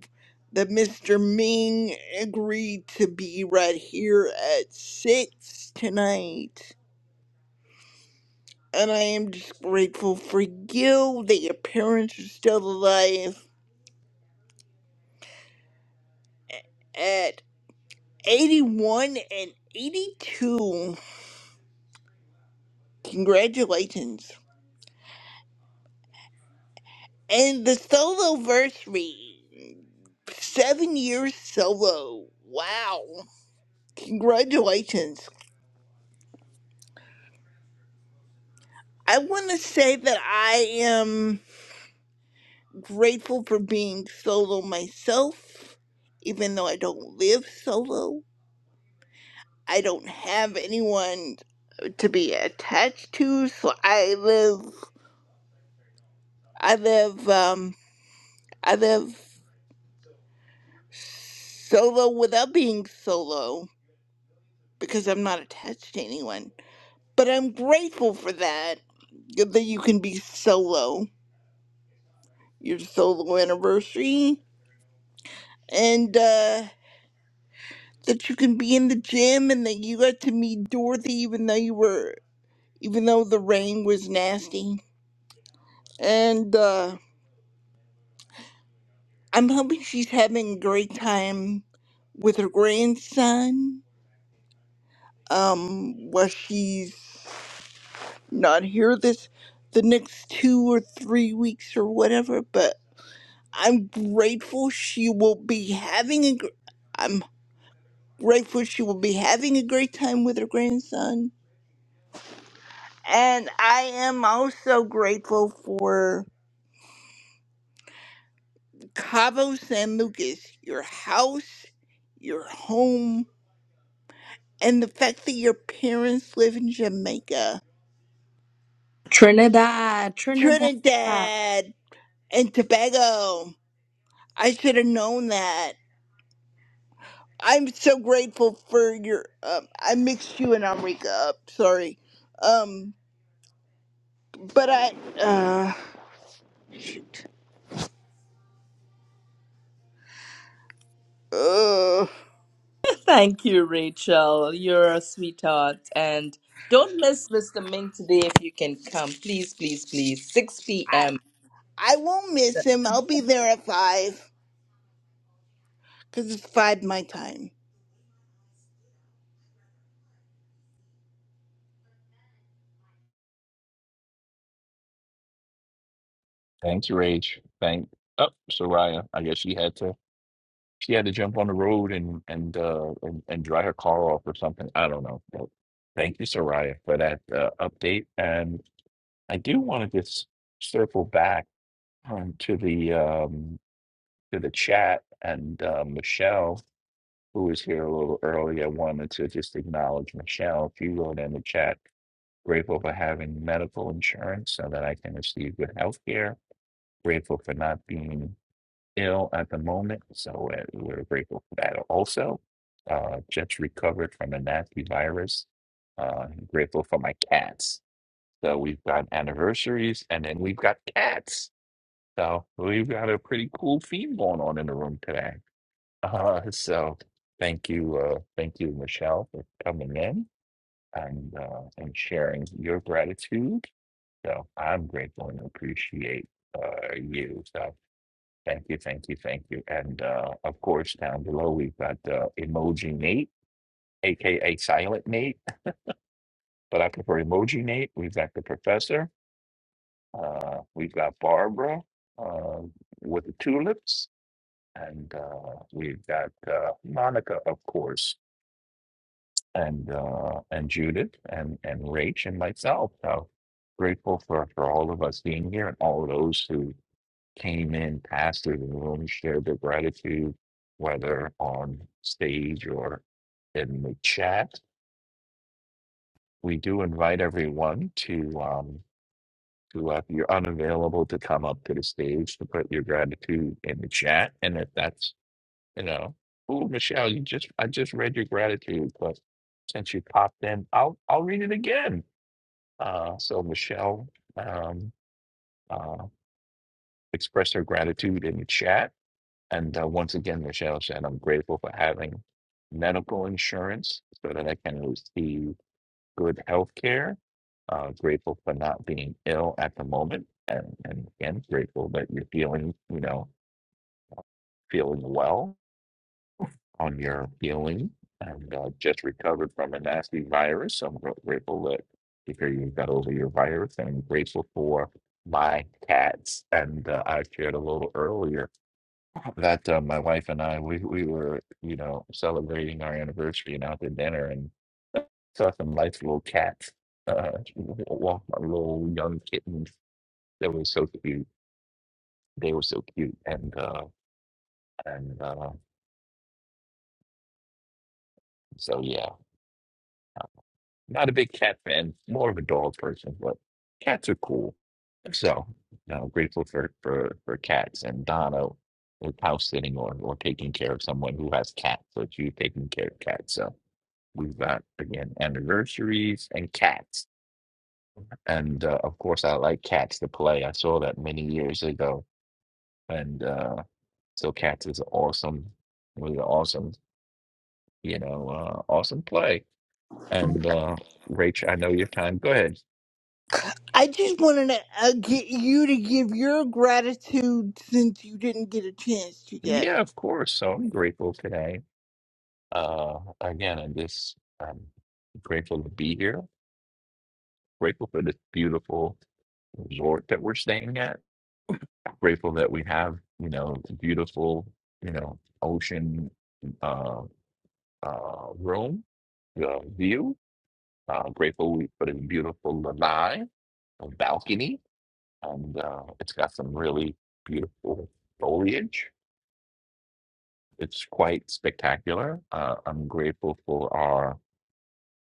that Mr. Ming agreed to be right here at 6 tonight. And I am just grateful for you that your parents are still alive at 81 and 82. Congratulations. And the solo versary. Seven years solo. Wow. Congratulations. I want to say that I am grateful for being solo myself, even though I don't live solo. I don't have anyone to be attached to, so I live, I live, um, I live solo without being solo because I'm not attached to anyone. But I'm grateful for that, that you can be solo, your solo anniversary, and uh that you can be in the gym and that you got to meet Dorothy even though you were even though the rain was nasty. And uh I'm hoping she's having a great time with her grandson. Um while she's not here this the next two or three weeks or whatever, but I'm grateful she will be having a gr- I'm grateful she will be having a great time with her grandson And I am also grateful for Cabo San Lucas, your house, your home, and the fact that your parents live in Jamaica, Trinidad, Trinidad. Trinidad, and Tobago. I should have known that. I'm so grateful for your. Um, I mixed you and Amrika up. Sorry. Um, but I. Uh, shoot. Uh, Thank you, Rachel. You're a sweetheart. And don't miss Mr. Ming today if you can come. Please, please, please. 6 I p.m. I won't miss him. I'll be there at five. because it's five my time. Thank you, Rach. Thank oh, Soraya. I guess she had to she had to jump on the road and and uh and, and dry her car off or something. I don't know. But thank you, Soraya, for that uh, update. And I do want to just circle back um, to the um to the chat and uh, Michelle, who was here a little early. I wanted to just acknowledge Michelle. She wrote in the chat, grateful for having medical insurance so that I can receive good health care Grateful for not being ill at the moment. So uh, we're grateful for that also. Uh, just recovered from a nasty virus. Uh, grateful for my cats. So we've got anniversaries and then we've got cats. So we've got a pretty cool theme going on in the room today. Uh, so thank you, uh, thank you, Michelle, for coming in and uh, and sharing your gratitude. So I'm grateful and appreciate uh, you. So Thank you, thank you, thank you. And uh, of course, down below, we've got uh, Emoji Nate, AKA Silent Nate, but I prefer Emoji Nate. We've got the professor. Uh, we've got Barbara uh, with the tulips. And uh, we've got uh, Monica, of course, and uh, and Judith and, and Rach and myself. So grateful for, for all of us being here and all those who came in, passed through the room, shared their gratitude, whether on stage or in the chat. We do invite everyone to, um, to uh, if you're unavailable, to come up to the stage to put your gratitude in the chat. And if that's, you know, oh, Michelle, you just, I just read your gratitude, but since you popped in, I'll, I'll read it again. Uh, so Michelle, um, uh, expressed her gratitude in the chat And uh, once again, Michelle said, I'm grateful for having medical insurance so that I can receive good health care. Uh, grateful for not being ill at the moment. And, and again, grateful that you're feeling, you know, feeling well on your healing and uh, just recovered from a nasty virus. So I'm gr- grateful that to hear you got over your virus and I'm grateful for my cats. And uh, I shared a little earlier that uh, my wife and I we we were you know celebrating our anniversary and out to dinner and saw some nice little cats uh walk our little young kittens that were so cute they were so cute and uh and uh so yeah not a big cat fan more of a dog person but cats are cool so you know, grateful for for for cats and Donna is house sitting or or taking care of someone who has cats so she's taking care of cats So. We've got again anniversaries and cats, and uh, of course I like cats to play. I saw that many years ago, and uh, so cats is awesome, really awesome, you know, uh, awesome play. And uh, Rach, I know your time. Go ahead. I just wanted to uh, get you to give your gratitude since you didn't get a chance to yet. Yeah, of course. So I'm grateful today. Uh, again, I'm just um, grateful to be here. Grateful for this beautiful resort that we're staying at grateful that we have, you know, a beautiful, you know, ocean uh, uh, room uh, view. Uh, grateful we put in beautiful lanai, a balcony, and uh, it's got some really beautiful foliage. It's quite spectacular. Uh, I'm grateful for our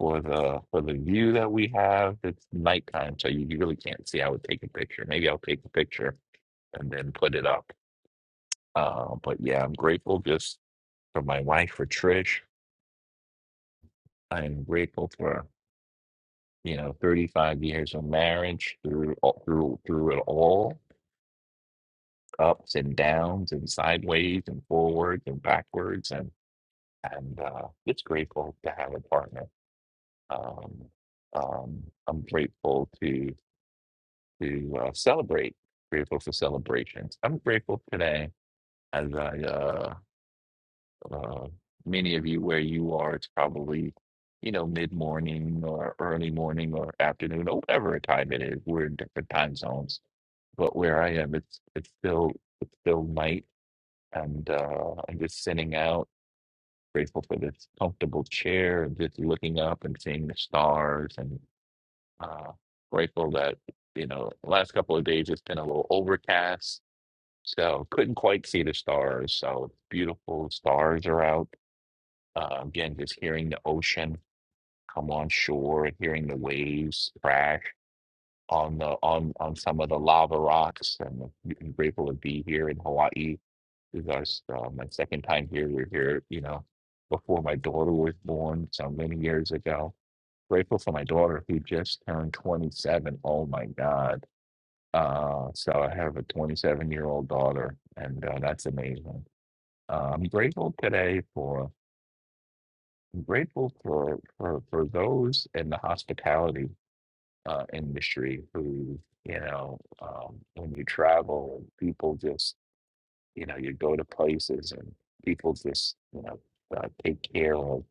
for the for the view that we have. It's nighttime, so you, you really can't see. I would take a picture. Maybe I'll take a picture and then put it up. Uh, but yeah, I'm grateful. Just for my wife, for Trish. I am grateful for you know 35 years of marriage through all- through through it all, ups and downs, and sideways and forwards and backwards, and and uh, it's grateful to have a partner. Um, um, I'm grateful to to uh, celebrate. Grateful for celebrations. I'm grateful today as I uh, Uh, many of you where you are, it's probably, you know, mid-morning or early morning or afternoon or whatever time it is. We're in different time zones, but where I am, it's it's still it's still night, and uh, I'm just sitting out, grateful for this comfortable chair, and just looking up and seeing the stars, and uh, grateful that you know, last couple of days it's been a little overcast. So couldn't quite see the stars. So beautiful stars are out uh, again, just hearing the ocean come on shore and hearing the waves crash on the on on some of the lava rocks. And I'm grateful to be here in Hawaii. This is our s- uh, my second time here. We're here, you know, before my daughter was born, so many years ago. Grateful for my daughter who just turned 27. Oh my God. Uh, so I have a 27 year old daughter, and uh, that's amazing. Uh, I'm grateful today for I'm grateful for for for those in the hospitality uh, industry who, you know, um, when you travel, and people just, you know, you go to places and people just, you know, uh, take care of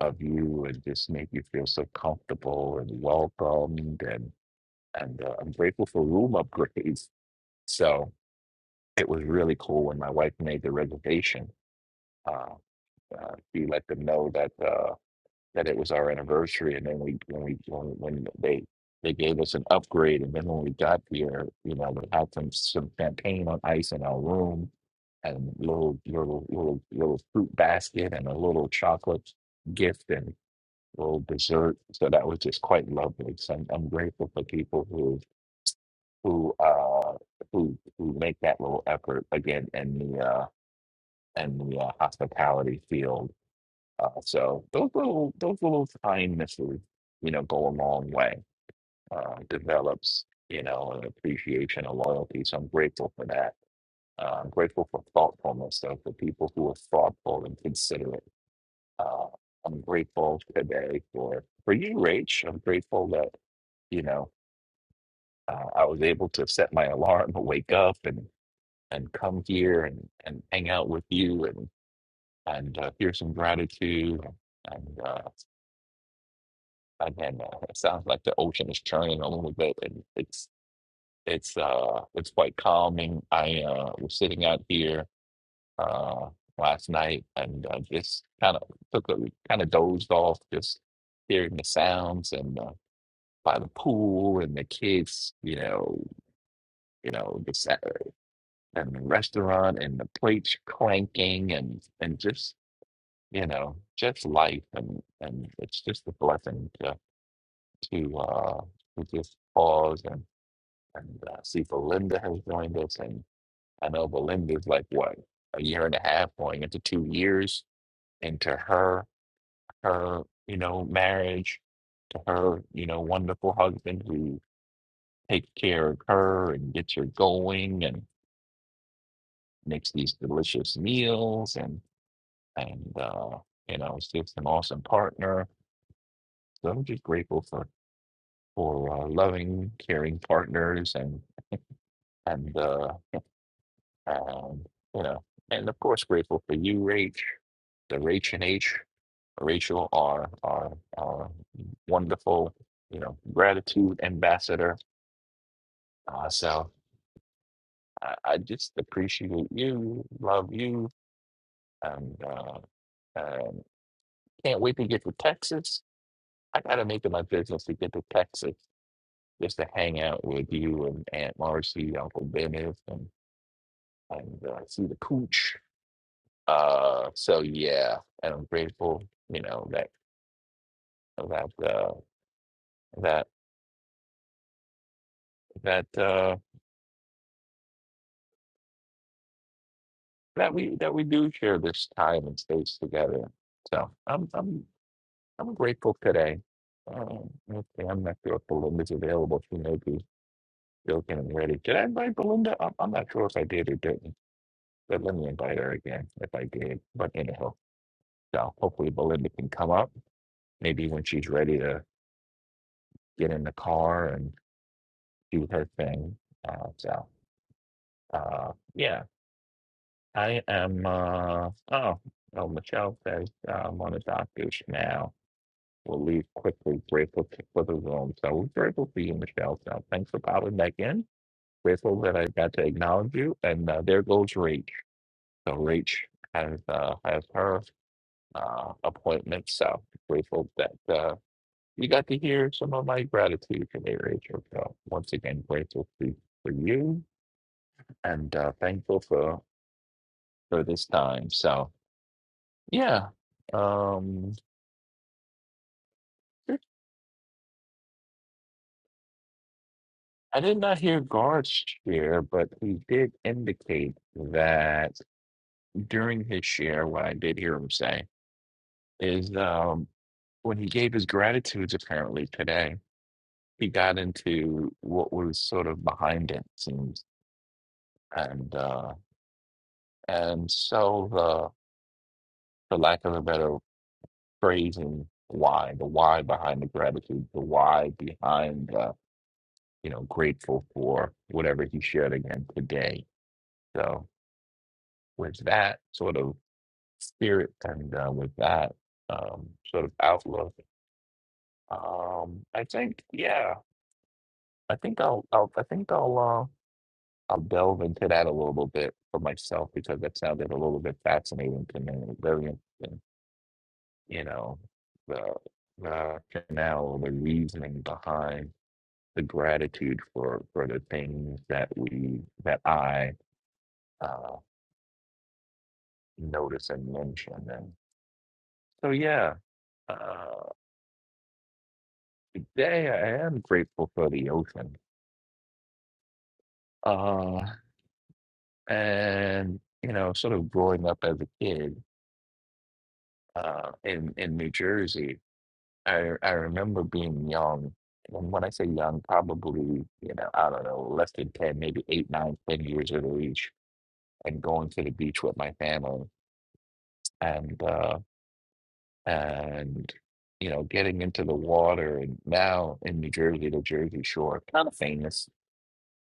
of you and just make you feel so comfortable and welcomed and and uh, I'm grateful for room upgrades. So it was really cool when my wife made the reservation. Uh, uh, she let them know that. Uh, that it was our anniversary, and then we when we when, when they they gave us an upgrade, and then when we got here, you know, we had some some champagne on ice in our room, and little little little little fruit basket, and a little chocolate gift, and little dessert. So that was just quite lovely. So I'm, I'm grateful for people who who uh who who make that little effort again in the uh in the uh, hospitality field uh, so those little those little kindnesses, you know, go a long way. Uh, develops, you know, an appreciation, a loyalty. So I'm grateful for that. Uh, I'm grateful for thoughtfulness, though, for people who are thoughtful and considerate. Uh, I'm grateful today for for you, Rach. I'm grateful that you know uh, I was able to set my alarm, and wake up, and and come here and and hang out with you and and uh, hear some gratitude. and. uh, Again, uh, it sounds like the ocean is churning a little bit, and it's it's uh it's quite calming. I uh was sitting out here uh last night and uh, just kind of took a kind of dozed off, just hearing the sounds and uh, by the pool and the kids, you know, you know, the sa- and the restaurant and the plates clanking and and just you know just life and and it's just a blessing to to uh to just pause and. And uh, I see Belinda has joined us, and I know Belinda's like what a year and a half, going into two years into her her you know marriage to her you know wonderful husband who takes care of her and gets her going and makes these delicious meals and and uh, you know is just an awesome partner. So I'm just grateful for for uh, loving, caring partners and and uh, Um, you know, and of course, grateful for you, Rach, the Rach and H, Rachel, our, our, our wonderful, you know, gratitude ambassador. Uh, so I, I just appreciate you, love you, and uh, um, can't wait to get to Texas. I got to make it my business to get to Texas just to hang out with you and Aunt Marcy, Uncle Dennis, and, and uh, see the cooch. Uh, so yeah, and I'm grateful, you know, that that uh, that that uh, that we that we do share this time and space together. So I'm I'm I'm grateful today. Um, okay, I'm not sure if Belinda's available. She may be joking and ready. Did I invite Belinda? I'm, I'm not sure if I did or didn't, but let me invite her again if I did. But anyhow, so hopefully Belinda can come up maybe when she's ready to get in the car and do her thing. Uh, so uh, yeah, I am, uh, oh, oh, Michelle says, uh, I'm on a doctor's now. We'll leave quickly, grateful to- for the room. So we're grateful for you, Michelle. So thanks for popping back in. Grateful that I got to acknowledge you. And uh, there goes Rach. So Rach has, uh, has her uh, appointment. So grateful that uh, you got to hear some of my gratitude today, Rachel. So once again, grateful for, for you and uh, thankful for, for this time. So Yeah. Um, I did not hear Guard's share, but he did indicate that during his share, what I did hear him say is um, when he gave his gratitudes apparently today, he got into what was sort of behind it, seems. And uh, and so the for lack of a better phrasing, why, the why behind the gratitude, the why behind uh, you know, grateful for whatever he shared again today. So with that sort of spirit and uh, with that um, sort of outlook, um, I think, yeah, I think I'll, I'll I think I'll, uh, I'll delve into that a little bit for myself because that sounded a little bit fascinating to me and very interesting. You know, the the rationale, the reasoning behind the gratitude for for the things that we that I uh, notice and mention, and so yeah. Uh, Today, I am grateful for the ocean. Uh, and, you know, sort of growing up as a kid uh, in, in New Jersey, I, I remember being young. And when I say young, probably, you know, I don't know, less than 10, maybe eight, nine, ten years of age, and going to the beach with my family and, uh, and, you know, getting into the water. And now in New Jersey, the Jersey Shore, kind of famous,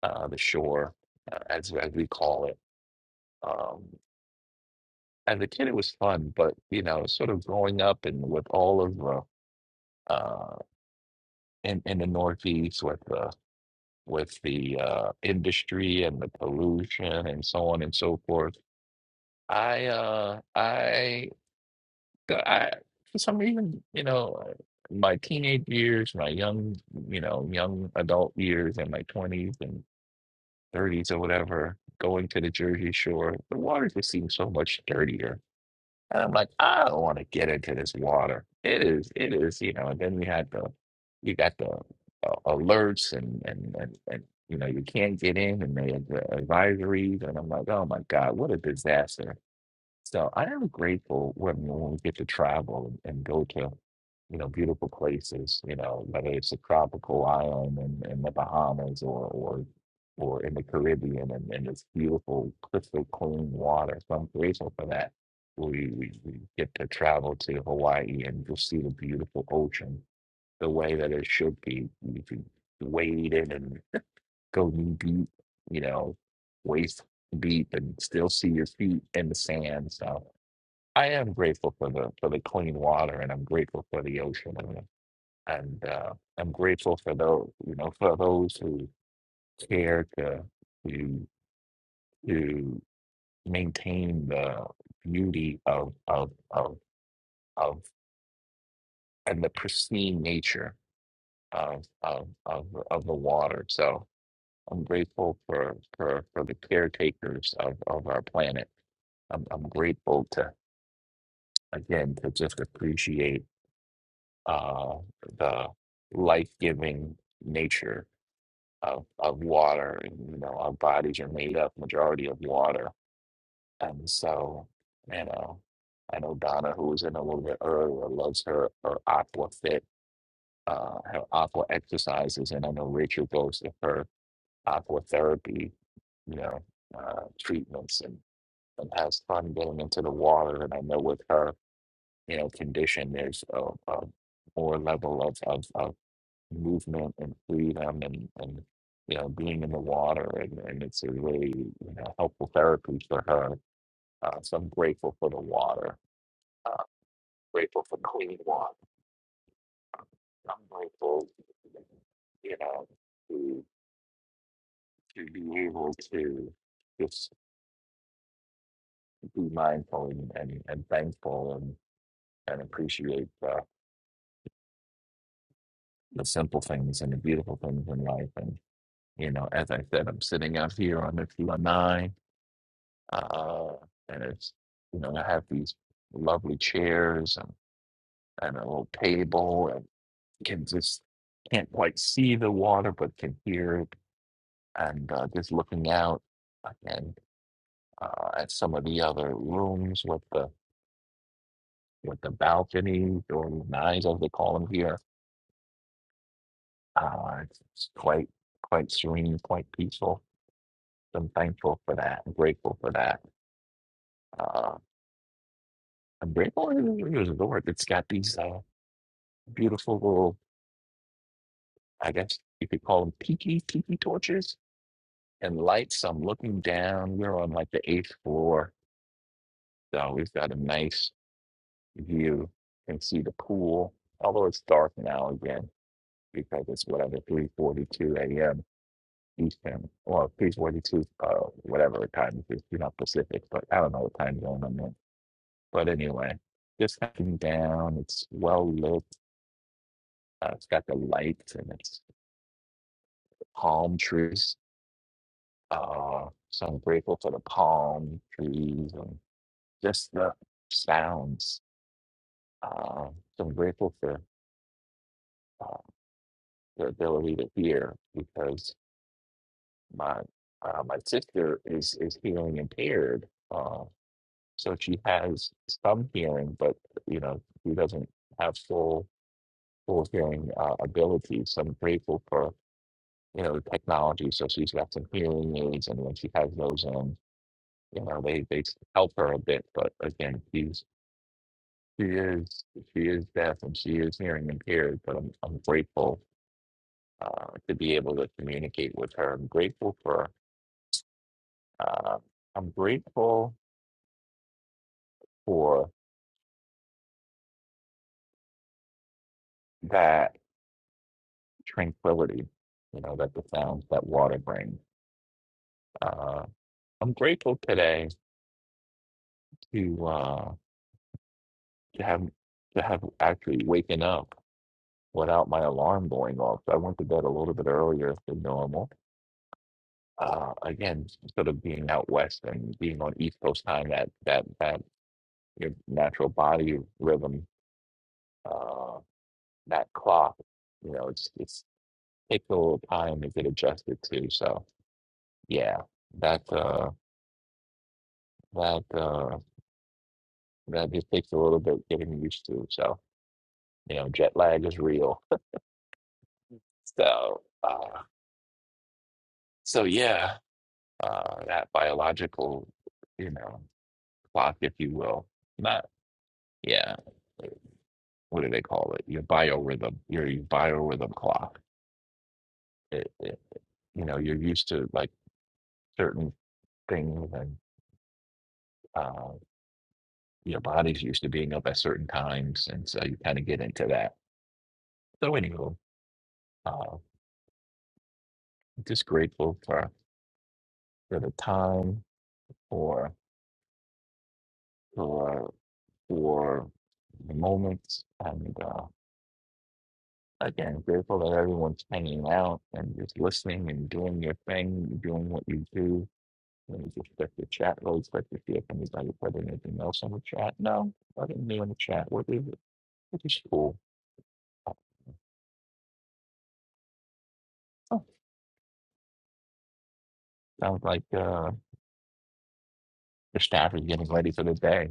uh, the shore, uh, as, as we call it Um, as a kid, it was fun, but you know, sort of growing up and with all of the uh, in in the Northeast with the with the uh, industry and the pollution and so on and so forth, I uh, I uh, I for some reason, you know, uh, my teenage years, my young you know young adult years, and my twenties and thirties or whatever, going to the Jersey Shore, the water just seemed so much dirtier And I'm like, I don't want to get into this water. It is, it is, you know. And then we had the, you got the uh, alerts and, and and and you know you can't get in, and they had the advisories, and I'm like, oh my God, what a disaster! So I am grateful when, when we get to travel and go to, you know, beautiful places, you know, whether it's a tropical island in, in the Bahamas or, or, or in the Caribbean and, and it's beautiful, crystal clean water. So I'm grateful for that. We, we, we get to travel to Hawaii and you'll see the beautiful ocean the way that it should be. You can wade in and go knee deep, you know, waist deep and still see your feet in the sand. So I am grateful for the for the clean water, and I'm grateful for the ocean, and and uh, I'm grateful for those you know for those who care to to to maintain the beauty of of of of and the pristine nature of of of of the water. So I'm grateful for for for the caretakers of of our planet. I'm I'm grateful to again to just appreciate. uh, the life-giving nature of, of water. And, you know, our bodies are made up majority of water. And so, you know, I know Donna, who was in a little bit earlier, loves her, her aqua fit, uh, her aqua exercises. And I know Rachel goes to her aqua therapy, you know, uh, treatments and, and has fun getting into the water. And I know with her, you know, condition, there's a, a more level of, of, of movement and freedom and, and you know being in the water and, and it's a really you know helpful therapy for her. Uh, so I'm grateful for the water. Uh, grateful for clean water. I'm grateful, you know, to to be able to just be mindful and, and, and thankful and, and appreciate the, the simple things and the beautiful things in life. And you know, as I said, I'm sitting out here on the 209 uh, and it's you know I have these lovely chairs and, and a little table and can just can't quite see the water but can hear it and uh, just looking out and uh, at some of the other rooms with the with the balconies or nines as they call them here uh, it's, it's quite quite serene quite peaceful So I'm thankful for that I'm grateful for that uh, I'm grateful it is the word it's got these uh, beautiful little I guess you could call them tiki tiki torches and lights. I'm looking down. We're on like the eighth floor, so we've got a nice view. You can see the pool, although it's dark now again because it's whatever 3:42 a.m. Eastern or 3:42 uh, whatever the time it is. You're not Pacific, but I don't know what time zone I'm in. But anyway, just looking down. It's well lit. Uh, it's got the lights and it's palm trees Uh, so I'm grateful for the palm trees and just the sounds. Uh, so I'm grateful for uh, the ability to hear because my uh, my sister is is hearing impaired. Uh, so she has some hearing, but you know she doesn't have full full hearing uh, ability. So I'm grateful for you know the technology. So she's got some hearing aids, and when she has those on, you know they they help her a bit. But again, she's She is she is deaf and she is hearing impaired, but I'm I'm grateful uh, to be able to communicate with her. I'm grateful for uh, I'm grateful for that tranquility, you know, that the sounds that water brings. Uh, I'm grateful today to uh, to have to have actually waken up without my alarm going off. I went to bed a little bit earlier than normal uh, again, sort of being out west and being on East Coast time, that that that your natural body rhythm, uh, that clock, you know, it's it's takes a little time to get adjusted to. So yeah, that uh that uh that just takes a little bit getting used to. So, you know, jet lag is real. So uh so yeah, uh that biological, you know, clock, if you will. Not yeah, what do they call it? Your biorhythm, your, your biorhythm clock. It, it, you know, you're used to like certain thing and uh, your body's used to being up at certain times, and so you kind of get into that. So anyway, uh, just grateful for for the time, for for for the moments, and uh, again grateful that everyone's hanging out and just listening and doing your thing, doing what you do. Let me just check the chat real quick to see if anybody put anything else on the chat. No, nothing new in the chat. What is it? What is cool? Oh, sounds like uh the staff is getting ready for the day.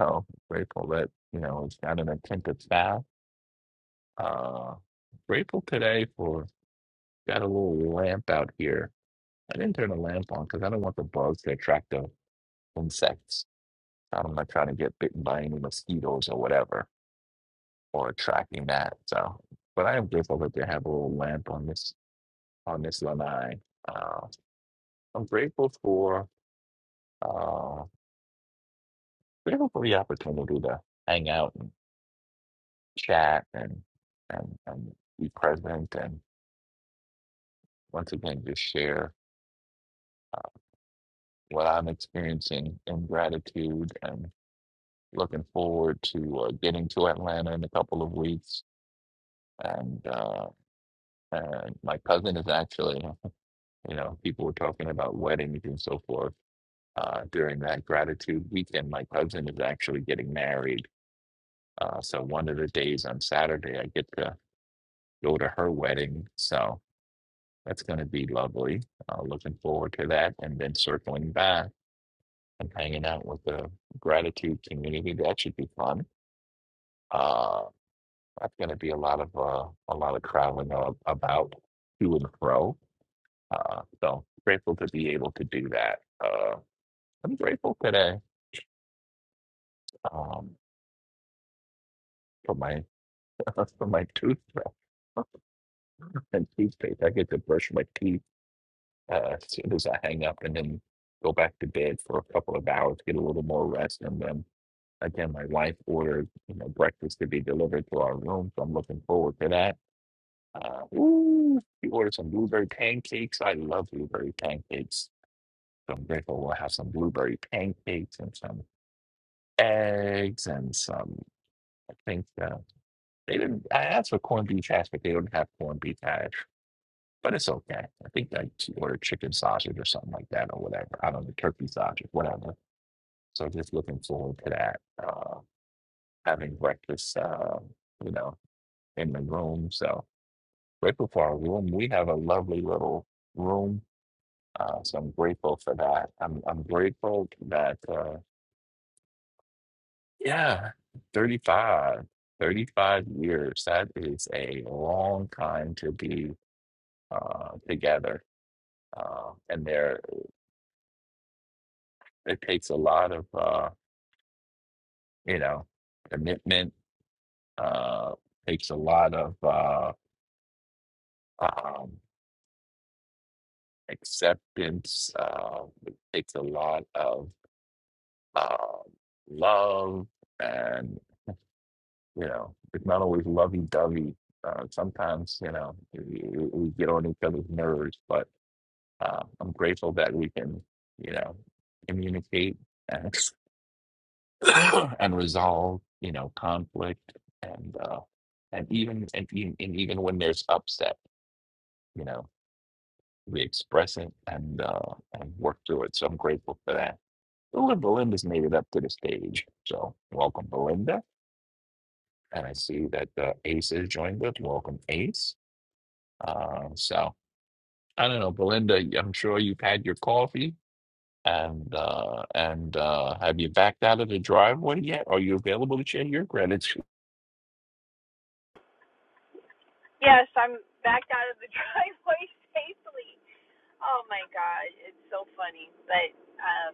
So grateful that, you know, it's not an attentive staff. Uh, grateful today for got a little lamp out here. I didn't turn the lamp on because I don't want the bugs to attract the insects. I'm not trying to get bitten by any mosquitoes or whatever or attracting that. So, but I am grateful that they have a little lamp on this on this lanai. Uh, I'm grateful for uh, grateful for the opportunity to hang out chat and and, and be present and once again just share uh, what I'm experiencing in gratitude and looking forward to uh, getting to Atlanta in a couple of weeks. And uh, and my cousin is actually, you know, people were talking about weddings and so forth uh, during that gratitude weekend. My cousin is actually getting married. Uh, so one of the days on Saturday, I get to go to her wedding. So That's going to be lovely. Uh, looking forward to that. And then circling back and hanging out with the gratitude community. That should be fun. Uh, that's going to be a lot of uh, a lot of traveling a- about to and fro. Uh, so grateful to be able to do that. Uh, I'm grateful today um, for my for my toothbrush and toothpaste. I get to brush my teeth uh, as soon as I hang up, and then go back to bed for a couple of hours, get a little more rest, and then again, my wife ordered you know breakfast to be delivered to our room, so I'm looking forward to that. Uh, ooh, we ordered some blueberry pancakes. I love blueberry pancakes, so I'm grateful we'll have some blueberry pancakes and some eggs and some. I think uh, they didn't. I asked for corned beef hash, but they don't have corned beef hash. But it's okay. I think I she ordered chicken sausage or something like that, or whatever. I don't know, turkey sausage, whatever. So just looking forward to that. Uh, having breakfast. Uh, you know. in the room. So grateful for our room. We have a lovely little room. Uh, so I'm grateful for that. I'm I'm grateful that uh, yeah, 35, 35 years. That is a long time to be uh, together. Uh, and there it takes a lot of uh, you know commitment. Uh, takes a lot of uh, um, acceptance. Uh, it takes a lot of uh, love, and you know, it's not always lovey-dovey. Uh, sometimes, you know, we, we we get on each other's nerves, but uh, I'm grateful that we can, you know, communicate and and resolve, you know, conflict and uh, and even and, e- and even when there's upset, you know, we express it and uh, and work through it. So I'm grateful for that. Oh, and Belinda's made it up to the stage. So welcome, Belinda. And I see that uh, Ace is joined us. Welcome, Ace. Um, so I don't know, Belinda. I'm sure you've had your coffee, and uh, and uh, have you backed out of the driveway yet? Are you available to share your gratitude? Yes, I'm backed out of the driveway safely. Oh my God, it's so funny. But um,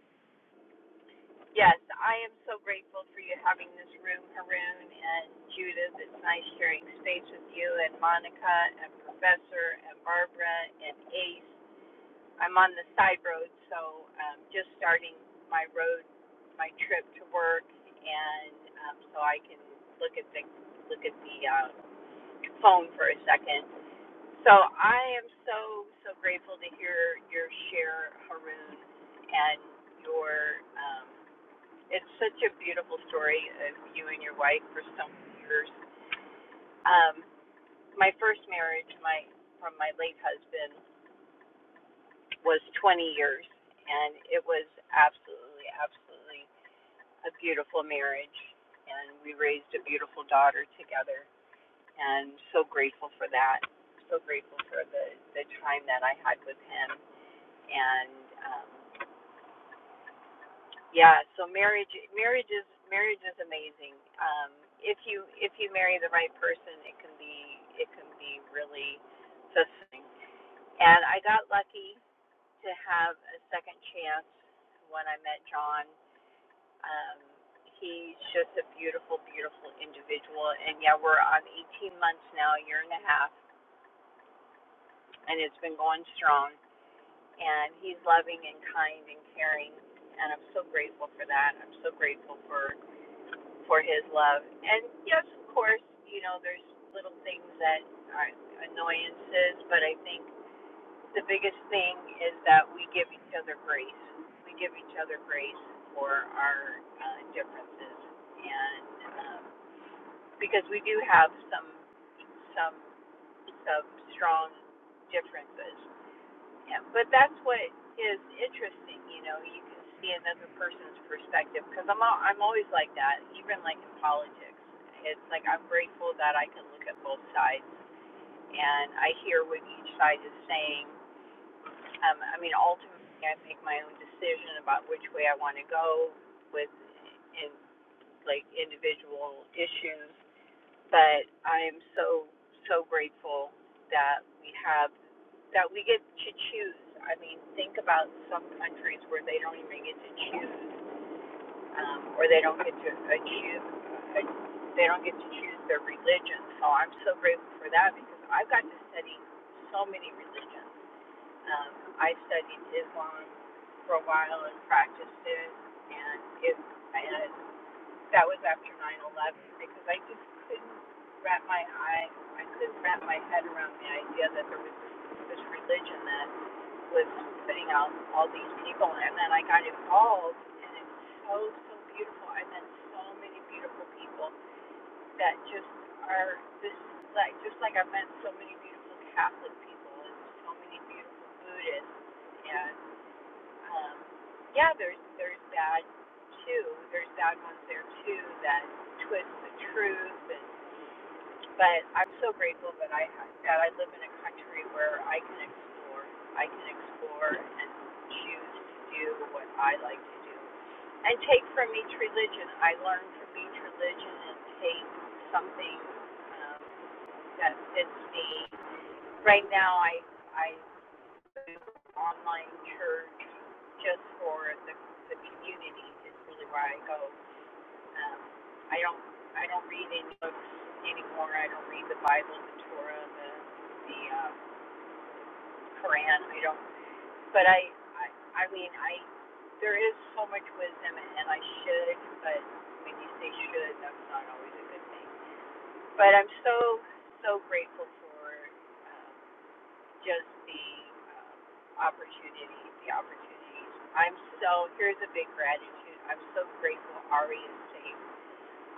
yes, I am so grateful for you having this room, Haroon and Judith. It's nice sharing space with you and Monica and Professor and Barbara and Ace. I'm on the side road, so um, just starting my road, my trip to work, and um, so I can look at the look at the uh, phone for a second. So I am so so grateful to hear your share, Haroon, and your. Um, it's such a beautiful story of you and your wife for so many years. Um, my first marriage, my from my late husband, was 20 years, and it was absolutely absolutely a beautiful marriage, and we raised a beautiful daughter together, and so grateful for that. So grateful for the the time that I had with him and um, yeah, so marriage marriage is marriage is amazing. Um, if you if you marry the right person, it can be it can be really fulfilling. And I got lucky to have a second chance when I met John. Um, he's just a beautiful, beautiful individual. And yeah, we're on 18 months now, a year and a half, and it's been going strong. and he's loving and kind and caring and I'm so grateful for that. I'm so grateful for for his love. And yes, of course, you know, there's little things that are annoyances, but I think the biggest thing is that we give each other grace. We give each other grace for our uh, differences, and um, because we do have some some some strong differences, yeah, but that's what is interesting, you know. You can see another person's perspective because I'm al- I'm always like that, even like in politics. It's like I'm grateful that I can look at both sides and I hear what each side is saying. Um, I mean, ultimately, I make my own decision about which way I want to go with in like individual issues, but I'm so so grateful that we have that we get to choose. I mean, think about some countries where they don't even get to choose, um, or they don't get to uh, choose, uh, they don't get to choose their religion. So I'm so grateful for that because I've got to study so many religions. Um, I studied Islam for a while and practiced it, and it and that was after nine eleven because I just couldn't wrap my eye, I couldn't wrap my head around the idea that there was this religion that was putting out all these people, and then I got involved, and it's so so beautiful. I met so many beautiful people that just are this like just like I've met so many beautiful Catholic people and so many beautiful Buddhists and. Um, yeah, there's there's that too. There's bad ones there too that twist the truth. And, but I'm so grateful that I that I live in a country where I can explore. I can explore and choose to do what I like to do. And take from each religion. I learn from each religion and take something um, that fits me. Right now, I I online church just for the, the community is really where I go. Um, I don't I don't read any books anymore. I don't read the Bible, the Torah, the the um, Quran. I don't. But I, I I mean I there is so much wisdom and I should. But when you say should, that's not always a good thing. But I'm so so grateful for. um, just the um, opportunity, the opportunities. I'm so, here's a big gratitude. I'm so grateful Ari is safe.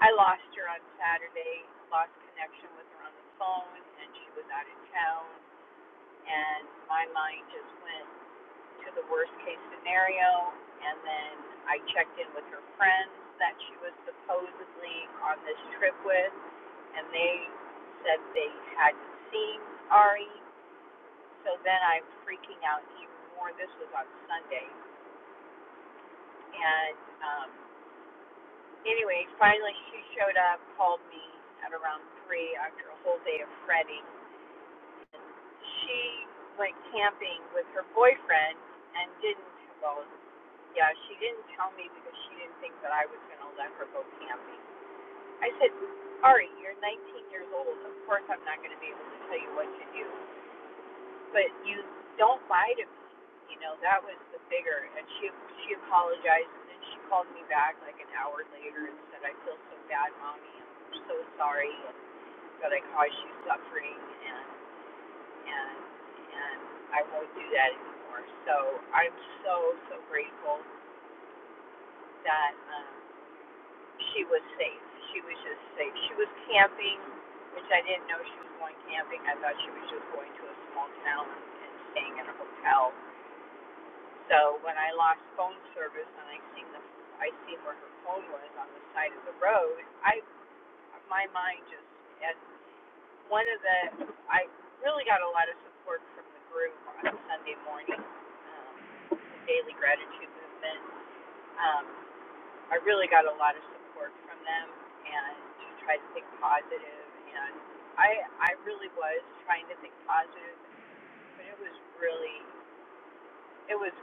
I lost her on Saturday, lost connection with her on the phone, and she was out of town. And my mind just went to the worst case scenario. And then I checked in with her friends that she was supposedly on this trip with, and they said they hadn't seen Ari so then I'm freaking out even more. This was on Sunday. And um, anyway, finally she showed up, called me at around 3 after a whole day of fretting. She went camping with her boyfriend and didn't, well, yeah, she didn't tell me because she didn't think that I was going to let her go camping. I said, Ari, you're 19 years old. Of course I'm not going to be able to tell you what to do. but you don't lie to me. You know, that was the bigger. And she she apologized, and then she called me back like an hour later and said, I feel so bad, mommy. I'm so sorry that I caused you suffering, and and and I won't do that anymore. So I'm so so grateful that um, she was safe. She was just safe. She was camping, which I didn't know she was going camping. I thought she was just going to a small town and staying in a hotel So when I lost phone service and I seen the I seen where her phone was on the side of the road, I my mind just and one of the I really got a lot of support from the group on Sunday morning, um, the Daily Gratitude Movement. Um, I really got a lot of support from them and to try to think positive and I I really was trying to think positive, but it was really it was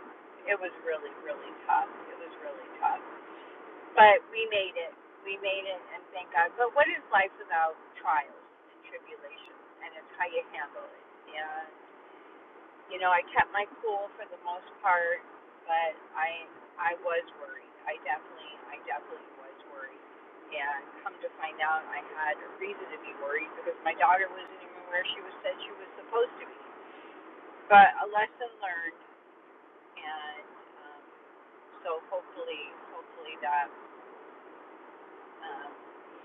it was really really tough. It was really tough But we made it. We made it, and thank God. But what is life without trials and tribulations? And it's how you handle it. And you know, I kept my cool for the most part, but I I was worried. I definitely I definitely was worried. And come to find out, I had a reason to be worried because my daughter wasn't even where she was said she was supposed to be. But a lesson learned, and um, so hopefully, hopefully that. Um,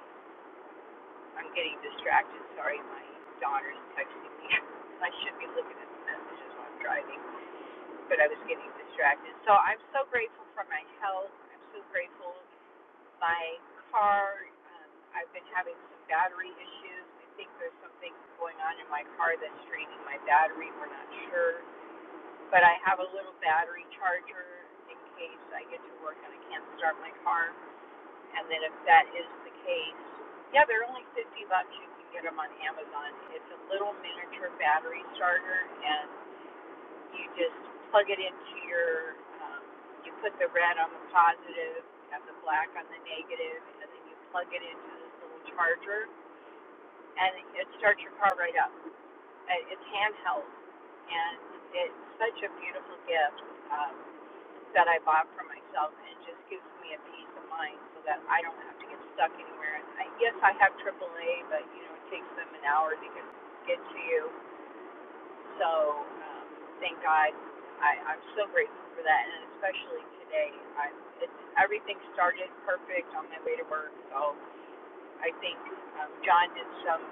I'm getting distracted. Sorry, my daughter's texting me. I should be looking at the messages while I'm driving, but I was getting distracted. So I'm so grateful for my health. I'm so grateful my car. Um, I've been having some battery issues. I think there's something going on in my car that's draining my battery. We're not sure, but I have a little battery charger in case I get to work and I can't start my car. And then if that is the case, yeah, they're only 50 bucks. You can get them on Amazon. It's a little miniature battery starter, and you just plug it into your, um, you put the red on the positive and the black on the negative, and then you plug it into this little charger, and it starts your car right up. Uh, It's handheld, and it's such a beautiful gift. Um, that I bought for myself, and just gives me a peace of mind so that I don't have to get stuck anywhere. And I, yes, I have AAA, but you know it takes them an hour to get get to you. So um, thank God, I, I'm so grateful for that, and especially today. I, it, everything started perfect on my way to work, so I think um, John did some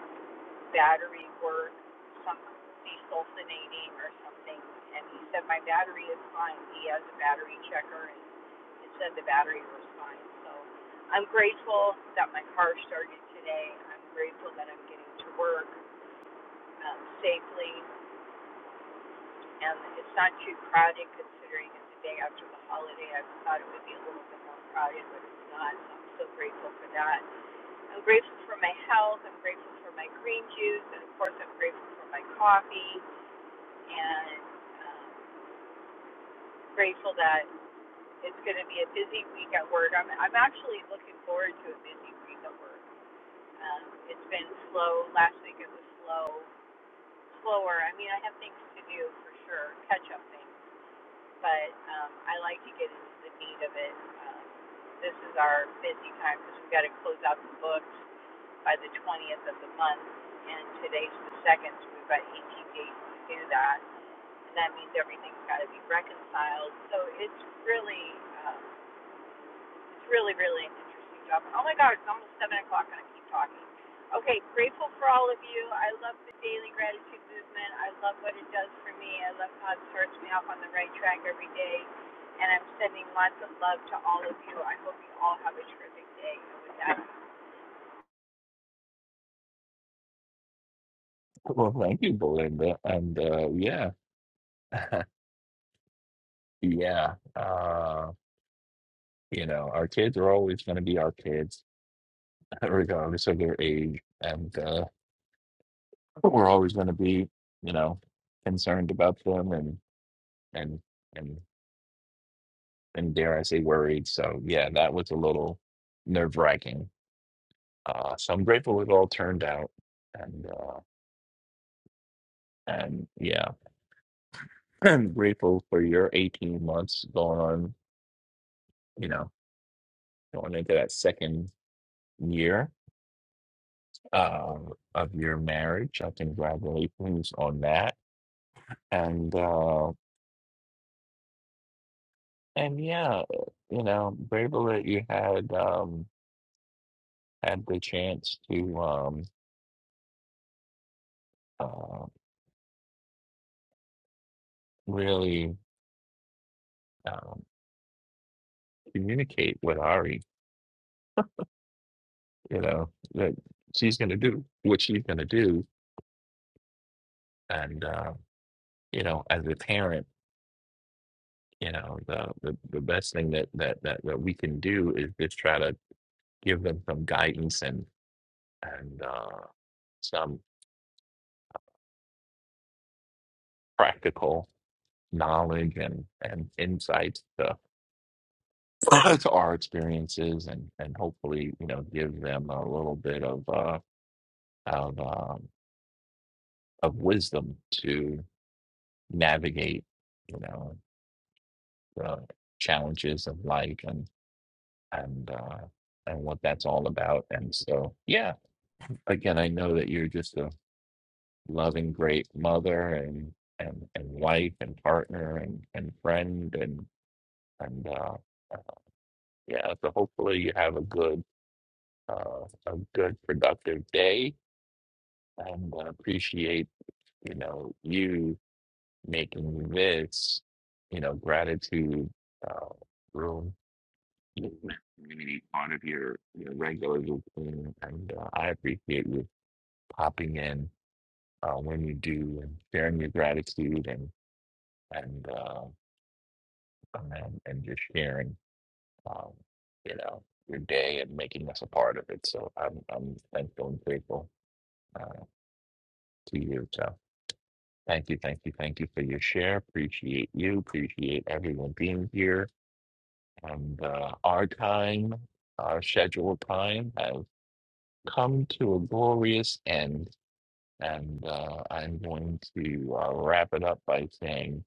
battery work, some desulfonating or something. And he said, My battery is fine. He has a battery checker, and it said the battery was fine. So I'm grateful that my car started today. I'm grateful that I'm getting to work um, safely. And it's not too crowded considering it's the day after the holiday. I thought it would be a little bit more crowded, but it's not. So I'm so grateful for that. I'm grateful for my health. I'm grateful for my green juice, and of course, I'm grateful for my coffee. And um, grateful that it's going to be a busy week at work. I'm I'm actually looking forward to a busy week at work. Um, it's been slow. Last week it was slow, slower. I mean, I have things to do for sure, catch up things, but um, I like to get into the meat of it. Um, this is our busy time because we've got to close out the books. by the 20th of the month, and today's the second, so we've got 18 days to do that, and that means everything's got to be reconciled. So it's really, um, it's really, really an interesting job. Oh my God, it's almost seven o'clock, and I keep talking. Okay, grateful for all of you. I love the daily gratitude movement. I love what it does for me. I love how it starts me off on the right track every day. And I'm sending lots of love to all of you. I hope you all have a terrific day. And with that, Well, thank you, Belinda. And uh, yeah, yeah. Uh, you know, our kids are always going to be our kids, regardless of their age, and uh, we're always going to be, you know, concerned about them and and and. and dare I say worried. So yeah, that was a little nerve wracking. Uh, so I'm grateful it all turned out, and uh, and yeah, I'm grateful for your 18 months going on. You know, going into that second year uh, of your marriage. I congratulations on that, and uh, and yeah, you know, grateful that you had um, had the chance to um, uh, really. Um, communicate with Ari you know that she's going to do what she's going to do and uh, you know as a parent you know the, the the best thing that that that that we can do is just try to give them some guidance and and uh some practical knowledge and and insights to, to our experiences and and hopefully you know give them a little bit of uh of um of wisdom to navigate you know the challenges of life and. and uh, and what that's all about. And so, yeah, again, I know that you're just a loving, great mother and and and wife and partner and and friend and and uh, uh, yeah. So hopefully you have a good uh, a good productive day and uh, appreciate you know you making this you know gratitude uh, room community part of your, your regular routine and uh, I appreciate you Hopping in uh, when you do and sharing your gratitude and and uh, and, then- and just sharing um, you know your day and making us a part of it. So I'm I'm thankful and grateful uh, to you. So thank you, thank you, thank you for your share. Appreciate you. Appreciate everyone being here. And uh, our time, our scheduled time, has come to a glorious end. And uh, I'm going to uh, wrap it up by saying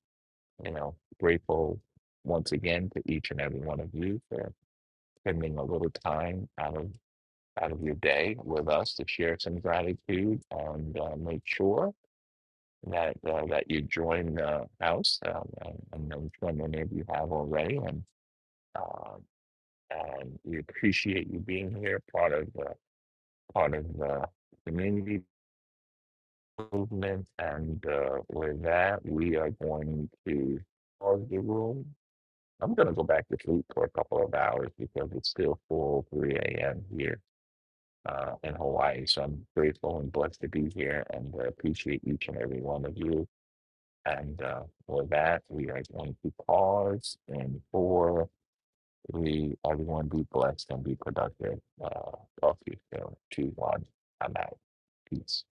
you know, grateful once again to each and every one of you for spending a little time out of out of your day with us to share some gratitude and uh, make sure that uh, that you join the house. Um, and I know which one many of you have already, and uh, and we appreciate you being here, part of the part of the community movement. And uh, with that, we are going to pause the room I'm gonna go back to sleep for a couple of hours because it's still full 3 a.m. here uh, in Hawaii. So I'm grateful and blessed to be here and I appreciate each and every one of you. And uh, for that, we are going to pause and for we everyone be blessed and be productive. Uh, talk to you soon. Two, one. I'm out. Peace.